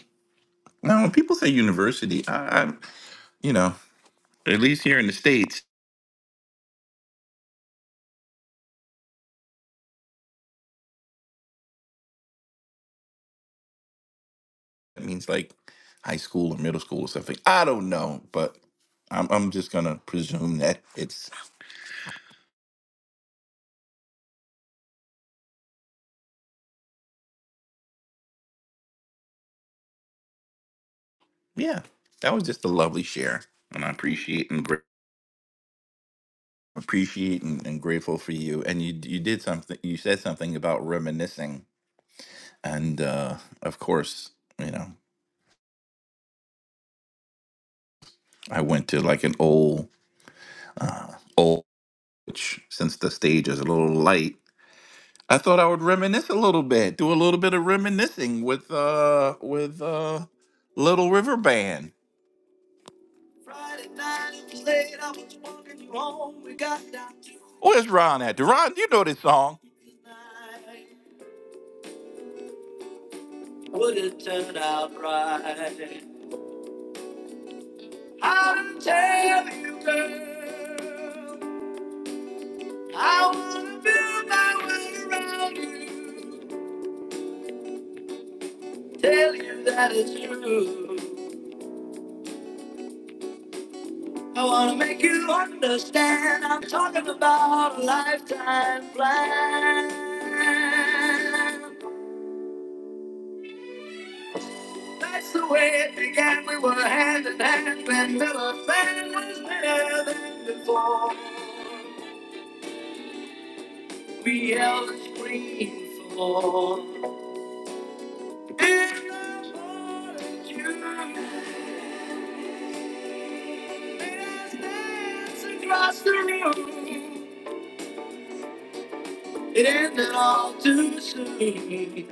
Now, when people say university, I, I, you know, at least here in the states, it means like high school or middle school or something. I don't know, but I'm, I'm just gonna presume that it's yeah. That was just a lovely share, and I appreciate and gra- appreciate and, and grateful for you. And you you did something. You said something about reminiscing, and uh, of course, you know, I went to like an old old which since the stage is a little light I thought I would reminisce a little bit, do a little bit of reminiscing with uh with uh Little River Band. Friday night, it was late, I was walking you home, we got down to- Where's Ron at? Ron, you know this song. Would it turn out right? How to tell you, girl? I wanna build my way around you, tell you that it's true. I wanna make you understand. I'm talking about a lifetime plan. That's the way it began. We were hand in hand when Miller Band was better than before. We held a screen floor. And I wanted you. let's dance Across the room, it ended all too soon.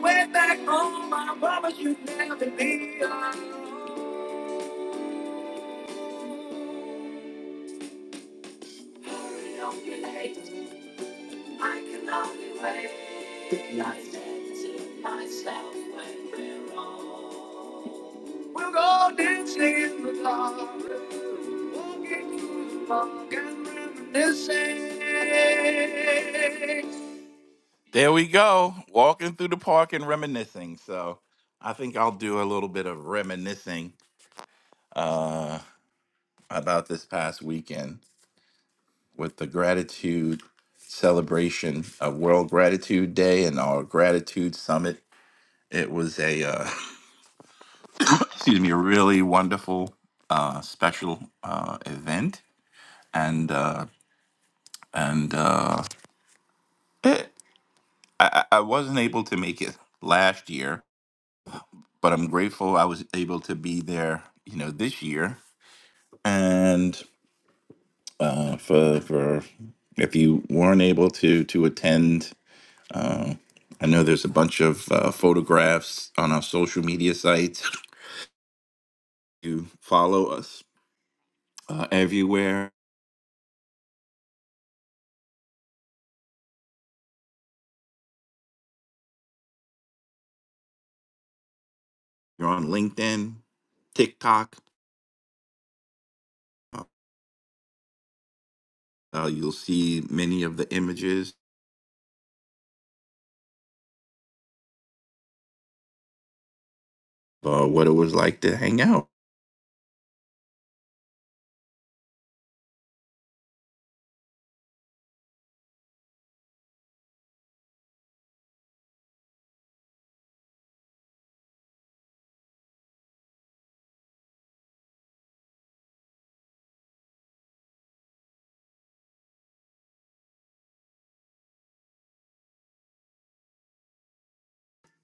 Way back home, I promise you'd never be alone. Hurry, don't be late. I can only wait. I said to myself when we're old. We'll go dancing in the dark, walking through the park and reminiscing. There we go, walking through the park and reminiscing. So I think I'll do a little bit of reminiscing Uh, about this past weekend with the gratitude celebration of World Gratitude Day and our Gratitude Summit. It was a uh, excuse me, a really wonderful uh, special uh, event, and uh, and uh, it, I, I I wasn't able to make it last year, but I'm grateful I was able to be there. You know, this year, and uh, for for if you weren't able to to attend Uh, I know there's a bunch of uh, photographs on our social media sites. You follow us uh, everywhere. You're on LinkedIn, TikTok. Uh, uh, you'll see many of the images of uh, what it was like to hang out.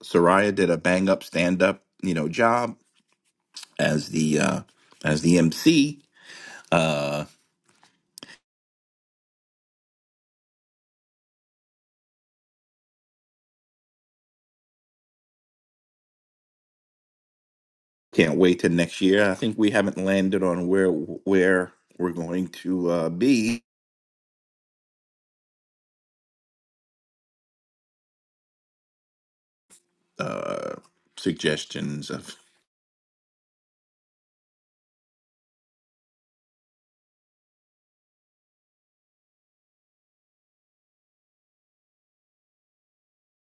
Soraya did a bang up stand up, you know, job as the uh, as the MC. Uh, can't wait till next year. I think we haven't landed on where where we're going to uh, be. Uh, suggestions of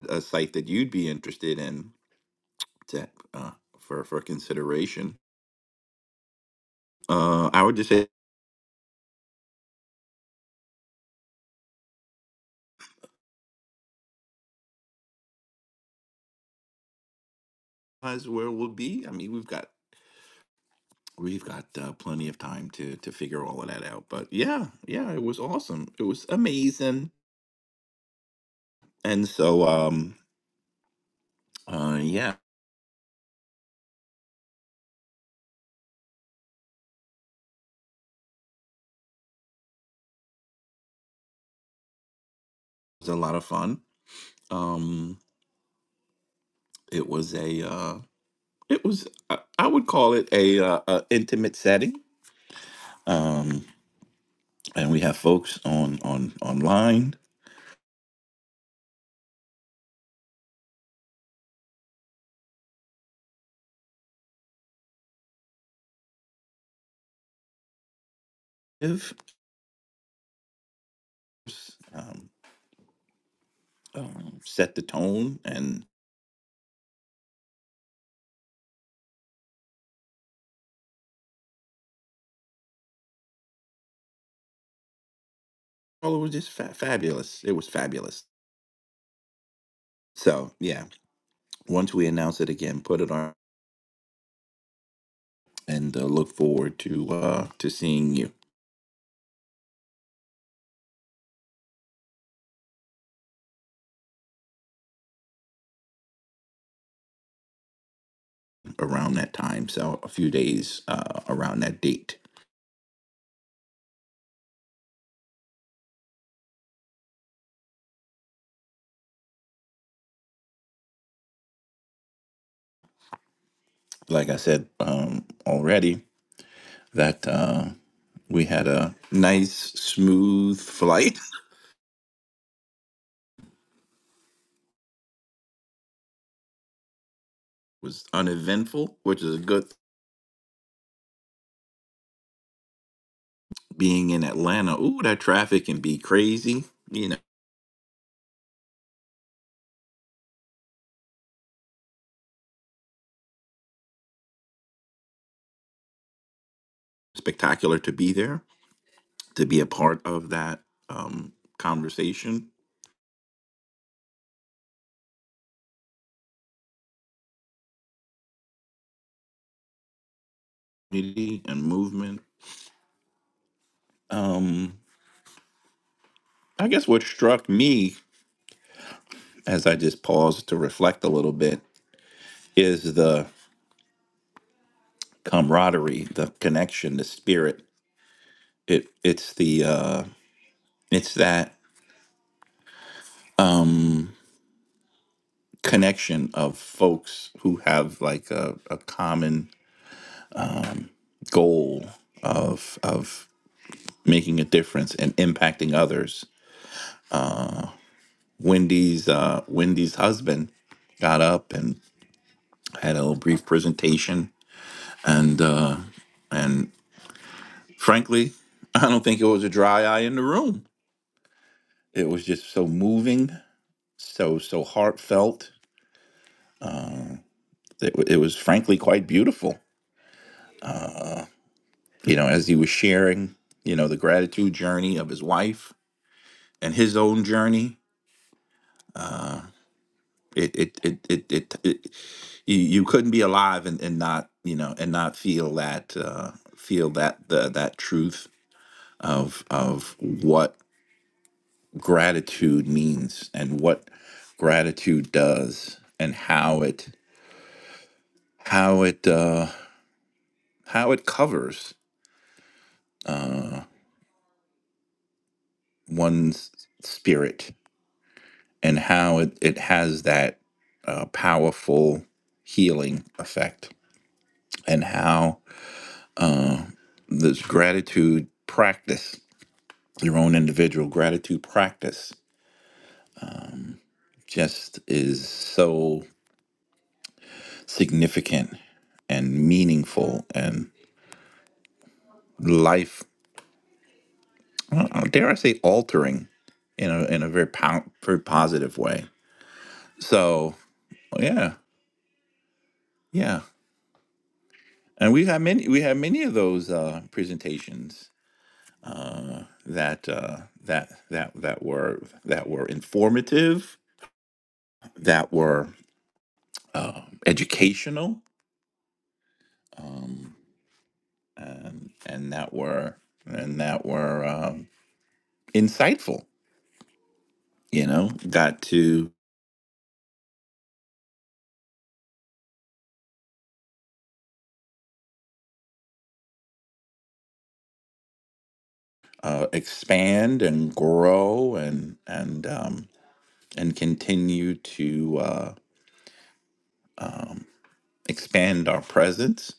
a site that you'd be interested in to uh, for for consideration. Uh, I would just say that's where we'll be. I mean, we've got we've got uh, plenty of time to to figure all of that out. But yeah, yeah, it was awesome. It was amazing, and so um, uh, yeah, it was a lot of fun. Um, it was a uh, it was I, I would call it a, uh, a intimate setting. Um, and we have folks on on online. Um, um, set the tone and well it was just fa- fabulous it was fabulous so yeah once we announce it again put it on and uh, look forward to uh to seeing you around that time so a few days uh around that date like i said um already that uh we had a nice smooth flight It was uneventful which is a good being in atlanta ooh that traffic can be crazy you know spectacular to be there to be a part of that um, conversation community, and movement. Um, I guess what struck me as I just paused to reflect a little bit is the camaraderie, the connection, the spirit. It it's the uh, it's that connection of folks who have like a, a common goal of of making a difference and impacting others. Wendy's uh, Wendy's husband got up and. had a little brief presentation, and uh, and frankly, I don't think it was a dry eye in the room. It was just so moving, so so heartfelt. It, wa- it was frankly quite beautiful. You know, as he was sharing, you know, the gratitude journey of his wife and his own journey. It it it it, it, it you, you couldn't be alive and, and not you know and not feel that uh, feel that the, that truth of of what gratitude means and what gratitude does and how it how it uh, how it covers one's spirit and how it, it has that uh, powerful healing effect and how this gratitude practice your own individual gratitude practice just is so significant and meaningful and life. uh, dare I say, altering in a in a very po- very positive way. So oh, yeah, yeah, and we have many we have many of those uh, presentations uh, that uh, that that that were that were informative, that were uh, educational, um, and and that were and that were um, insightful. You know, got to uh, expand and grow and and um, and continue to uh, um, expand our presence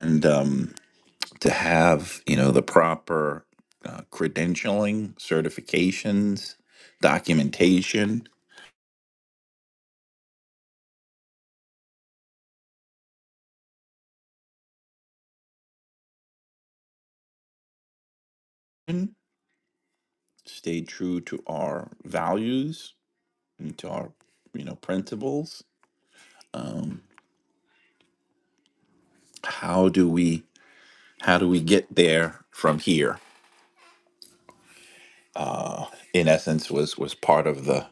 and um, to have you know the proper uh, credentialing, certifications, documentation, and stay true to our values and to our you know principles. Um, how do we how do we get there from here? In essence, was was part of the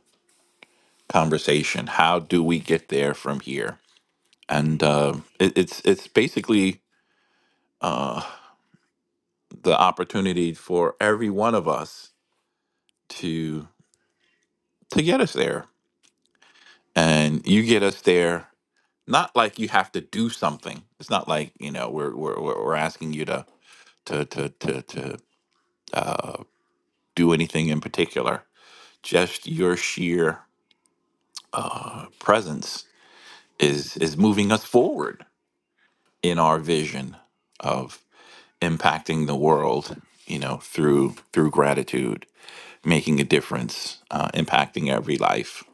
conversation. How do we get there from here? and uh, it, it's it's basically uh, the opportunity for every one of us to to get us there. And you get us there not like you have to do something. It's not like you know we're we're we're we're asking you to to to to to do anything in particular. Just your sheer presence is is moving us forward in our vision of impacting the world. You know through through gratitude making a difference, uh, impacting every life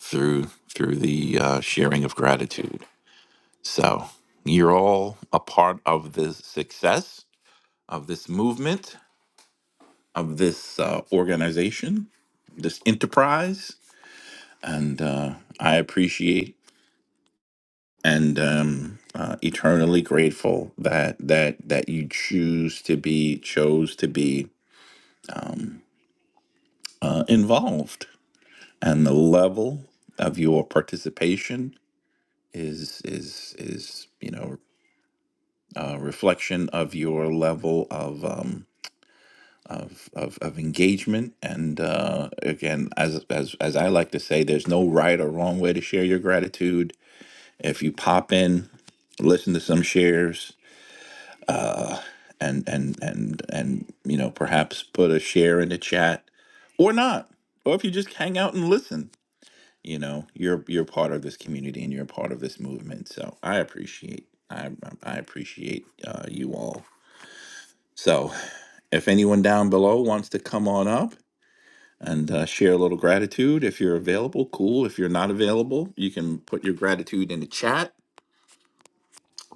through through the uh, sharing of gratitude. So you're all a part of the success of this movement, of this uh, organization, this enterprise, and uh, I appreciate and um, uh, eternally grateful that that that you choose to be chose to be uh, involved and the level of your participation is is is you know a reflection of your level of um of of, of engagement and uh again as as as i like to say there's no right or wrong way to share your gratitude if you pop in listen to some shares and and and and you know perhaps put a share in the chat or not or if you just hang out and listen you know you're you're part of this community and you're a part of this movement so i appreciate i i I appreciate uh, you all so if anyone down below wants to come on up and uh, share a little gratitude if you're available cool if you're not available you can put your gratitude in the chat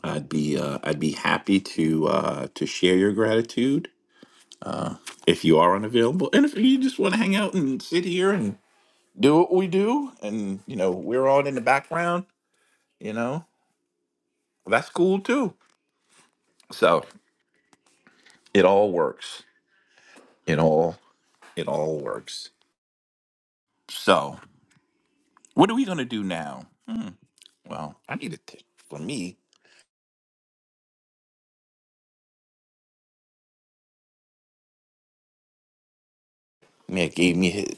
i'd be uh, i'd be happy to uh, to share your gratitude if you are unavailable and if you just want to hang out and sit here and do what we do and you know we're on in the background you know that's cool too So it all works. It all it all works. So what are we gonna do now? Hmm. Well, I need a tip. For me, Man gave me his.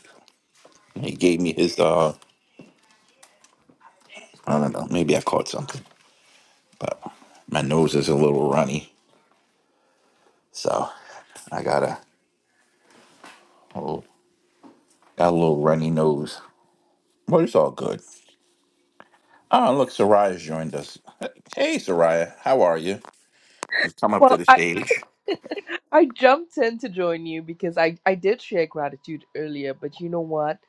He gave me his. Uh, I don't know. Maybe I caught something, but my nose is a little runny, so I got a oh, got a little runny nose. But it's all good. Oh, look, Soraya's joined us. Hey, Soraya, how are you? You've come up to Well, the I. stage. I jumped in to join you because I, I did share gratitude earlier, but you know what?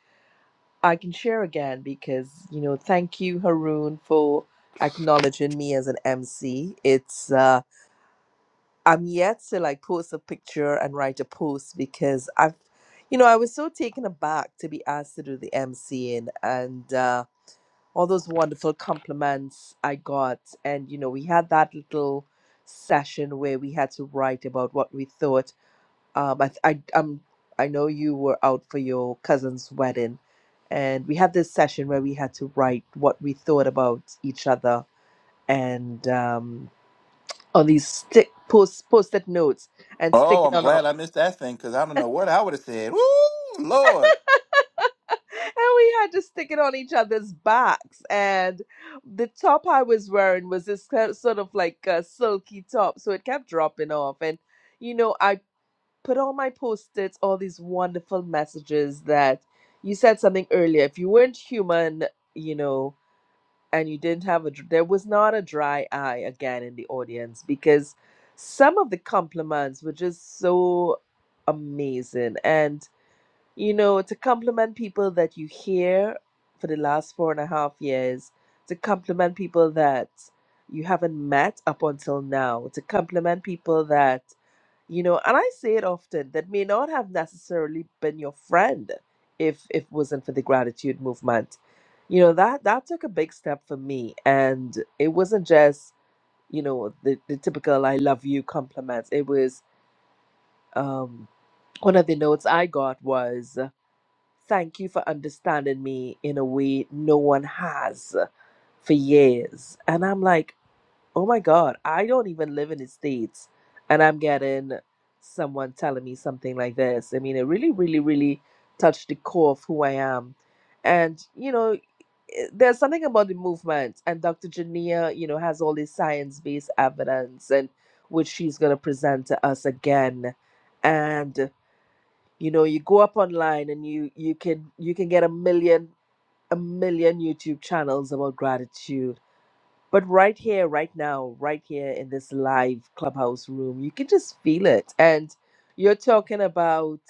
I can share again because, you know, thank you, Haroon, for acknowledging me as an MC. It's, uh, I'm yet to like post a picture and write a post because I've, you know, I was so taken aback to be asked to do the MCing and, uh, all those wonderful compliments I got. And, you know, we had that little session where we had to write about what we thought um, I, I, I'm. I know you were out for your cousin's wedding, and we had this session where we had to write what we thought about each other and um, on these stick post post-it notes and stick Oh, it I'm on our glad I missed that thing because I don't know what I would have said. Woo, Lord. and we had to stick it on each other's backs. And the top I was wearing was this kind- sort of like a silky top, so it kept dropping off. And you know, I put on my post-its all these wonderful messages that you said something earlier. If you weren't human, you know, and you didn't have a, dr- there was not a dry eye again in the audience because some of the compliments were just so amazing. And, you know, to compliment people that you hear for the last four and a half years, to compliment people that you haven't met up until now, to compliment people that you know and i say it often that may not have necessarily been your friend if if it wasn't for the gratitude movement you know that that took a big step for me and it wasn't just you know the, the typical i love you compliments it was um one of the notes i got was thank you for understanding me in a way no one has for years and i'm like oh my god i don't even live in the states and i'm getting someone telling me something like this i mean it really really really touched the core of who i am and you know i- there's something about the movement and dr jania you know has all this science-based evidence and which she's going to present to us again and you know you go up online and you you can you can get a million a million youtube channels about gratitude but right here, right now, right here in this live clubhouse room, you can just feel it. And you're talking about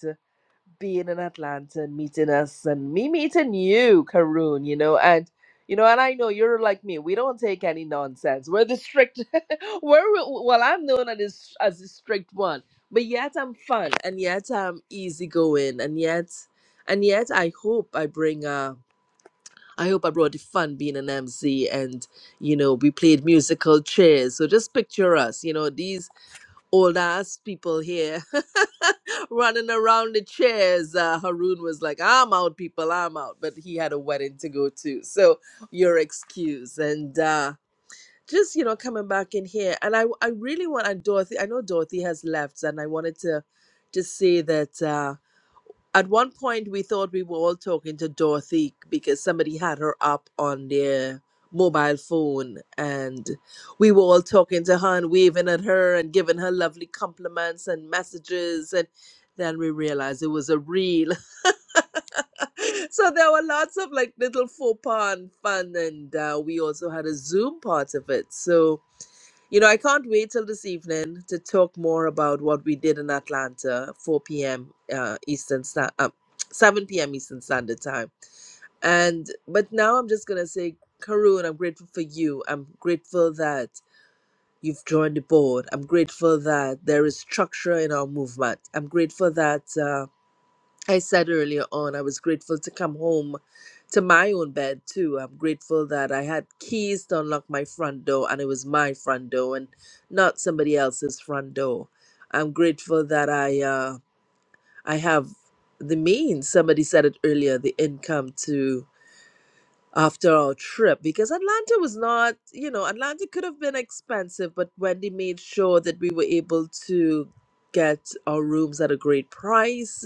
being in Atlanta and meeting us and me meeting you, Karoon, you know, and you know, and I know you're like me. We don't take any nonsense. We're the strict we're well, I'm known as as the strict one. But yet I'm fun and yet I'm easygoing and yet and yet I hope I bring a. I hope I brought the fun being an MC and, you know, we played musical chairs. So just picture us, you know, these old ass people here running around the chairs. Uh, Haroon was like, I'm out, people, I'm out. But he had a wedding to go to. So your excuse. And uh, just, you know, coming back in here. And I, I really want, and Dorothy, I know Dorothy has left, and I wanted to just say that. Uh, at one point, we thought we were all talking to Dorothy because somebody had her up on their mobile phone, and we were all talking to her and waving at her and giving her lovely compliments and messages. And then we realized it was a reel. so there were lots of like little faux pas and fun, and uh, we also had a Zoom part of it. So you know, I can't wait till this evening to talk more about what we did in Atlanta, 4 p.m. Uh, Eastern Standard, uh, 7 p.m. Eastern Standard Time. And but now I'm just gonna say, Karun, I'm grateful for you. I'm grateful that you've joined the board. I'm grateful that there is structure in our movement. I'm grateful that. Um, I said earlier on, I was grateful to come home to my own bed too. I'm grateful that I had keys to unlock my front door and it was my front door and not somebody else's front door. I'm grateful that I uh, I have the means. Somebody said it earlier, the income to after our trip because Atlanta was not, you know, Atlanta could have been expensive, but Wendy made sure that we were able to get our rooms at a great price.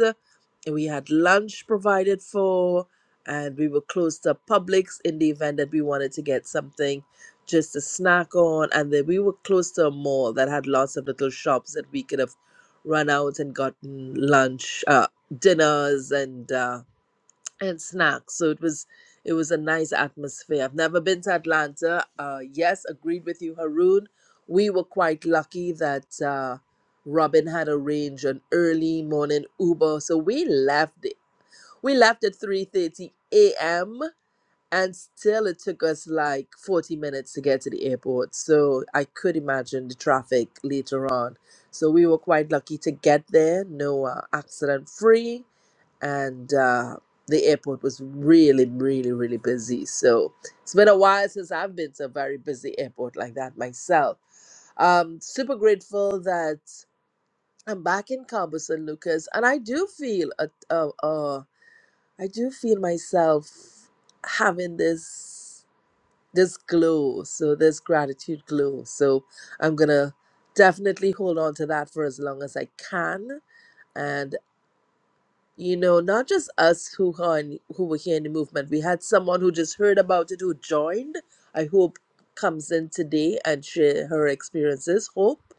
And we had lunch provided for, and we were close to Publix in the event that we wanted to get something just to snack on. And then we were close to a mall that had lots of little shops that we could have run out and gotten lunch, uh, dinners, and uh, and snacks. So it was it was a nice atmosphere. I've never been to Atlanta. Uh, yes, agreed with you, Haroon. We were quite lucky that uh, Robin had arranged an early morning Uber, so we left it. We left at three thirty a.m. and still it took us like forty minutes to get to the airport. So I could imagine the traffic later on. So we were quite lucky to get there, no uh, accident free and uh, the airport was really, really, really busy. So it's been a while since I've been to a very busy airport like that myself. Um, super grateful that I'm back in Cabo San Lucas, and I do feel a, a, a, I do feel myself having this this glow, so this gratitude glow. So I'm gonna definitely hold on to that for as long as I can And you know, not just us who are in, who were here in the movement. We had someone who just heard about it who joined. I hope comes in today and share her experiences. Hope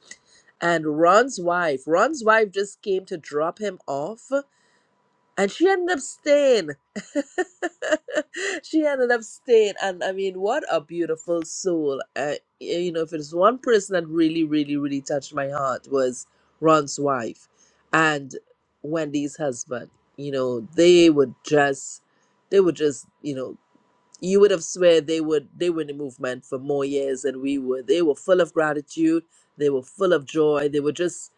and Ron's wife. Ron's wife just came to drop him off and she ended up staying. she ended up staying, and I mean, what a beautiful soul! Uh, you know, if it's one person that really, really, really touched my heart was Ron's wife and Wendy's husband. You know, they would just, they would just, you know, you would have swear they would they were in the movement for more years than we were. They were full of gratitude. They were full of joy. They were just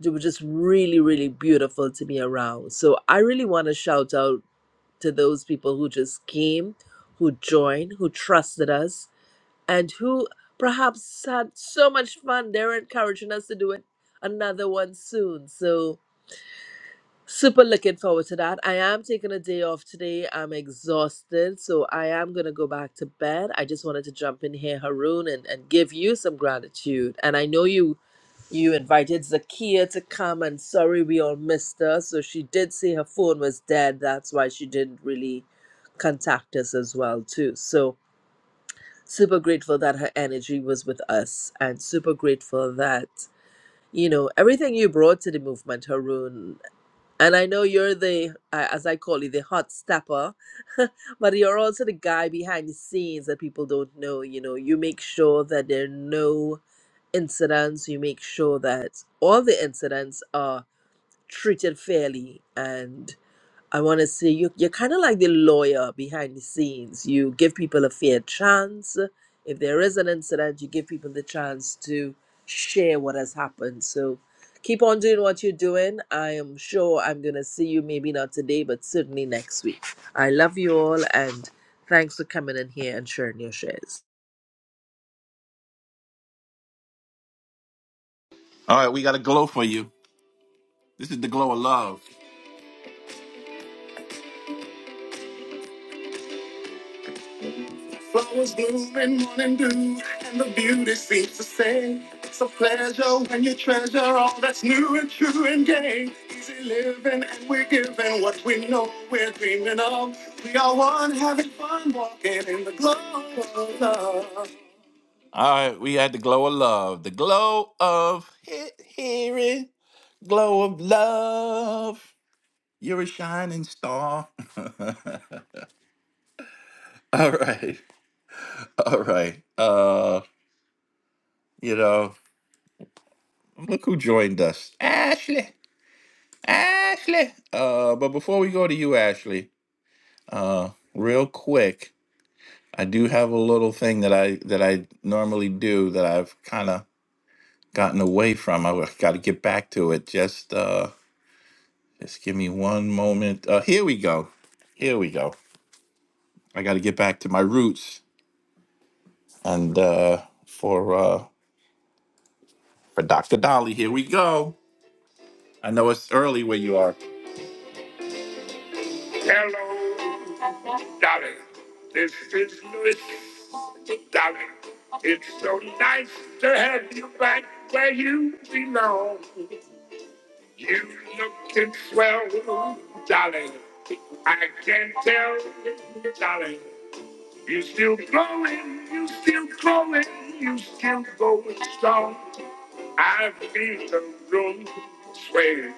they were just really really beautiful to be around. So I really want to shout out to those people who just came, who joined, who trusted us, and who perhaps had so much fun. They're encouraging us to do it another one soon. So Super looking forward to that. I am taking a day off today. I'm exhausted, so I am going to go back to bed. I just wanted to jump in here, Haroon, and, and give you some gratitude. And I know you you invited Zakia to come, and sorry we all missed her. So she did say her phone was dead. That's why she didn't really contact us as well, too. So super grateful that her energy was with us, and super grateful that you know everything you brought to the movement, Haroon. And I know you're the, uh, as I call it, the hot stepper, but you're also the guy behind the scenes that people don't know. You know, you make sure that there are no incidents. You make sure that all the incidents are treated fairly, and I want to see you. You're kind of like the lawyer behind the scenes. You give people a fair chance. If there is an incident, you give people the chance to share what has happened. So keep on doing what you're doing. I am sure I'm going to see you, maybe not today, but certainly next week. I love you all and thanks for coming in here and sharing your shares. All right, we got a glow for you. This is the glow of love. Flowers bloom and morning dew, and the beauty seems to say it's a pleasure when you treasure all that's new and true and gay. Easy living, and we're giving what we know we're dreaming of. We are one, having fun, walking in the glow of love. All right, we had the glow of love, the glow of he- hearing, glow of love. You're a shining star. All right. All right. Uh, you know, look who joined us. Ashley. Ashley. Uh, but before we go to you, Ashley, uh, real quick, I do have a little thing that I that I normally do that I've kind of gotten away from. I got to get back to it. Just uh just give me one moment. Uh here we go. Here we go. I got to get back to my roots and uh for uh for Dr. Dolly, here we go. I know it's early where you are. Hello. Darling, this is Louis. Darling, it's so nice to have you back where you belong. You looking swell, darling. I can tell, darling. You still glowing, you still glowing, you still going strong. I feel the room sway,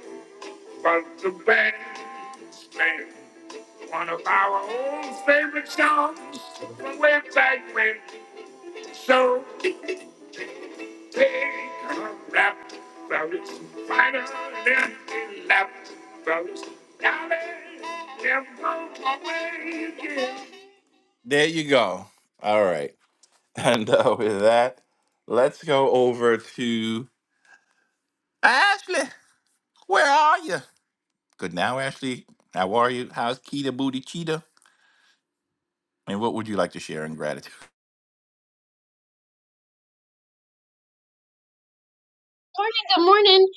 but the band's playing one of our old favorite songs from way back when. So today, gonna rap about it. Final empty lap about it. never away again. There you go. All right. And uh, with that, let's go over to Ashley. Where are you? Good now, Ashley. How are you? How's Keita Booty Cheetah? And what would you like to share in gratitude? Morning, good morning.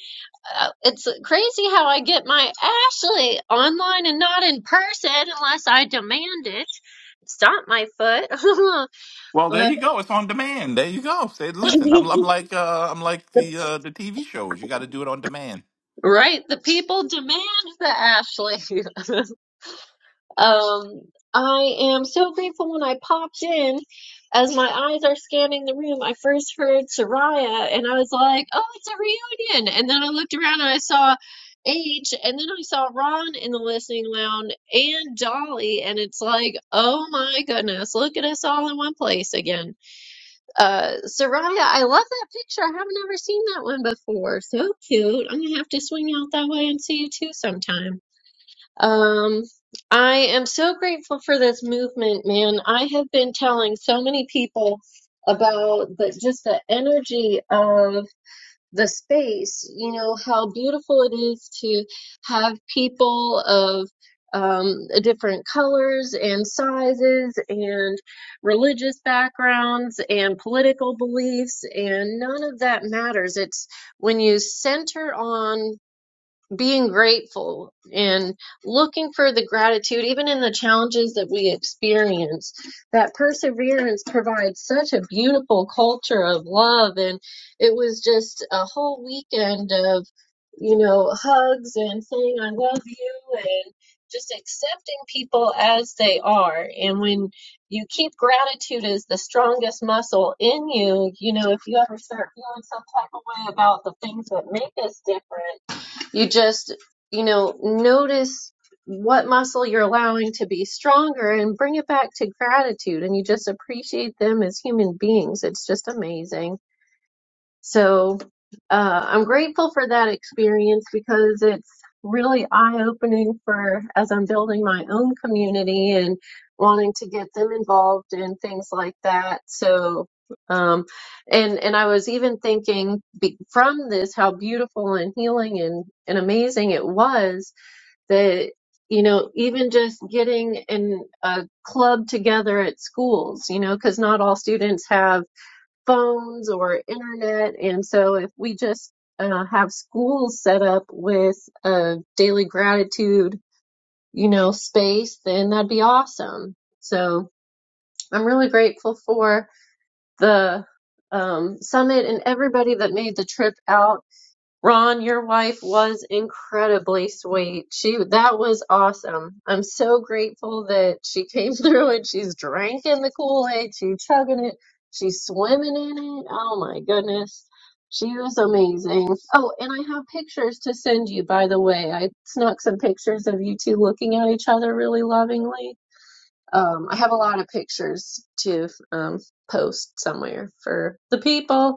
Uh, it's crazy how I get my Ashley online and not in person unless I demand it. It's not my foot. Well, there but you go. It's on demand. There you go. Say, listen, I'm, I'm like uh, I'm like the uh, the TV shows. You got to do it on demand. right, the people demand the Ashley. Um, I am so grateful when I popped in. As my eyes are scanning the room, I first heard Soraya and I was like, oh, it's a reunion. And then I looked around and I saw H, and then I saw Ron in the listening lounge and Dolly. And it's like, oh my goodness, look at us all in one place again. Uh, Soraya, I love that picture. I haven't ever seen that one before. So cute. I'm going to have to swing out that way and see you too sometime. Um, I am so grateful for this movement, man. I have been telling so many people about the just the energy of the space, you know, how beautiful it is to have people of um, different colors and sizes and religious backgrounds and political beliefs, and none of that matters. It's when you center on being grateful and looking for the gratitude, even in the challenges that we experience, that perseverance provides such a beautiful culture of love. And it was just a whole weekend of, you know, hugs and saying, I love you, and just accepting people as they are. And when you keep gratitude as the strongest muscle in you, you know, if you ever start feeling some type of way about the things that make us different you just, you know, notice what muscle you're allowing to be stronger and bring it back to gratitude. And you just appreciate them as human beings. It's just amazing. So uh, I'm grateful for that experience because it's really eye opening for as I'm building my own community and wanting to get them involved in things like that. So um and and I was even thinking be, from this how beautiful and healing and and amazing it was that you know even just getting in a club together at schools you know because not all students have phones or internet. And so if we just uh, have schools set up with a daily gratitude, you know, space, then that'd be awesome. So I'm really grateful for the um, summit and everybody that made the trip out Ron, your wife was incredibly sweet. She that was awesome. I'm so grateful that she came through and she's drinking the Kool-Aid, she's chugging it, she's swimming in it. Oh my goodness. She was amazing. Oh, and I have pictures to send you, by the way. I snuck some pictures of you two looking at each other really lovingly. Um, I have a lot of pictures to um, post somewhere for the people.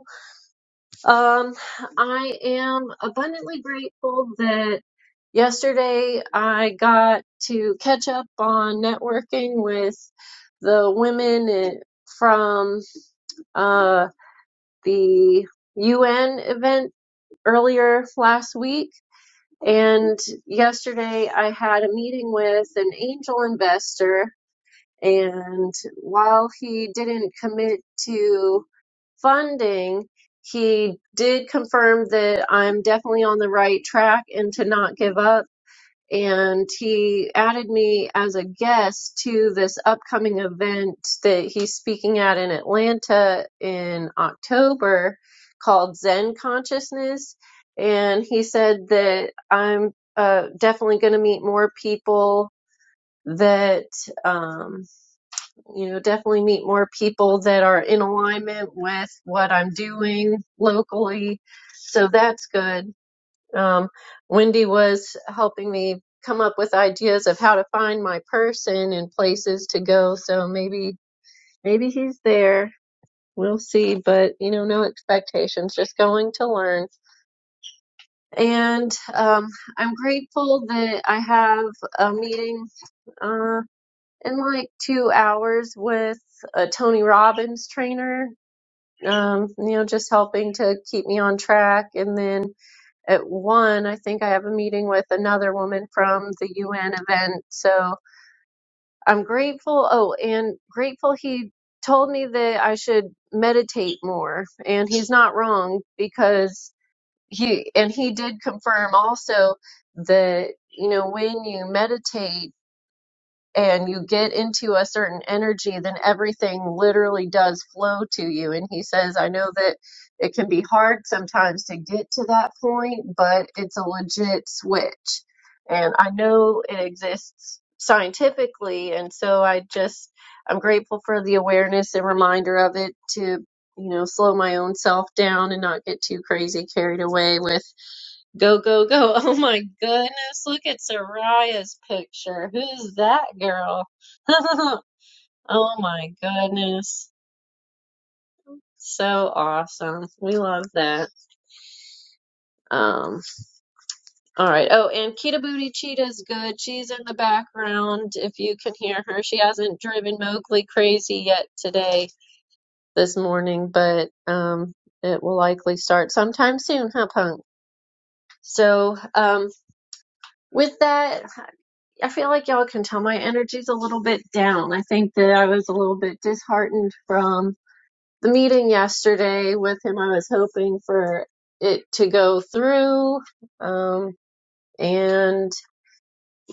Um, I am abundantly grateful that yesterday I got to catch up on networking with the women i- from uh, the UN event earlier last week. And yesterday I had a meeting with an angel investor and while he didn't commit to funding, he did confirm that I'm definitely on the right track and to not give up. And he added me as a guest to this upcoming event that he's speaking at in Atlanta in October called Zen Consciousness. And he said that I'm uh, definitely going to meet more people that. um, you know, definitely meet more people that are in alignment with what I'm doing locally. So that's good. Um, Wendy was helping me come up with ideas of how to find my person and places to go. So maybe, maybe he's there. We'll see, but you know, no expectations, just going to learn. And um, I'm grateful that I have a meeting uh, in like two hours with a Tony Robbins trainer, um, you know, just helping to keep me on track. And then at one, I think I have a meeting with another woman from the UN event. So I'm grateful. Oh, and grateful he told me that I should meditate more. And he's not wrong because he, and he did confirm also that, you know, when you meditate, and you get into a certain energy, then everything literally does flow to you. And he says, I know that it can be hard sometimes to get to that point, but it's a legit switch. And I know it exists scientifically. And so I just, I'm grateful for the awareness and reminder of it to, you know, slow my own self down and not get too crazy carried away with Go, go, go. Oh my goodness. Look at Soraya's picture. Who's that girl? Oh my goodness. So awesome. We love that. Um, all right. Oh, and Kita Booty Cheetah's good. She's in the background if you can hear her. She hasn't driven Mowgli crazy yet today, this morning, but um, it will likely start sometime soon, huh, Punk? So, um, with that, I feel like y'all can tell my energy's a little bit down. I think that I was a little bit disheartened from the meeting yesterday with him. I was hoping for it to go through um, and,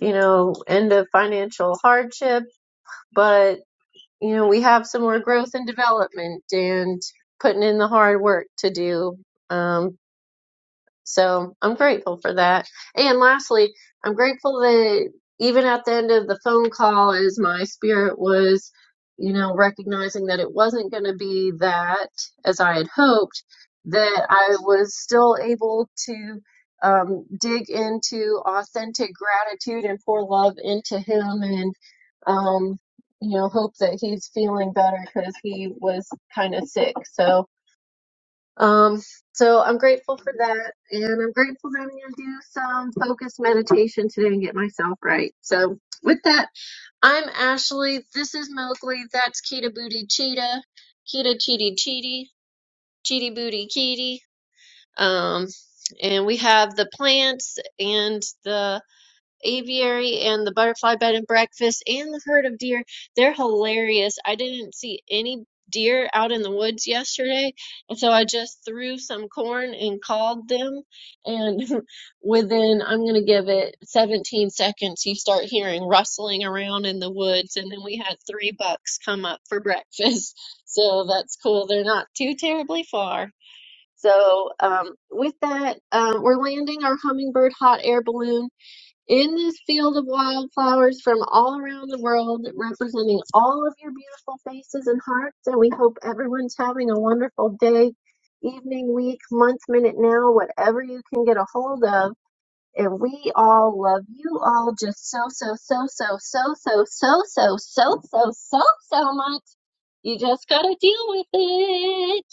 you know, end of financial hardship. But, you know, we have some more growth and development and putting in the hard work to do. Um, So I'm grateful for that. And lastly, I'm grateful that even at the end of the phone call, as my spirit was, you know, recognizing that it wasn't going to be that as I had hoped, that I was still able to um, dig into authentic gratitude and pour love into him and, um, you know, hope that he's feeling better because he was kind of sick. So, um, so I'm grateful for that, and I'm grateful that I'm going to do some focused meditation today and get myself right. So with that, I'm Ashley. This is Mowgli. That's Kita Booty Cheetah. Kita Cheety Cheety. Cheety Booty Kitty. Um, and we have the plants and the aviary and the butterfly bed and breakfast and the herd of deer. They're hilarious. I didn't see any deer out in the woods yesterday, and so I just threw some corn and called them. And within, I'm going to give it 17 seconds, you start hearing rustling around in the woods. And then we had three bucks come up for breakfast. So that's cool. They're not too terribly far. So, um, with that, um, we're landing our hummingbird hot air balloon in this field of wildflowers from all around the world, representing all of your beautiful faces and hearts. And we hope everyone's having a wonderful day, evening, week, month, minute, now, whatever you can get a hold of. And we all love you all just so, so, so, so, so, so, so, so, so, so, so, so much. You just gotta deal with it.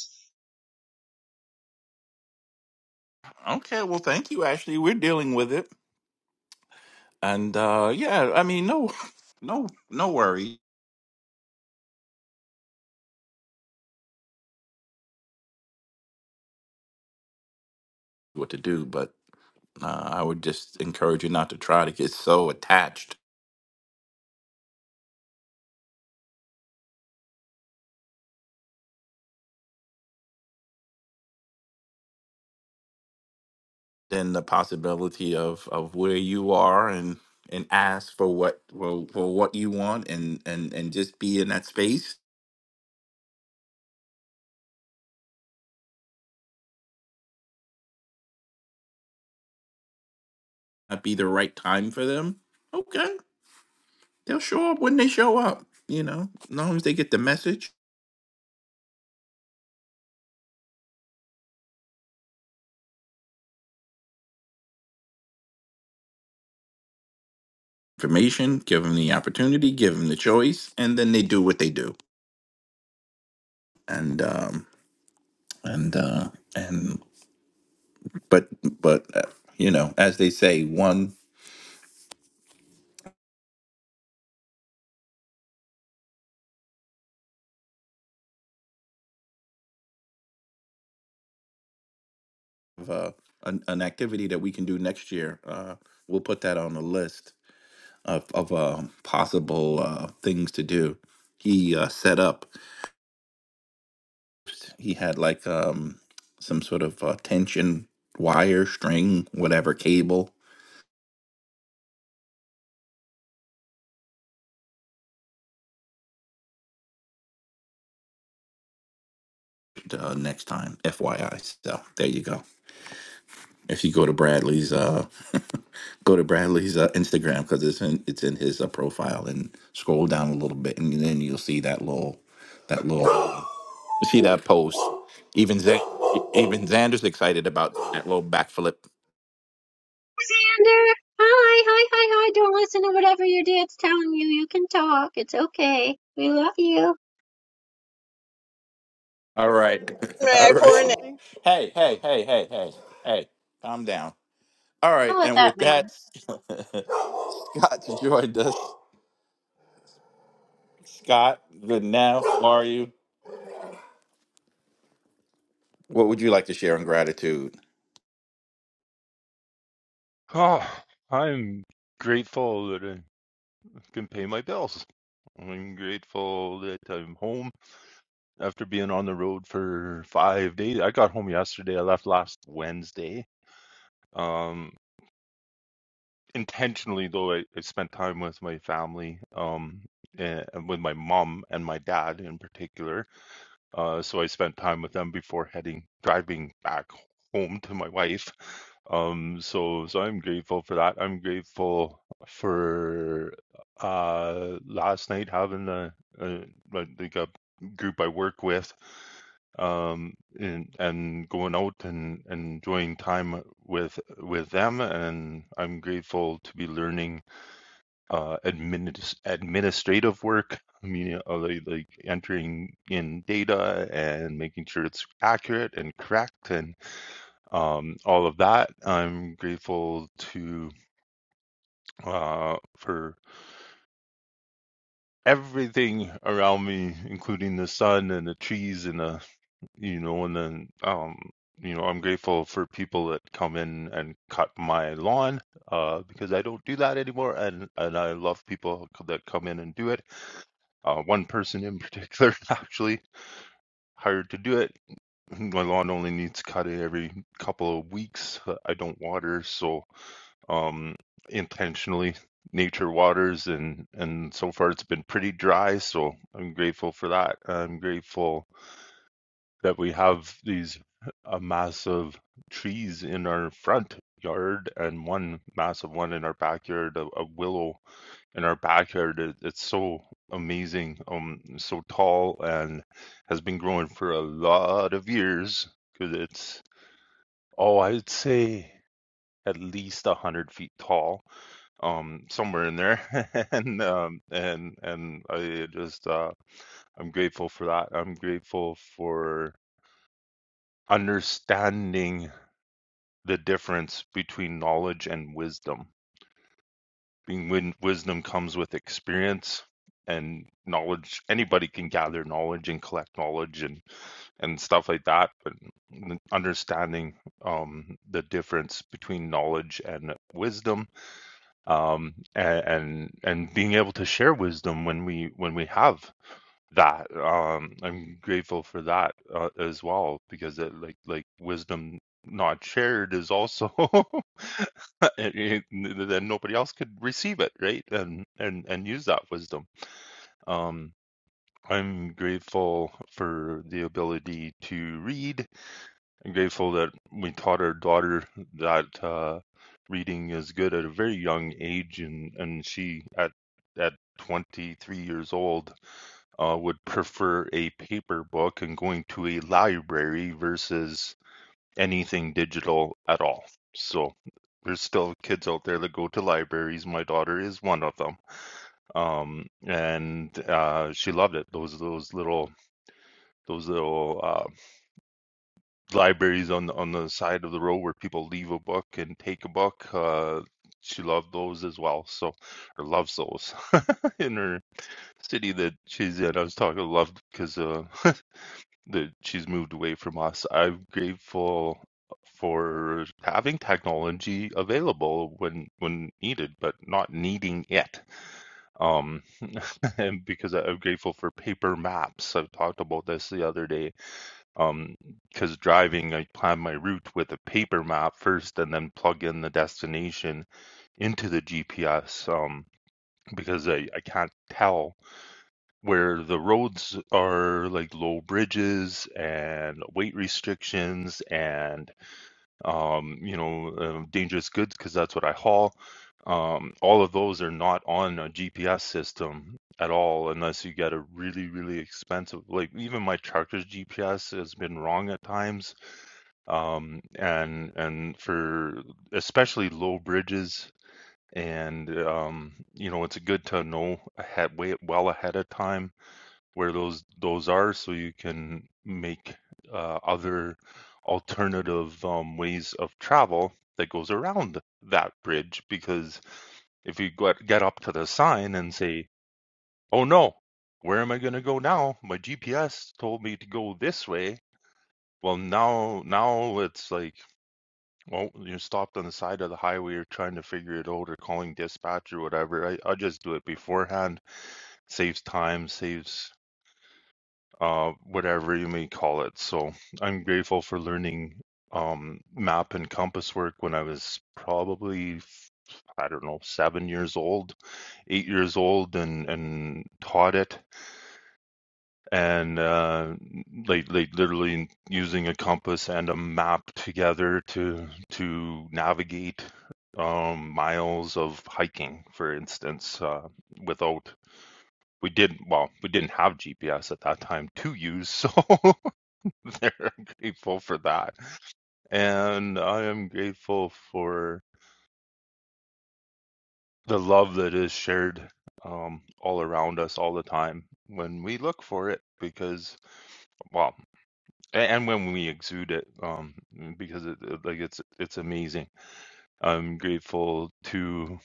Okay, well, thank you. Actually, we're dealing with it, and uh, yeah, I mean, no, no, no worry what to do, but uh, I would just encourage you not to try to get so attached in the possibility of of where you are and and ask for what for, for what you want and and and just be in that space. Not be the right time for them. Okay, they'll show up when they show up. You know, as long as they get the message. information, give them the opportunity, give them the choice, and then they do what they do. And um, and uh, and but but uh, you know, as they say, one of uh, an, an activity that we can do next year, uh, we'll put that on the list of of uh, possible uh, things to do. He uh, set up. He had like um, some sort of uh, tension wire, string, whatever cable. Uh, next time, FYI. So there you go. if you go to Bradley's uh go to Bradley's uh, Instagram because it's in it's in his uh, profile and scroll down a little bit and then you'll see that little that little uh, you see that post. Even Z- even Xander's excited about that little backflip. Xander, hi, hi, hi, hi. Don't listen to whatever your dad's telling you. You can talk. It's okay. We love you. All right, May all I pour in? right. Hey, hey, hey, hey, hey, hey. Calm down. All right, Don't let and that with man. that, Scott joined us. Scott, good now. How are you? What would you like to share in gratitude? Oh, I'm grateful that I can pay my bills. I'm grateful that I'm home after being on the road for five days. I got home yesterday. I left last Wednesday. Um, intentionally though, I, I spent time with my family, um, and, and with my mom and my dad in particular. Uh, so I spent time with them before heading driving back home to my wife. Um, so so I'm grateful for that. I'm grateful for uh, last night having a, a like like a group I work with um, and and going out and, and enjoying time with with them. And I'm grateful to be learning uh, adminis- administrative work. I mean, you like, like entering in data and making sure it's accurate and correct and um, all of that. I'm grateful to uh, for everything around me, including the sun and the trees and the you know, and then um, you know, I'm grateful for people that come in and cut my lawn uh, because I don't do that anymore, and and I love people c- that come in and do it. Uh, one person in particular actually hired to do it. My lawn only needs cutting every couple of weeks. uh, I don't water, so um, intentionally nature waters and and so far it's been pretty dry so i'm grateful for that i'm grateful that we have these a mass of trees in our front yard and one massive one in our backyard, a, a willow in our backyard. It, it's so amazing, um, so tall and has been growing for a lot of years because it's oh, I'd say at least a hundred feet tall, um, somewhere in there, and um, and and I just uh, I'm grateful for that. I'm grateful for understanding the difference between knowledge and wisdom. Being when wisdom comes with experience and knowledge, anybody can gather knowledge and collect knowledge and and stuff like that. But understanding um, the difference between knowledge and wisdom, um, and, and and being able to share wisdom when we when we have that um i'm grateful for that uh, as well because it like like wisdom not shared is also it- it- then nobody else could receive it right and and and use that wisdom um i'm grateful for the ability to read i'm grateful that we taught our daughter that uh reading is good at a very young age and and she at at 23 years old uh, would prefer a paper book and going to a library versus anything digital at all. So there's still kids out there that go to libraries. My daughter is one of them, um, and uh, she loved it. Those those little those little uh, libraries on the, on the side of the road where people leave a book and take a book. Uh, she loved those as well, so or loves those in her city that she's in. I was talking love because uh, that she's moved away from us. I'm grateful for having technology available when when needed, but not needing it. Um, and because I- am grateful for paper maps. I've talked about this the other day. Um, because driving, I plan my route with a paper map first, and then plug in the destination into the GPS. Um, because I, I can't tell where the roads are like low bridges and weight restrictions and um, you know uh, dangerous goods because that's what I haul. Um, all of those are not on a GPS system at all unless you get a really really expensive like even my tractor's GPS has been wrong at times um, and and for especially low bridges and um, you know it's good to know ahead way well ahead of time where those those are so you can make uh, other alternative um, ways of travel that goes around that bridge because if you get, get up to the sign and say oh no where am i going to go now my gps told me to go this way well now now it's like well you're stopped on the side of the highway or trying to figure it out or calling dispatch or whatever i, I just do it beforehand saves time saves uh, whatever you may call it. So I'm grateful for learning um, map and compass work when I was probably, I don't know, seven years old, eight years old, and, and taught it. And uh, like, like literally using a compass and a map together to to navigate um, miles of hiking, for instance, uh, without we did well we didn't have gps at that time to use so They're grateful for that. And I am grateful for the love that is shared um, all around us all the time when we look for it because well a- and when we exude it um because it it- like it's it's amazing i'm grateful to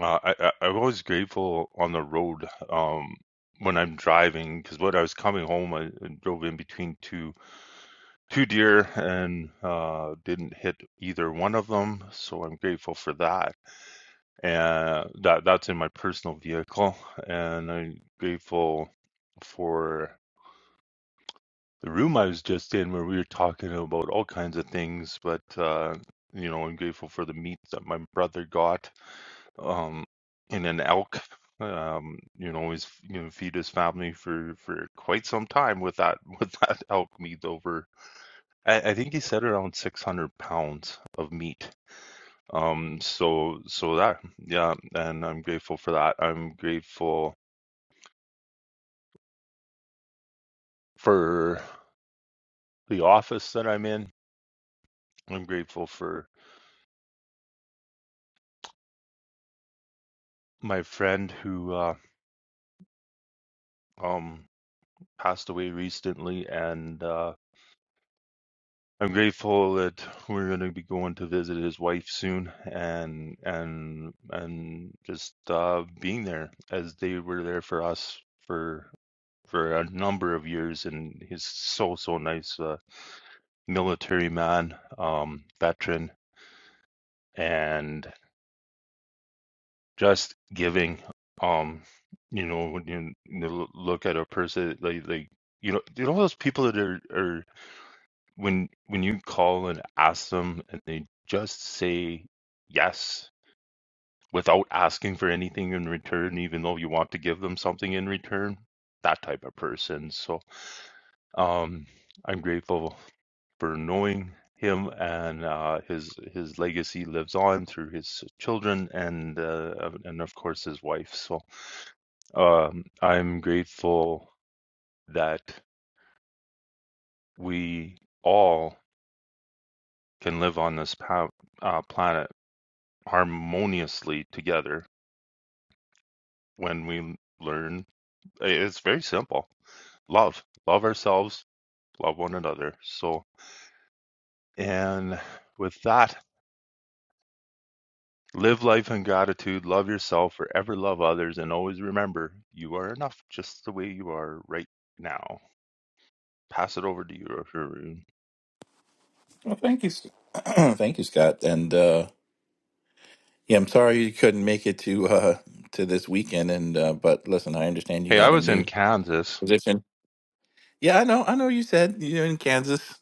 uh, I, I i'm always grateful on the road um when i'm driving because when i was coming home I, I drove in between two two deer and uh, didn't hit either one of them. So I'm grateful for that. And that that's in my personal vehicle. And I'm grateful for the room I was just in where we were talking about all kinds of things. But, uh, you know, I'm grateful for the meat that my brother got um, in an elk. Um, you know, he's you know feed his family for for quite some time with that with that elk meat over I, I think he said around 600 pounds of meat. Um, so so that yeah, and I'm grateful for that. I'm grateful for the office that I'm in. I'm grateful for my friend who uh, um passed away recently, and uh, I'm grateful that we're going to be going to visit his wife soon, and and and just uh, being there as they were there for us. For for a number of years, and he's so so nice, uh, military man, um, veteran, and just giving. Um, you know, when you, you look at a person like like you know, you know those people that are are when when you call and ask them, and they just say yes without asking for anything in return, even though you want to give them something in return. That type of person. So, um, I'm grateful for knowing him, and uh, his his legacy lives on through his children and uh, and of course his wife. So um, I'm grateful that we all can live on this pa- uh, planet harmoniously together when we learn. It's very simple love, love ourselves, love one another. So, and with that, Live life in gratitude, love yourself, forever love others, and always remember you are enough just the way you are right now. Pass it over to you, Haroon. Well, thank you, S- thank you, Scott. And uh, yeah, I'm sorry you couldn't make it to uh, to this weekend. And uh, but listen, I understand you Hey, I got a was in new Kansas. position. Yeah, I know. I know. You said you're in Kansas.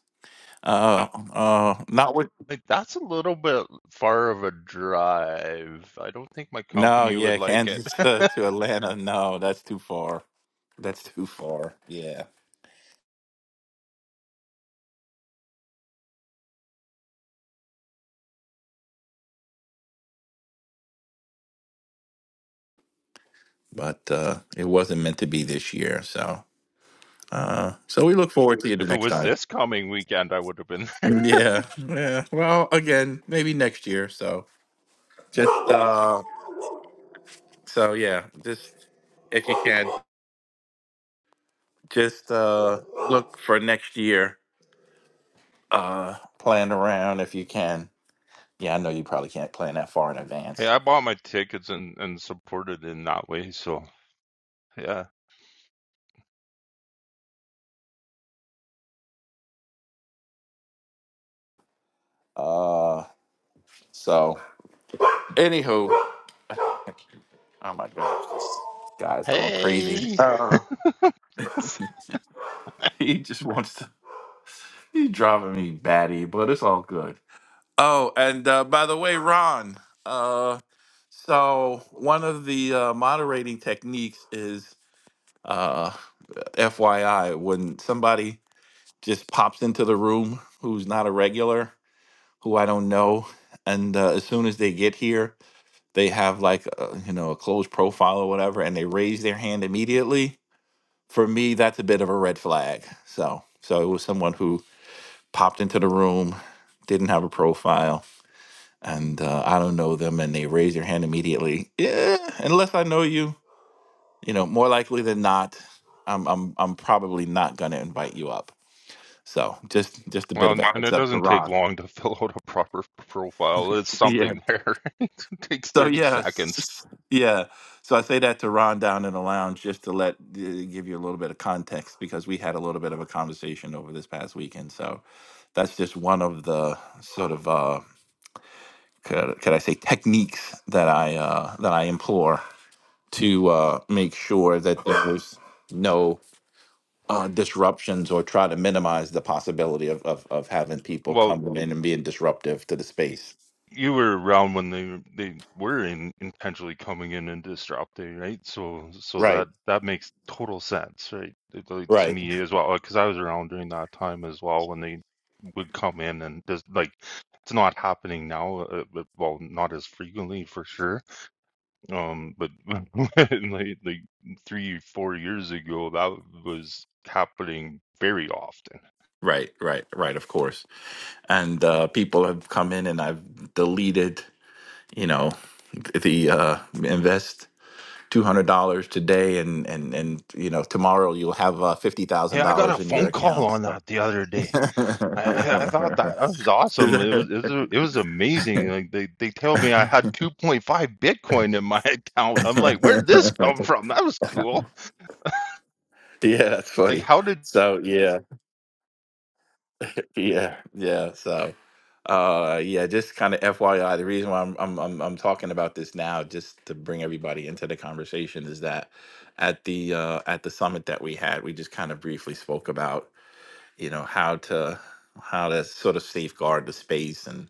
Uh, uh, not with Like that's a little bit far of a drive. I don't think my no. company would Yeah, like it. Kansas to, to Atlanta. No, that's too far. That's too far. Yeah, but uh, it wasn't meant to be this year. So, uh, so we look forward to you the if it next was time. this coming weekend, I would have been there. Yeah, yeah. Well, again, maybe next year. So just uh So yeah, just if you can, just uh look for next year. Uh plan around if you can. Yeah, I know you probably can't plan that far in Hey, advance. I bought my tickets and and supported in that way. So yeah. Uh so anywho. Oh my gosh, this guy's going crazy. Hey. He just wants to he's driving me batty, but it's all good. Oh, and uh by the way, Ron, uh so one of the uh moderating techniques is uh FYI when somebody just pops into the room who's not a regular, who I don't know. And uh, as soon as they get here, they have like a, you know a closed profile or whatever, and they raise their hand immediately. For me, that's a bit of a red flag. So so it was someone who popped into the room, didn't have a profile, and uh, I don't know them, and they raise their hand immediately. Yeah, unless I know you, you know, more likely than not, I'm I'm I'm probably not gonna invite you up. So just just a bit Well, of a and heads it up. doesn't take long to fill out a proper profile. It's something there. It takes So 30 yeah, seconds. yeah. So I say that to Ron down in the lounge just to let uh, give you a little bit of context because we had a little bit of a conversation over this past weekend. So that's just one of the sort of uh, could, could I say techniques that I uh, that I implore to uh, make sure that there's no uh, disruptions or try to minimize the possibility of, of of having people Well, come in and being disruptive to the space. you were around when they they were in, intentionally coming in and disrupting, right? So so Right. that that makes total sense, right? It- like, to Right. me as well, because I was around during that time as well when they would come in and just like it's not happening now, uh, uh, well, not as frequently for sure Um, but when, like like three, four years ago, that was happening very often. Right. Right. Right. Of course. and uh, people have come in and I've deleted, you know, the uh, invest two hundred dollars today, and and and you know tomorrow you'll have uh, fifty Hey, thousand I got dollars a in your phone call account. on So. that the other day. yeah, I, I, I thought that, that was awesome. It was it was, a- it was amazing. Like they, they tell me I had 2.5 Bitcoin in my account. I'm like, where did this come from? That was cool. that's Like, funny. how did So yeah, Yeah, yeah. So, uh, yeah, just kind of FYI, the reason why I'm, I'm I'm I'm talking about this now, just to bring everybody into the conversation, is that at the uh, at the summit that we had, we just kind of briefly spoke about, you know, how to how to sort of safeguard the space and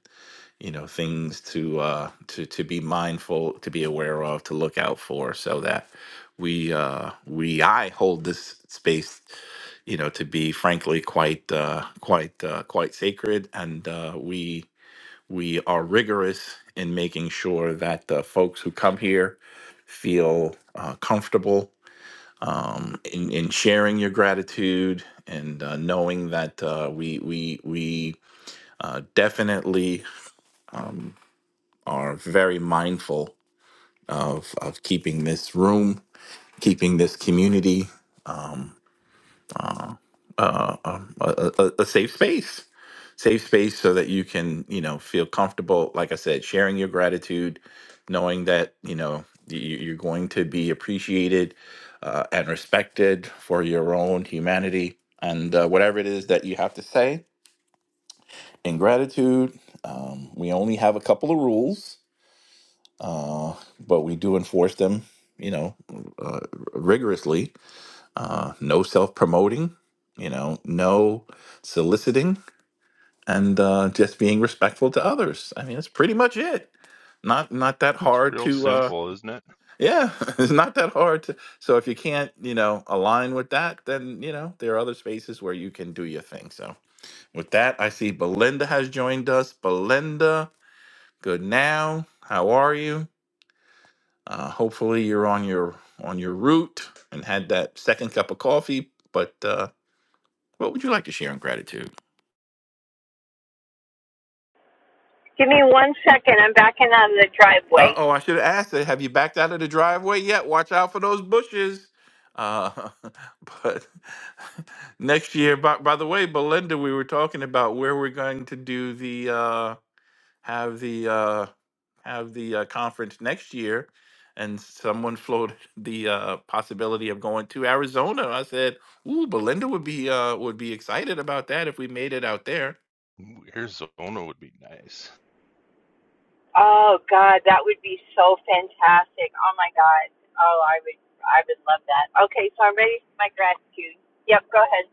you know things to uh to to be mindful to be aware of to look out for so that we uh we i hold this space you know to be frankly quite uh quite uh quite sacred and uh we we are rigorous in making sure that the folks who come here feel uh, comfortable in, in sharing your gratitude and uh, knowing that uh, we we we uh, definitely are very mindful of of keeping this room, keeping this community um, a, a, a safe space, safe space, so that you can you know feel comfortable. Like I said, sharing your gratitude, knowing that you know you, you're going to be appreciated uh, and respected for your own humanity and uh, whatever it is that you have to say in gratitude. Um, we only have a couple of rules, uh, but we do enforce them, you know, uh, rigorously uh, no self promoting, you know, no soliciting, and uh, just being respectful to others. I mean, that's pretty much it. Not not that it's hard real to uh, simple, isn't it? yeah, it's not that hard to. So if you can't you know align with that, then you know there are other spaces where you can do your thing. So with that, I see Belinda has joined us. Belinda, good now. How are you? Uh, hopefully you're on your on your route and had that second cup of coffee, but uh, What would you like to share on gratitude? Give me one second. I'm backing out of the Uh driveway. oh, I should have asked that. Have you backed out of the driveway yet? Watch out for those bushes. Uh, but next year, by, by the way, Belinda, we were talking about where we're going to do the uh, have the uh, have the uh, conference next year, and someone floated the uh, possibility of going to Arizona. I said, "Ooh, Belinda would be uh, would be excited about that if we made it out there." Ooh, Arizona would be nice. Oh God, that would be so fantastic. Oh my God. Oh, I would, I would love that. Okay, so I'm ready for my gratitude. Yep, go ahead.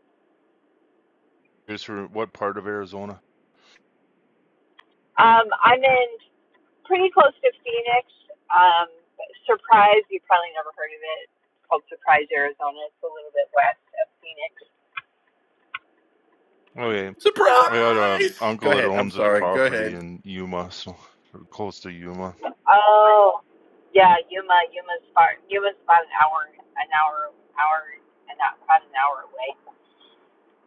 Here's for what part of Arizona? Um, I'm in pretty close to Phoenix. Um, Surprise, you probably never heard of it. It's called Surprise, Arizona. It's a little bit west of Phoenix. Okay, I So, got a Surprise! Go uncle that ahead. I'm owns a sorry. Go ahead. property in Yuma, so or close to Yuma. oh, yeah, Yuma, Yuma's far. Yuma's about an hour, an hour, hour, and not about an hour away.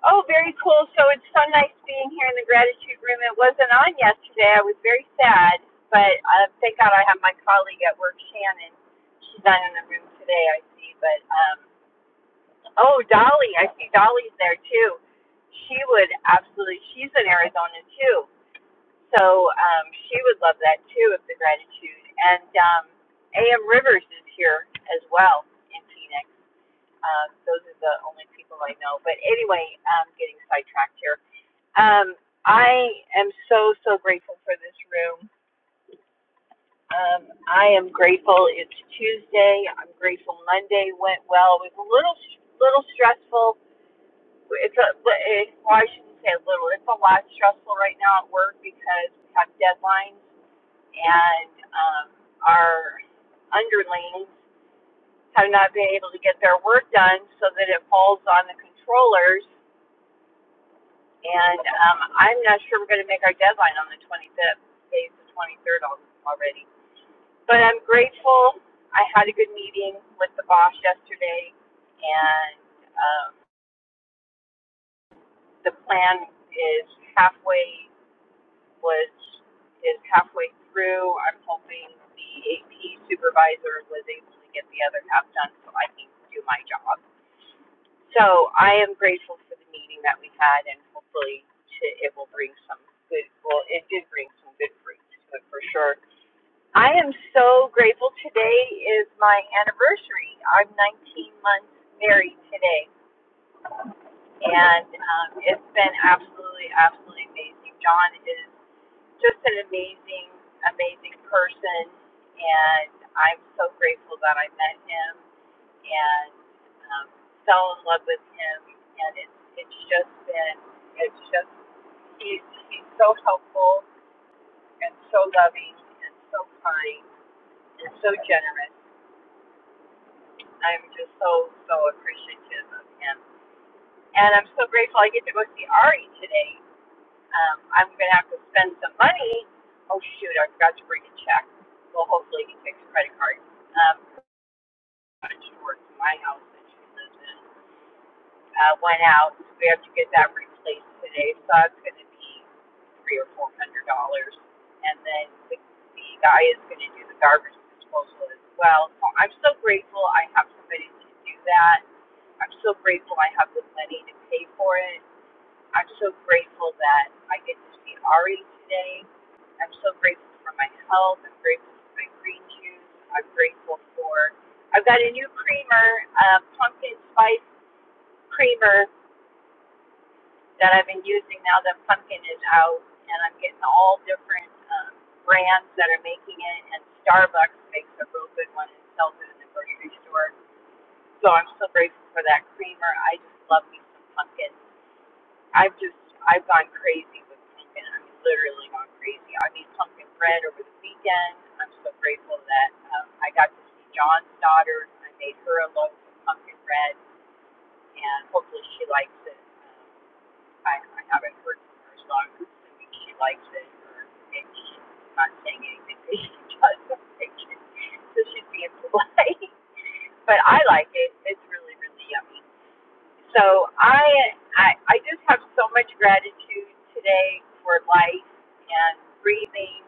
Oh, very cool. So it's so nice being here in the gratitude room. It wasn't on yesterday. I was very sad, but uh, thank God I have my colleague at work, Shannon. She's not in the room today, I see. But um, oh, Dolly, I see Dolly's there too. She would absolutely. She's in Arizona too, so um, she would love that too of the gratitude. And um, A.M. Rivers is here as well in Phoenix. Um, those are the only people I know. But anyway, I'm getting sidetracked here um, I am so, so grateful for this room. Um, I am grateful it's Tuesday. I'm grateful Monday went well. It was a little, little stressful. It's a, well, it, well, I shouldn't say a little. It's a lot stressful right now at work because we have deadlines and um, our underlings have not been able to get their work done so that it falls on the controllers And um, I'm not sure we're going to make our deadline on the 25th. Today's the 23rd already. But I'm grateful. I had a good meeting with the boss yesterday, and um, the plan is halfway was is halfway through. I'm hoping the AP supervisor was able to get the other half done so I can do my job. So I am grateful for the meeting that we had, and hopefully to, it will bring some good. Well, it did bring some good fruits to it for sure. I am so grateful. Today is my anniversary. I'm 19 months married today, and um, it's been absolutely, absolutely amazing. John is just an amazing, amazing person, and I'm so grateful that I met him and um, fell in love with him. And it's it's just been it's just he's he's so helpful and so loving and so kind and so generous. I'm just so so appreciative of him, and I'm so grateful I get to go see Ari today. Um, I'm gonna have to spend some money. Oh shoot, I forgot to bring a check. Well, hopefully he takes a credit card. Um, she works in my house that she lives in. uh, went out. So we have to get that replaced today. So that's going to be three or four hundred dollars. And then the, the guy is going to do the garbage disposal as well. So I'm so grateful I have somebody to do that. I'm so grateful I have the money to pay for it. I'm so grateful that I get to see Ari today. I'm so grateful for my health. I'm grateful for my green juice. I'm grateful for. I've got a new creamer, uh, pumpkin spice creamer that I've been using now that pumpkin is out, and I'm getting all different um, brands that are making it. And Starbucks makes a real good one and sells it in the grocery store. So I'm so grateful for that creamer. I just love me some pumpkin. I've just I've gone crazy with pumpkin. I'm literally gone crazy. I made pumpkin bread over the weekend. I'm so grateful that um, I got to see John's daughter. I made her a loaf of pumpkin bread, and hopefully she likes it. Um, I, I haven't heard from her, song I'm she likes it, or maybe she's not saying anything because she doesn't like it, so she's being polite. But I like it; it's really, really yummy. So I, I, I just have so much gratitude today for life and breathing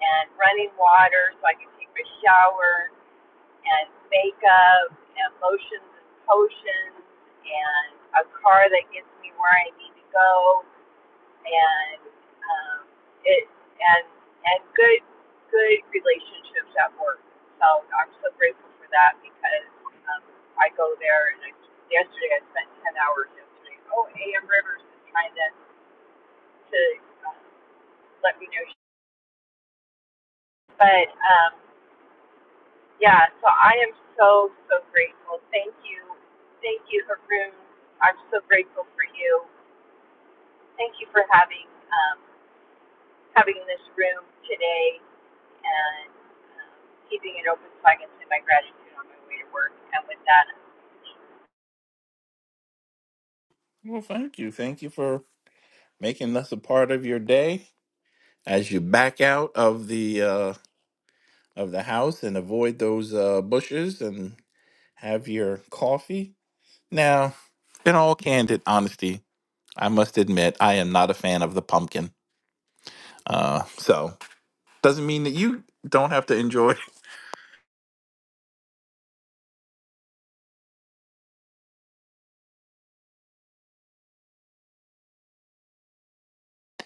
and running water, so I can take my shower and makeup and lotions and potions and a car that gets me where I need to go and um, it and and good good relationships at work. So I'm so grateful for that because um, I go there and I, yesterday I spent ten hours yesterday. Oh, A.M. Rivers is trying to to uh, let me know, but um, yeah. So I am so so grateful. Thank you, thank you, Haroon. I'm so grateful for you. Thank you for having. Um, having this room today and um, keeping it open so I can say my gratitude on my way to work. And with that, Well, thank you. Thank you for making us a part of your day as you back out of the uh, of the house and avoid those uh, bushes and have your coffee. Now, in all candid honesty, I must admit I am not a fan of the pumpkin. Uh, so doesn't mean that you don't have to enjoy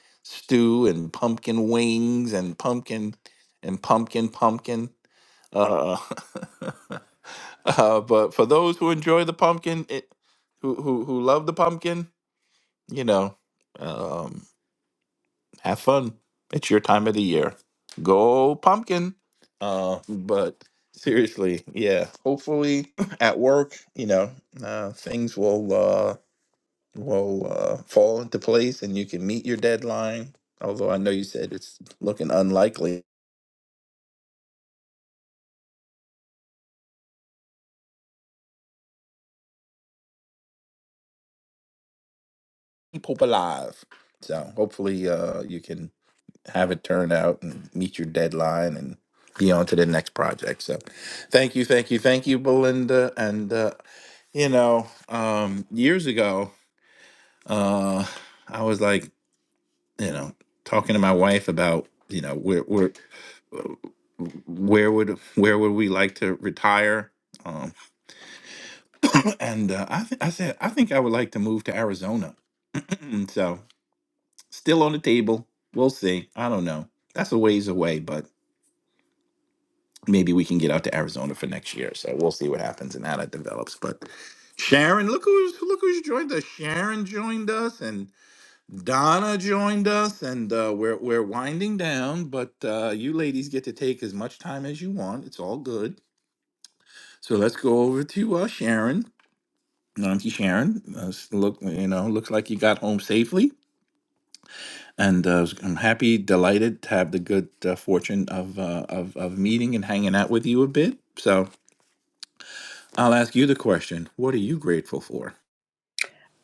stew and pumpkin wings and pumpkin and pumpkin pumpkin. Uh, uh, but for those who enjoy the pumpkin, it, who who who love the pumpkin, you know, um, have fun. It's your time of the year. Go pumpkin. Uh, but seriously, yeah. Hopefully, at work, you know, uh, things will uh, will uh, fall into place, and you can meet your deadline. Although I know you said it's looking unlikely. Keep hope alive. So hopefully, uh, you can have it turned out and meet your deadline and be on to the next project. So thank you, thank you, thank you, Belinda. And, uh, you know, um, years ago, uh, I was like, you know, talking to my wife about, you know, where, where, where would, where would we like to retire? Um, and uh, I, th- I said, I think I would like to move to Arizona. so still on the table. We'll see. I don't know. That's a ways away, but. maybe we can get out to Arizona for next year. So we'll see what happens and how that develops. But Sharon, look who's look who's joined us. Sharon joined us, and Donna joined us, and uh, we're we're winding down. But uh, you ladies get to take as much time as you want. It's all good. So let's go over to uh, Sharon. Auntie Sharon, uh, s- look, you know, looks like you got home safely, and uh, I'm happy, delighted to have the good uh, fortune of, uh, of of meeting and hanging out with you a bit. So, I'll ask you the question. What are you grateful for?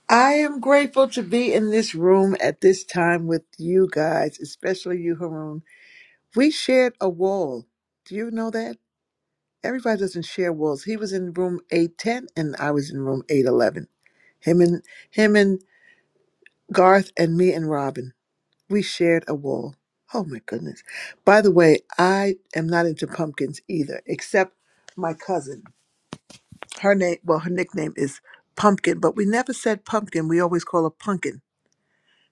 I am grateful to be in this room at this time with you guys, especially you, Haroon. We shared a wall. Do you know that? Everybody doesn't share walls. He was in room 810 and I was in room 811. Him and him and Garth and me and Robin. We shared a wall. Oh my goodness. By the way, I am not into pumpkins either, except my cousin. Her name well, her nickname is Pumpkin, but we never said pumpkin. We always call her Punkin.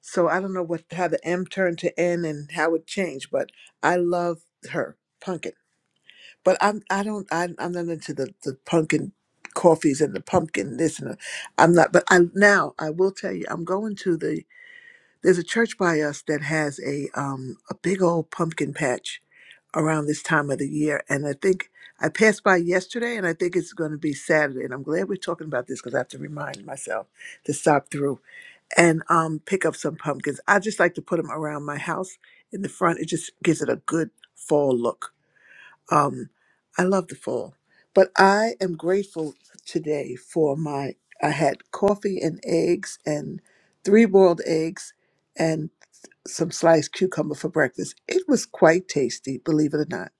So I don't know what how the M turned to N and how it changed, but I love her pumpkin. But I'm I don't I'm, I'm not into the the pumpkin coffees and the pumpkin this and the, I'm not. But I now I will tell you I'm going to the there's a church by us that has a um a big old pumpkin patch around this time of the year, and I think. I passed by yesterday, and I think it's going to be Saturday. And I'm glad we're talking about this because I have to remind myself to stop through and um, pick up some pumpkins. I just like to put them around my house in the front. It just gives it a good fall look. Um, I love the fall, but I am grateful today for my. I had coffee and eggs and three boiled eggs and some sliced cucumber for breakfast. It was quite tasty, believe it or not.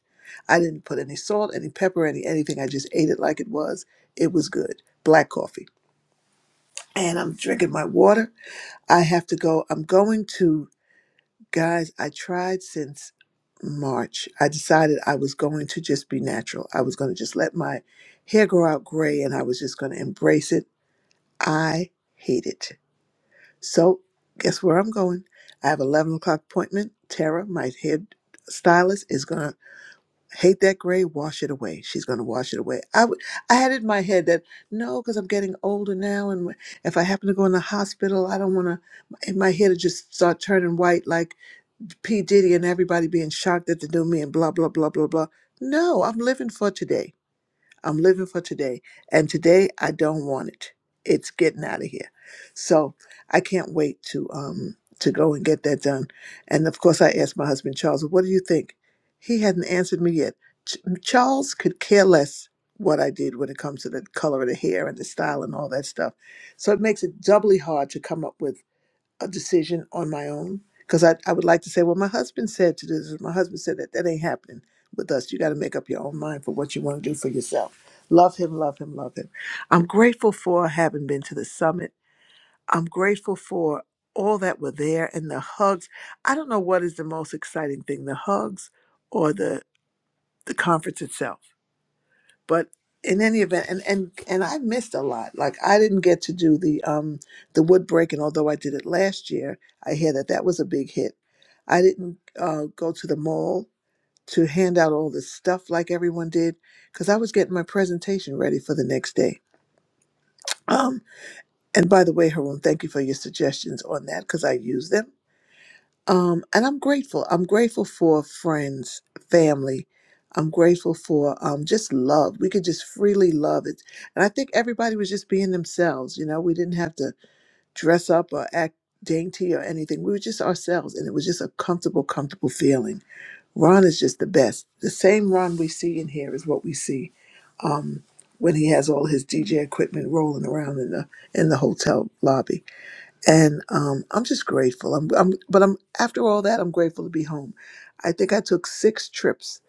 I didn't put any salt, any pepper, any anything. I just ate it like it was. It was good. Black coffee. And I'm drinking my water. I have to go. I'm going to Guys, I tried since March. I decided I was going to just be natural. I was going to just let my hair grow out gray and I was just going to embrace it. I hate it. So, guess where I'm going? I have 11 o'clock appointment. Tara, my head stylist, is going to hate that gray, wash it away. She's going to wash it away. I, w- I had it in my head that no, because I'm getting older now. And if I happen to go in the hospital, I don't want to, my hair to just start turning white like P. Diddy and everybody being shocked at the new me and blah, blah, blah, blah, blah. No, I'm living for today. I'm living for today. And today I don't want it. It's getting out of here. So I can't wait to um to go and get that done. And of course I asked my husband Charles, what do you think? He hadn't answered me yet. Ch- mm, Charles could care less what I did when it comes to the color of the hair and the style and all that stuff. So it makes it doubly hard to come up with a decision on my own because I, I would like to say, well, my husband said to this, my husband said that that ain't happening with us. You got to make up your own mind for what you want to do for yourself. Love him, love him, love him. I'm grateful for having been to the summit. I'm grateful for all that were there and the hugs. I don't know what is the most exciting thing, the hugs or the the conference itself but in any event and and and i missed a lot like i didn't get to do the um the wood breaking although i did it last year i hear that that was a big hit i didn't uh, go to the mall to hand out all the stuff like everyone did because i was getting my presentation ready for the next day um and by the way haroon thank you for your suggestions on that because i use them um, and I'm grateful. I'm grateful for friends, family. I'm grateful for um, just love. We could just freely love it. And I think everybody was just being themselves. You know, we didn't have to dress up or act dainty or anything. We were just ourselves. And it was just a comfortable, comfortable feeling. Ron is just the best. The same Ron we see in here is what we see um, when he has all his DJ equipment rolling around in the in the hotel lobby and um, I'm just grateful. I'm, I'm, but I'm after all that, I'm grateful to be home. I think I took six trips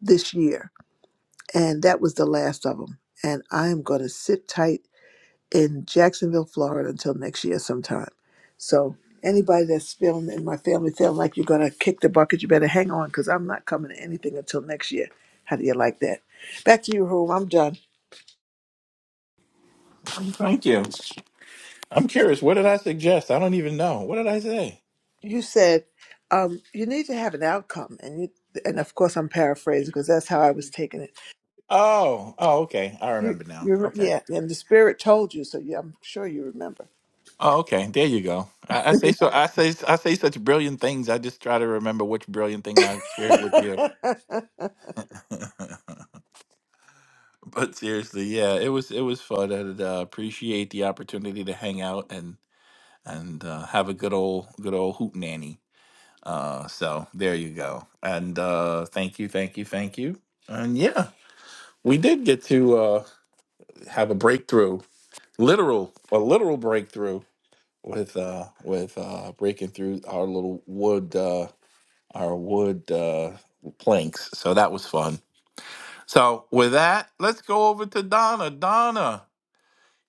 this year, and that was the last of them. And I am going to sit tight in Jacksonville, Florida, until next year sometime. So anybody that's feeling in my family feeling like you're going to kick the bucket, you better hang on because I'm not coming to anything until next year. How do you like that? Back to you, home. I'm done. Thank you. I'm curious. What did I suggest? I don't even know. What did I say? You said um, you need to have an outcome, and you, and of course I'm paraphrasing because that's how I was taking it Oh, oh, okay. I You, remember now. you, re- Okay. yeah, and the Spirit told you, so yeah, I'm sure you remember. Oh, okay. There you go. I, I say so. I say I say such brilliant things. I just try to remember which brilliant thing I've shared with you. but seriously, yeah, it was it was fun. and uh, appreciate the opportunity to hang out and and uh, have a good old good old hoot nanny. Uh, so there you go. And uh, thank you, thank you, thank you. And yeah. We did get to uh, have a breakthrough, literal, a literal breakthrough with uh, with uh, breaking through our little wood, uh, our wood uh, planks. So that was fun. So with that, let's go over to Donna. Donna,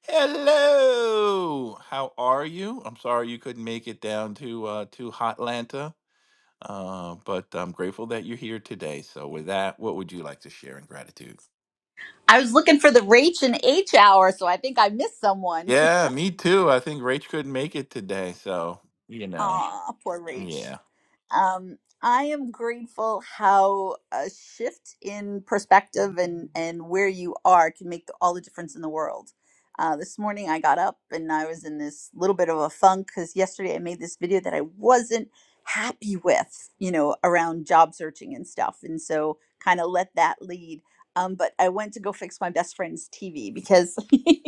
hello. How are you? I'm sorry you couldn't make it down to uh, to Hotlanta, uh, but I'm grateful that you're here today. So with that, what would you like to share in gratitude? I was looking for the Rach and H hour, so I think I missed someone. Yeah, me too. I think Rach couldn't make it today, so you know, Aw, poor Rach. yeah, Um, I am grateful how a shift in perspective and, and where you are can make all the difference in the world. Uh, this morning I got up and I was in this little bit of a funk because yesterday I made this video that I wasn't happy with, you know, around job searching and stuff. And so kind of let that lead. Um, but I went to go fix my best friend's TV because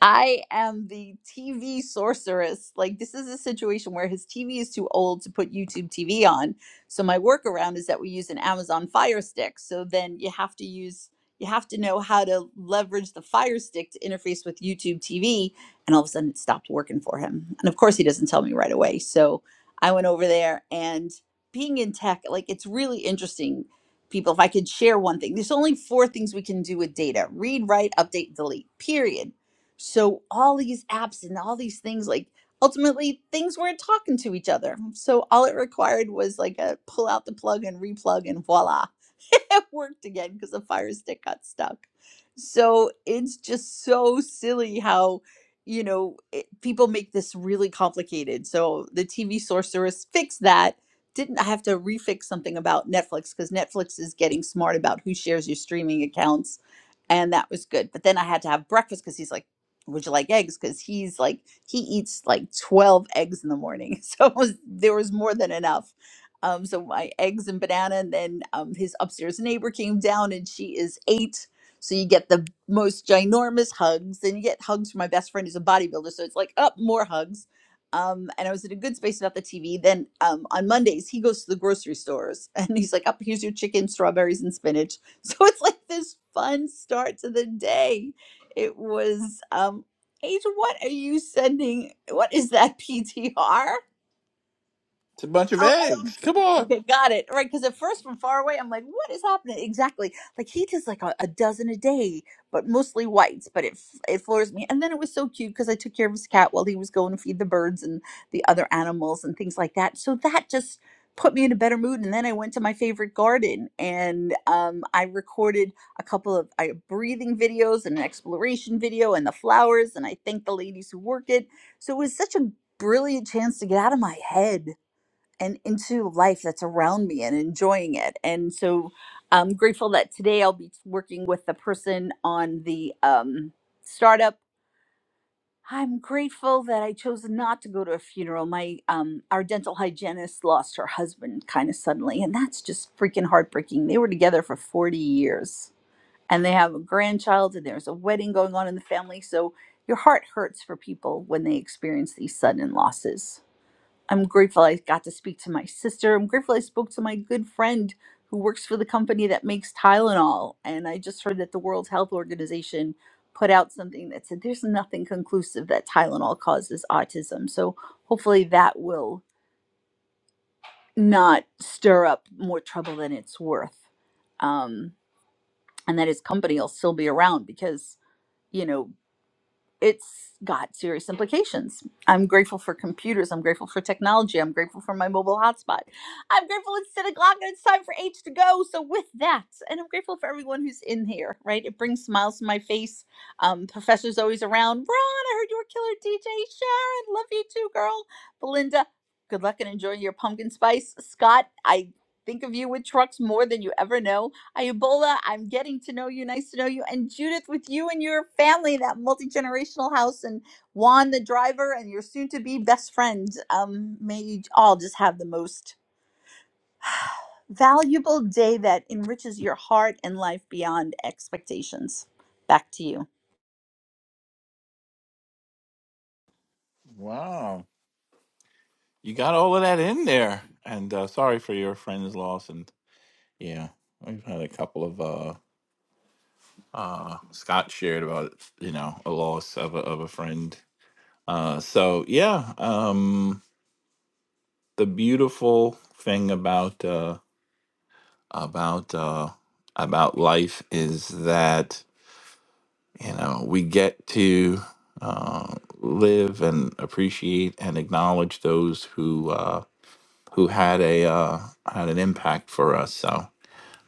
I am the TV sorceress. Like, this is a situation where his TV is too old to put YouTube TV on. So, my workaround is that we use an Amazon Fire Stick. So, then you have to use, you have to know how to leverage the Fire Stick to interface with YouTube TV. And all of a sudden, it stopped working for him. And of course, he doesn't tell me right away. So, I went over there and being in tech, like, it's really interesting. People, if I could share one thing, there's only four things we can do with data read, write, update, delete, period so all these apps and all these things, like ultimately things weren't talking to each other. So all it required was like a pull out the plug and replug and voila it worked again because the fire stick got stuck. So it's just so silly how, you know, it, people make this really complicated. So the TV sorceress fixed that. Didn't I have to refix something about Netflix because Netflix is getting smart about who shares your streaming accounts. And that was good. But then I had to have breakfast because he's like, would you like eggs? Because he's like, he eats like 12 eggs in the morning. So it was, there was more than enough um, so my eggs and banana, and then um, his upstairs neighbor came down, and she is eight. So you get the most ginormous hugs, and you get hugs from my best friend who's a bodybuilder. So it's like up more hugs. Um, and I was in a good space about the TV. Then um, on Mondays, he goes to the grocery stores, and he's like, "Up here's your chicken, strawberries, and spinach." So it's like this fun start to the day. It was um, Age, what are you sending? What is that PTR? it's a bunch of Oh, eggs. eggs. Come on, Okay, got it. Right, because at first from far away, I'm like, what is happening? Exactly. Like he does like a, a dozen a day, but mostly whites. But it f- it floors me. And then it was so cute because I took care of his cat while he was going to feed the birds and the other animals and things like that. So that just put me in a better mood. And then I went to my favorite garden and um, I recorded a couple of I, breathing videos and an exploration video and the flowers. And I thanked the ladies who work it. So it was such a brilliant chance to get out of my head and into life that's around me and enjoying it. And so I'm grateful that today I'll be working with the person on the um, startup. I'm grateful that I chose not to go to a funeral. My um, our dental hygienist lost her husband kind of suddenly, and that's just freaking heartbreaking. They were together for 40 years, and they have a grandchild, and there's a wedding going on in the family. So your heart hurts for people when they experience these sudden losses I'm grateful I got to speak to my sister. I'm grateful I spoke to my good friend who works for the company that makes Tylenol. And I just heard that the World Health Organization put out something that said there's nothing conclusive that Tylenol causes autism. So hopefully that will not stir up more trouble than it's worth. Um, and that his company will still be around because, you know, it's got serious implications. I'm grateful for computers. I'm grateful for technology. I'm grateful for my mobile hotspot. I'm grateful it's 10 o'clock and it's time for H to go. So, with that, and I'm grateful for everyone who's in here, right? It brings smiles to my face. Um, professor's always around. Ron, I heard you were killer DJ. Sharon, love you too, girl. Belinda, good luck and enjoy your pumpkin spice. Scott, I think of you with trucks more than you ever know. Ayubola, I'm getting to know you. Nice to know you. And Judith, with you and your family, that multi generational house, and Juan, the driver, and your soon to be best friend. Um, may you all just have the most valuable day that enriches your heart and life beyond expectations. Back to you. wow, you got all of that in there. And uh, sorry for your friend's loss. And yeah, we've had a couple of uh, uh, Scott shared about you know a loss of a, of a friend. Uh, so yeah, um, the beautiful thing about uh, about uh, about life is that you know we get to uh, live and appreciate and acknowledge those who uh, who had a uh, had an impact for us so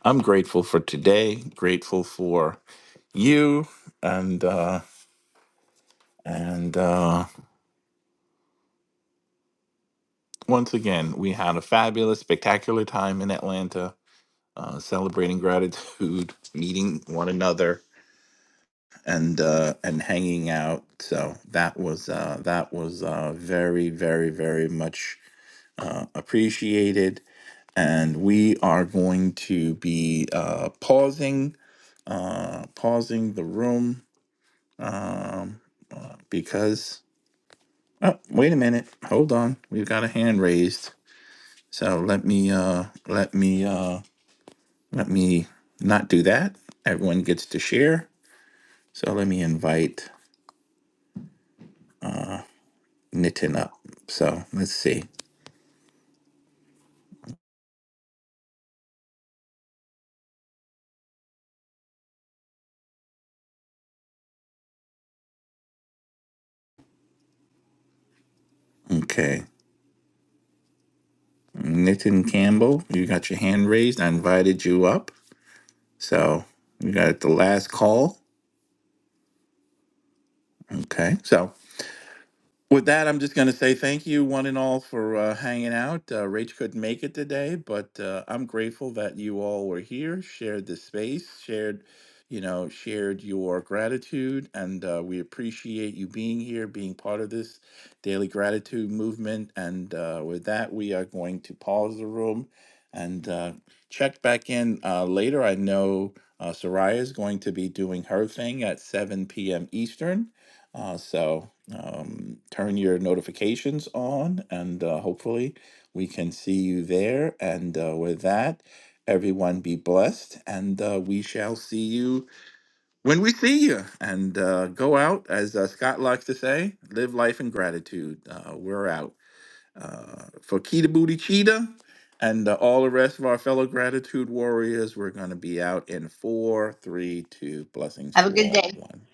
i'm grateful for today grateful for you and uh, and uh, once again we had a fabulous spectacular time in atlanta uh, celebrating gratitude meeting one another and uh, and hanging out. So that was uh, that was uh, very very very much uh, appreciated. And we are going to be uh, pausing uh, pausing the room because oh wait a minute hold on we've got a hand raised so let me uh let me uh let me not do that everyone gets to share so let me invite Nitin up so let's see okay Nitin Campbell, you got your hand raised. I invited you up. So you got the last call. Okay. So With that, I'm just going to say thank you, one and all, for uh, hanging out. Uh, Rach couldn't make it today, but uh, I'm grateful that you all were here, shared the space, shared, you know, shared your gratitude, and uh, we appreciate you being here, being part of this daily gratitude movement. And uh, with that, we are going to pause the room and uh, check back in uh, later. I know uh, Soraya is going to be doing her thing at 7 p.m. Eastern. Uh, so um, turn your notifications on, and uh, hopefully we can see you there. And uh, with that, everyone be blessed, and uh, we shall see you when we see you. And uh, go out, as uh, Scott likes to say, live life in gratitude. Uh, we're out uh, for Kita Booty Cheetah. And uh, all the rest of our fellow gratitude warriors, we're going to be out in four, three, two. Blessings Have a to good all. day. One.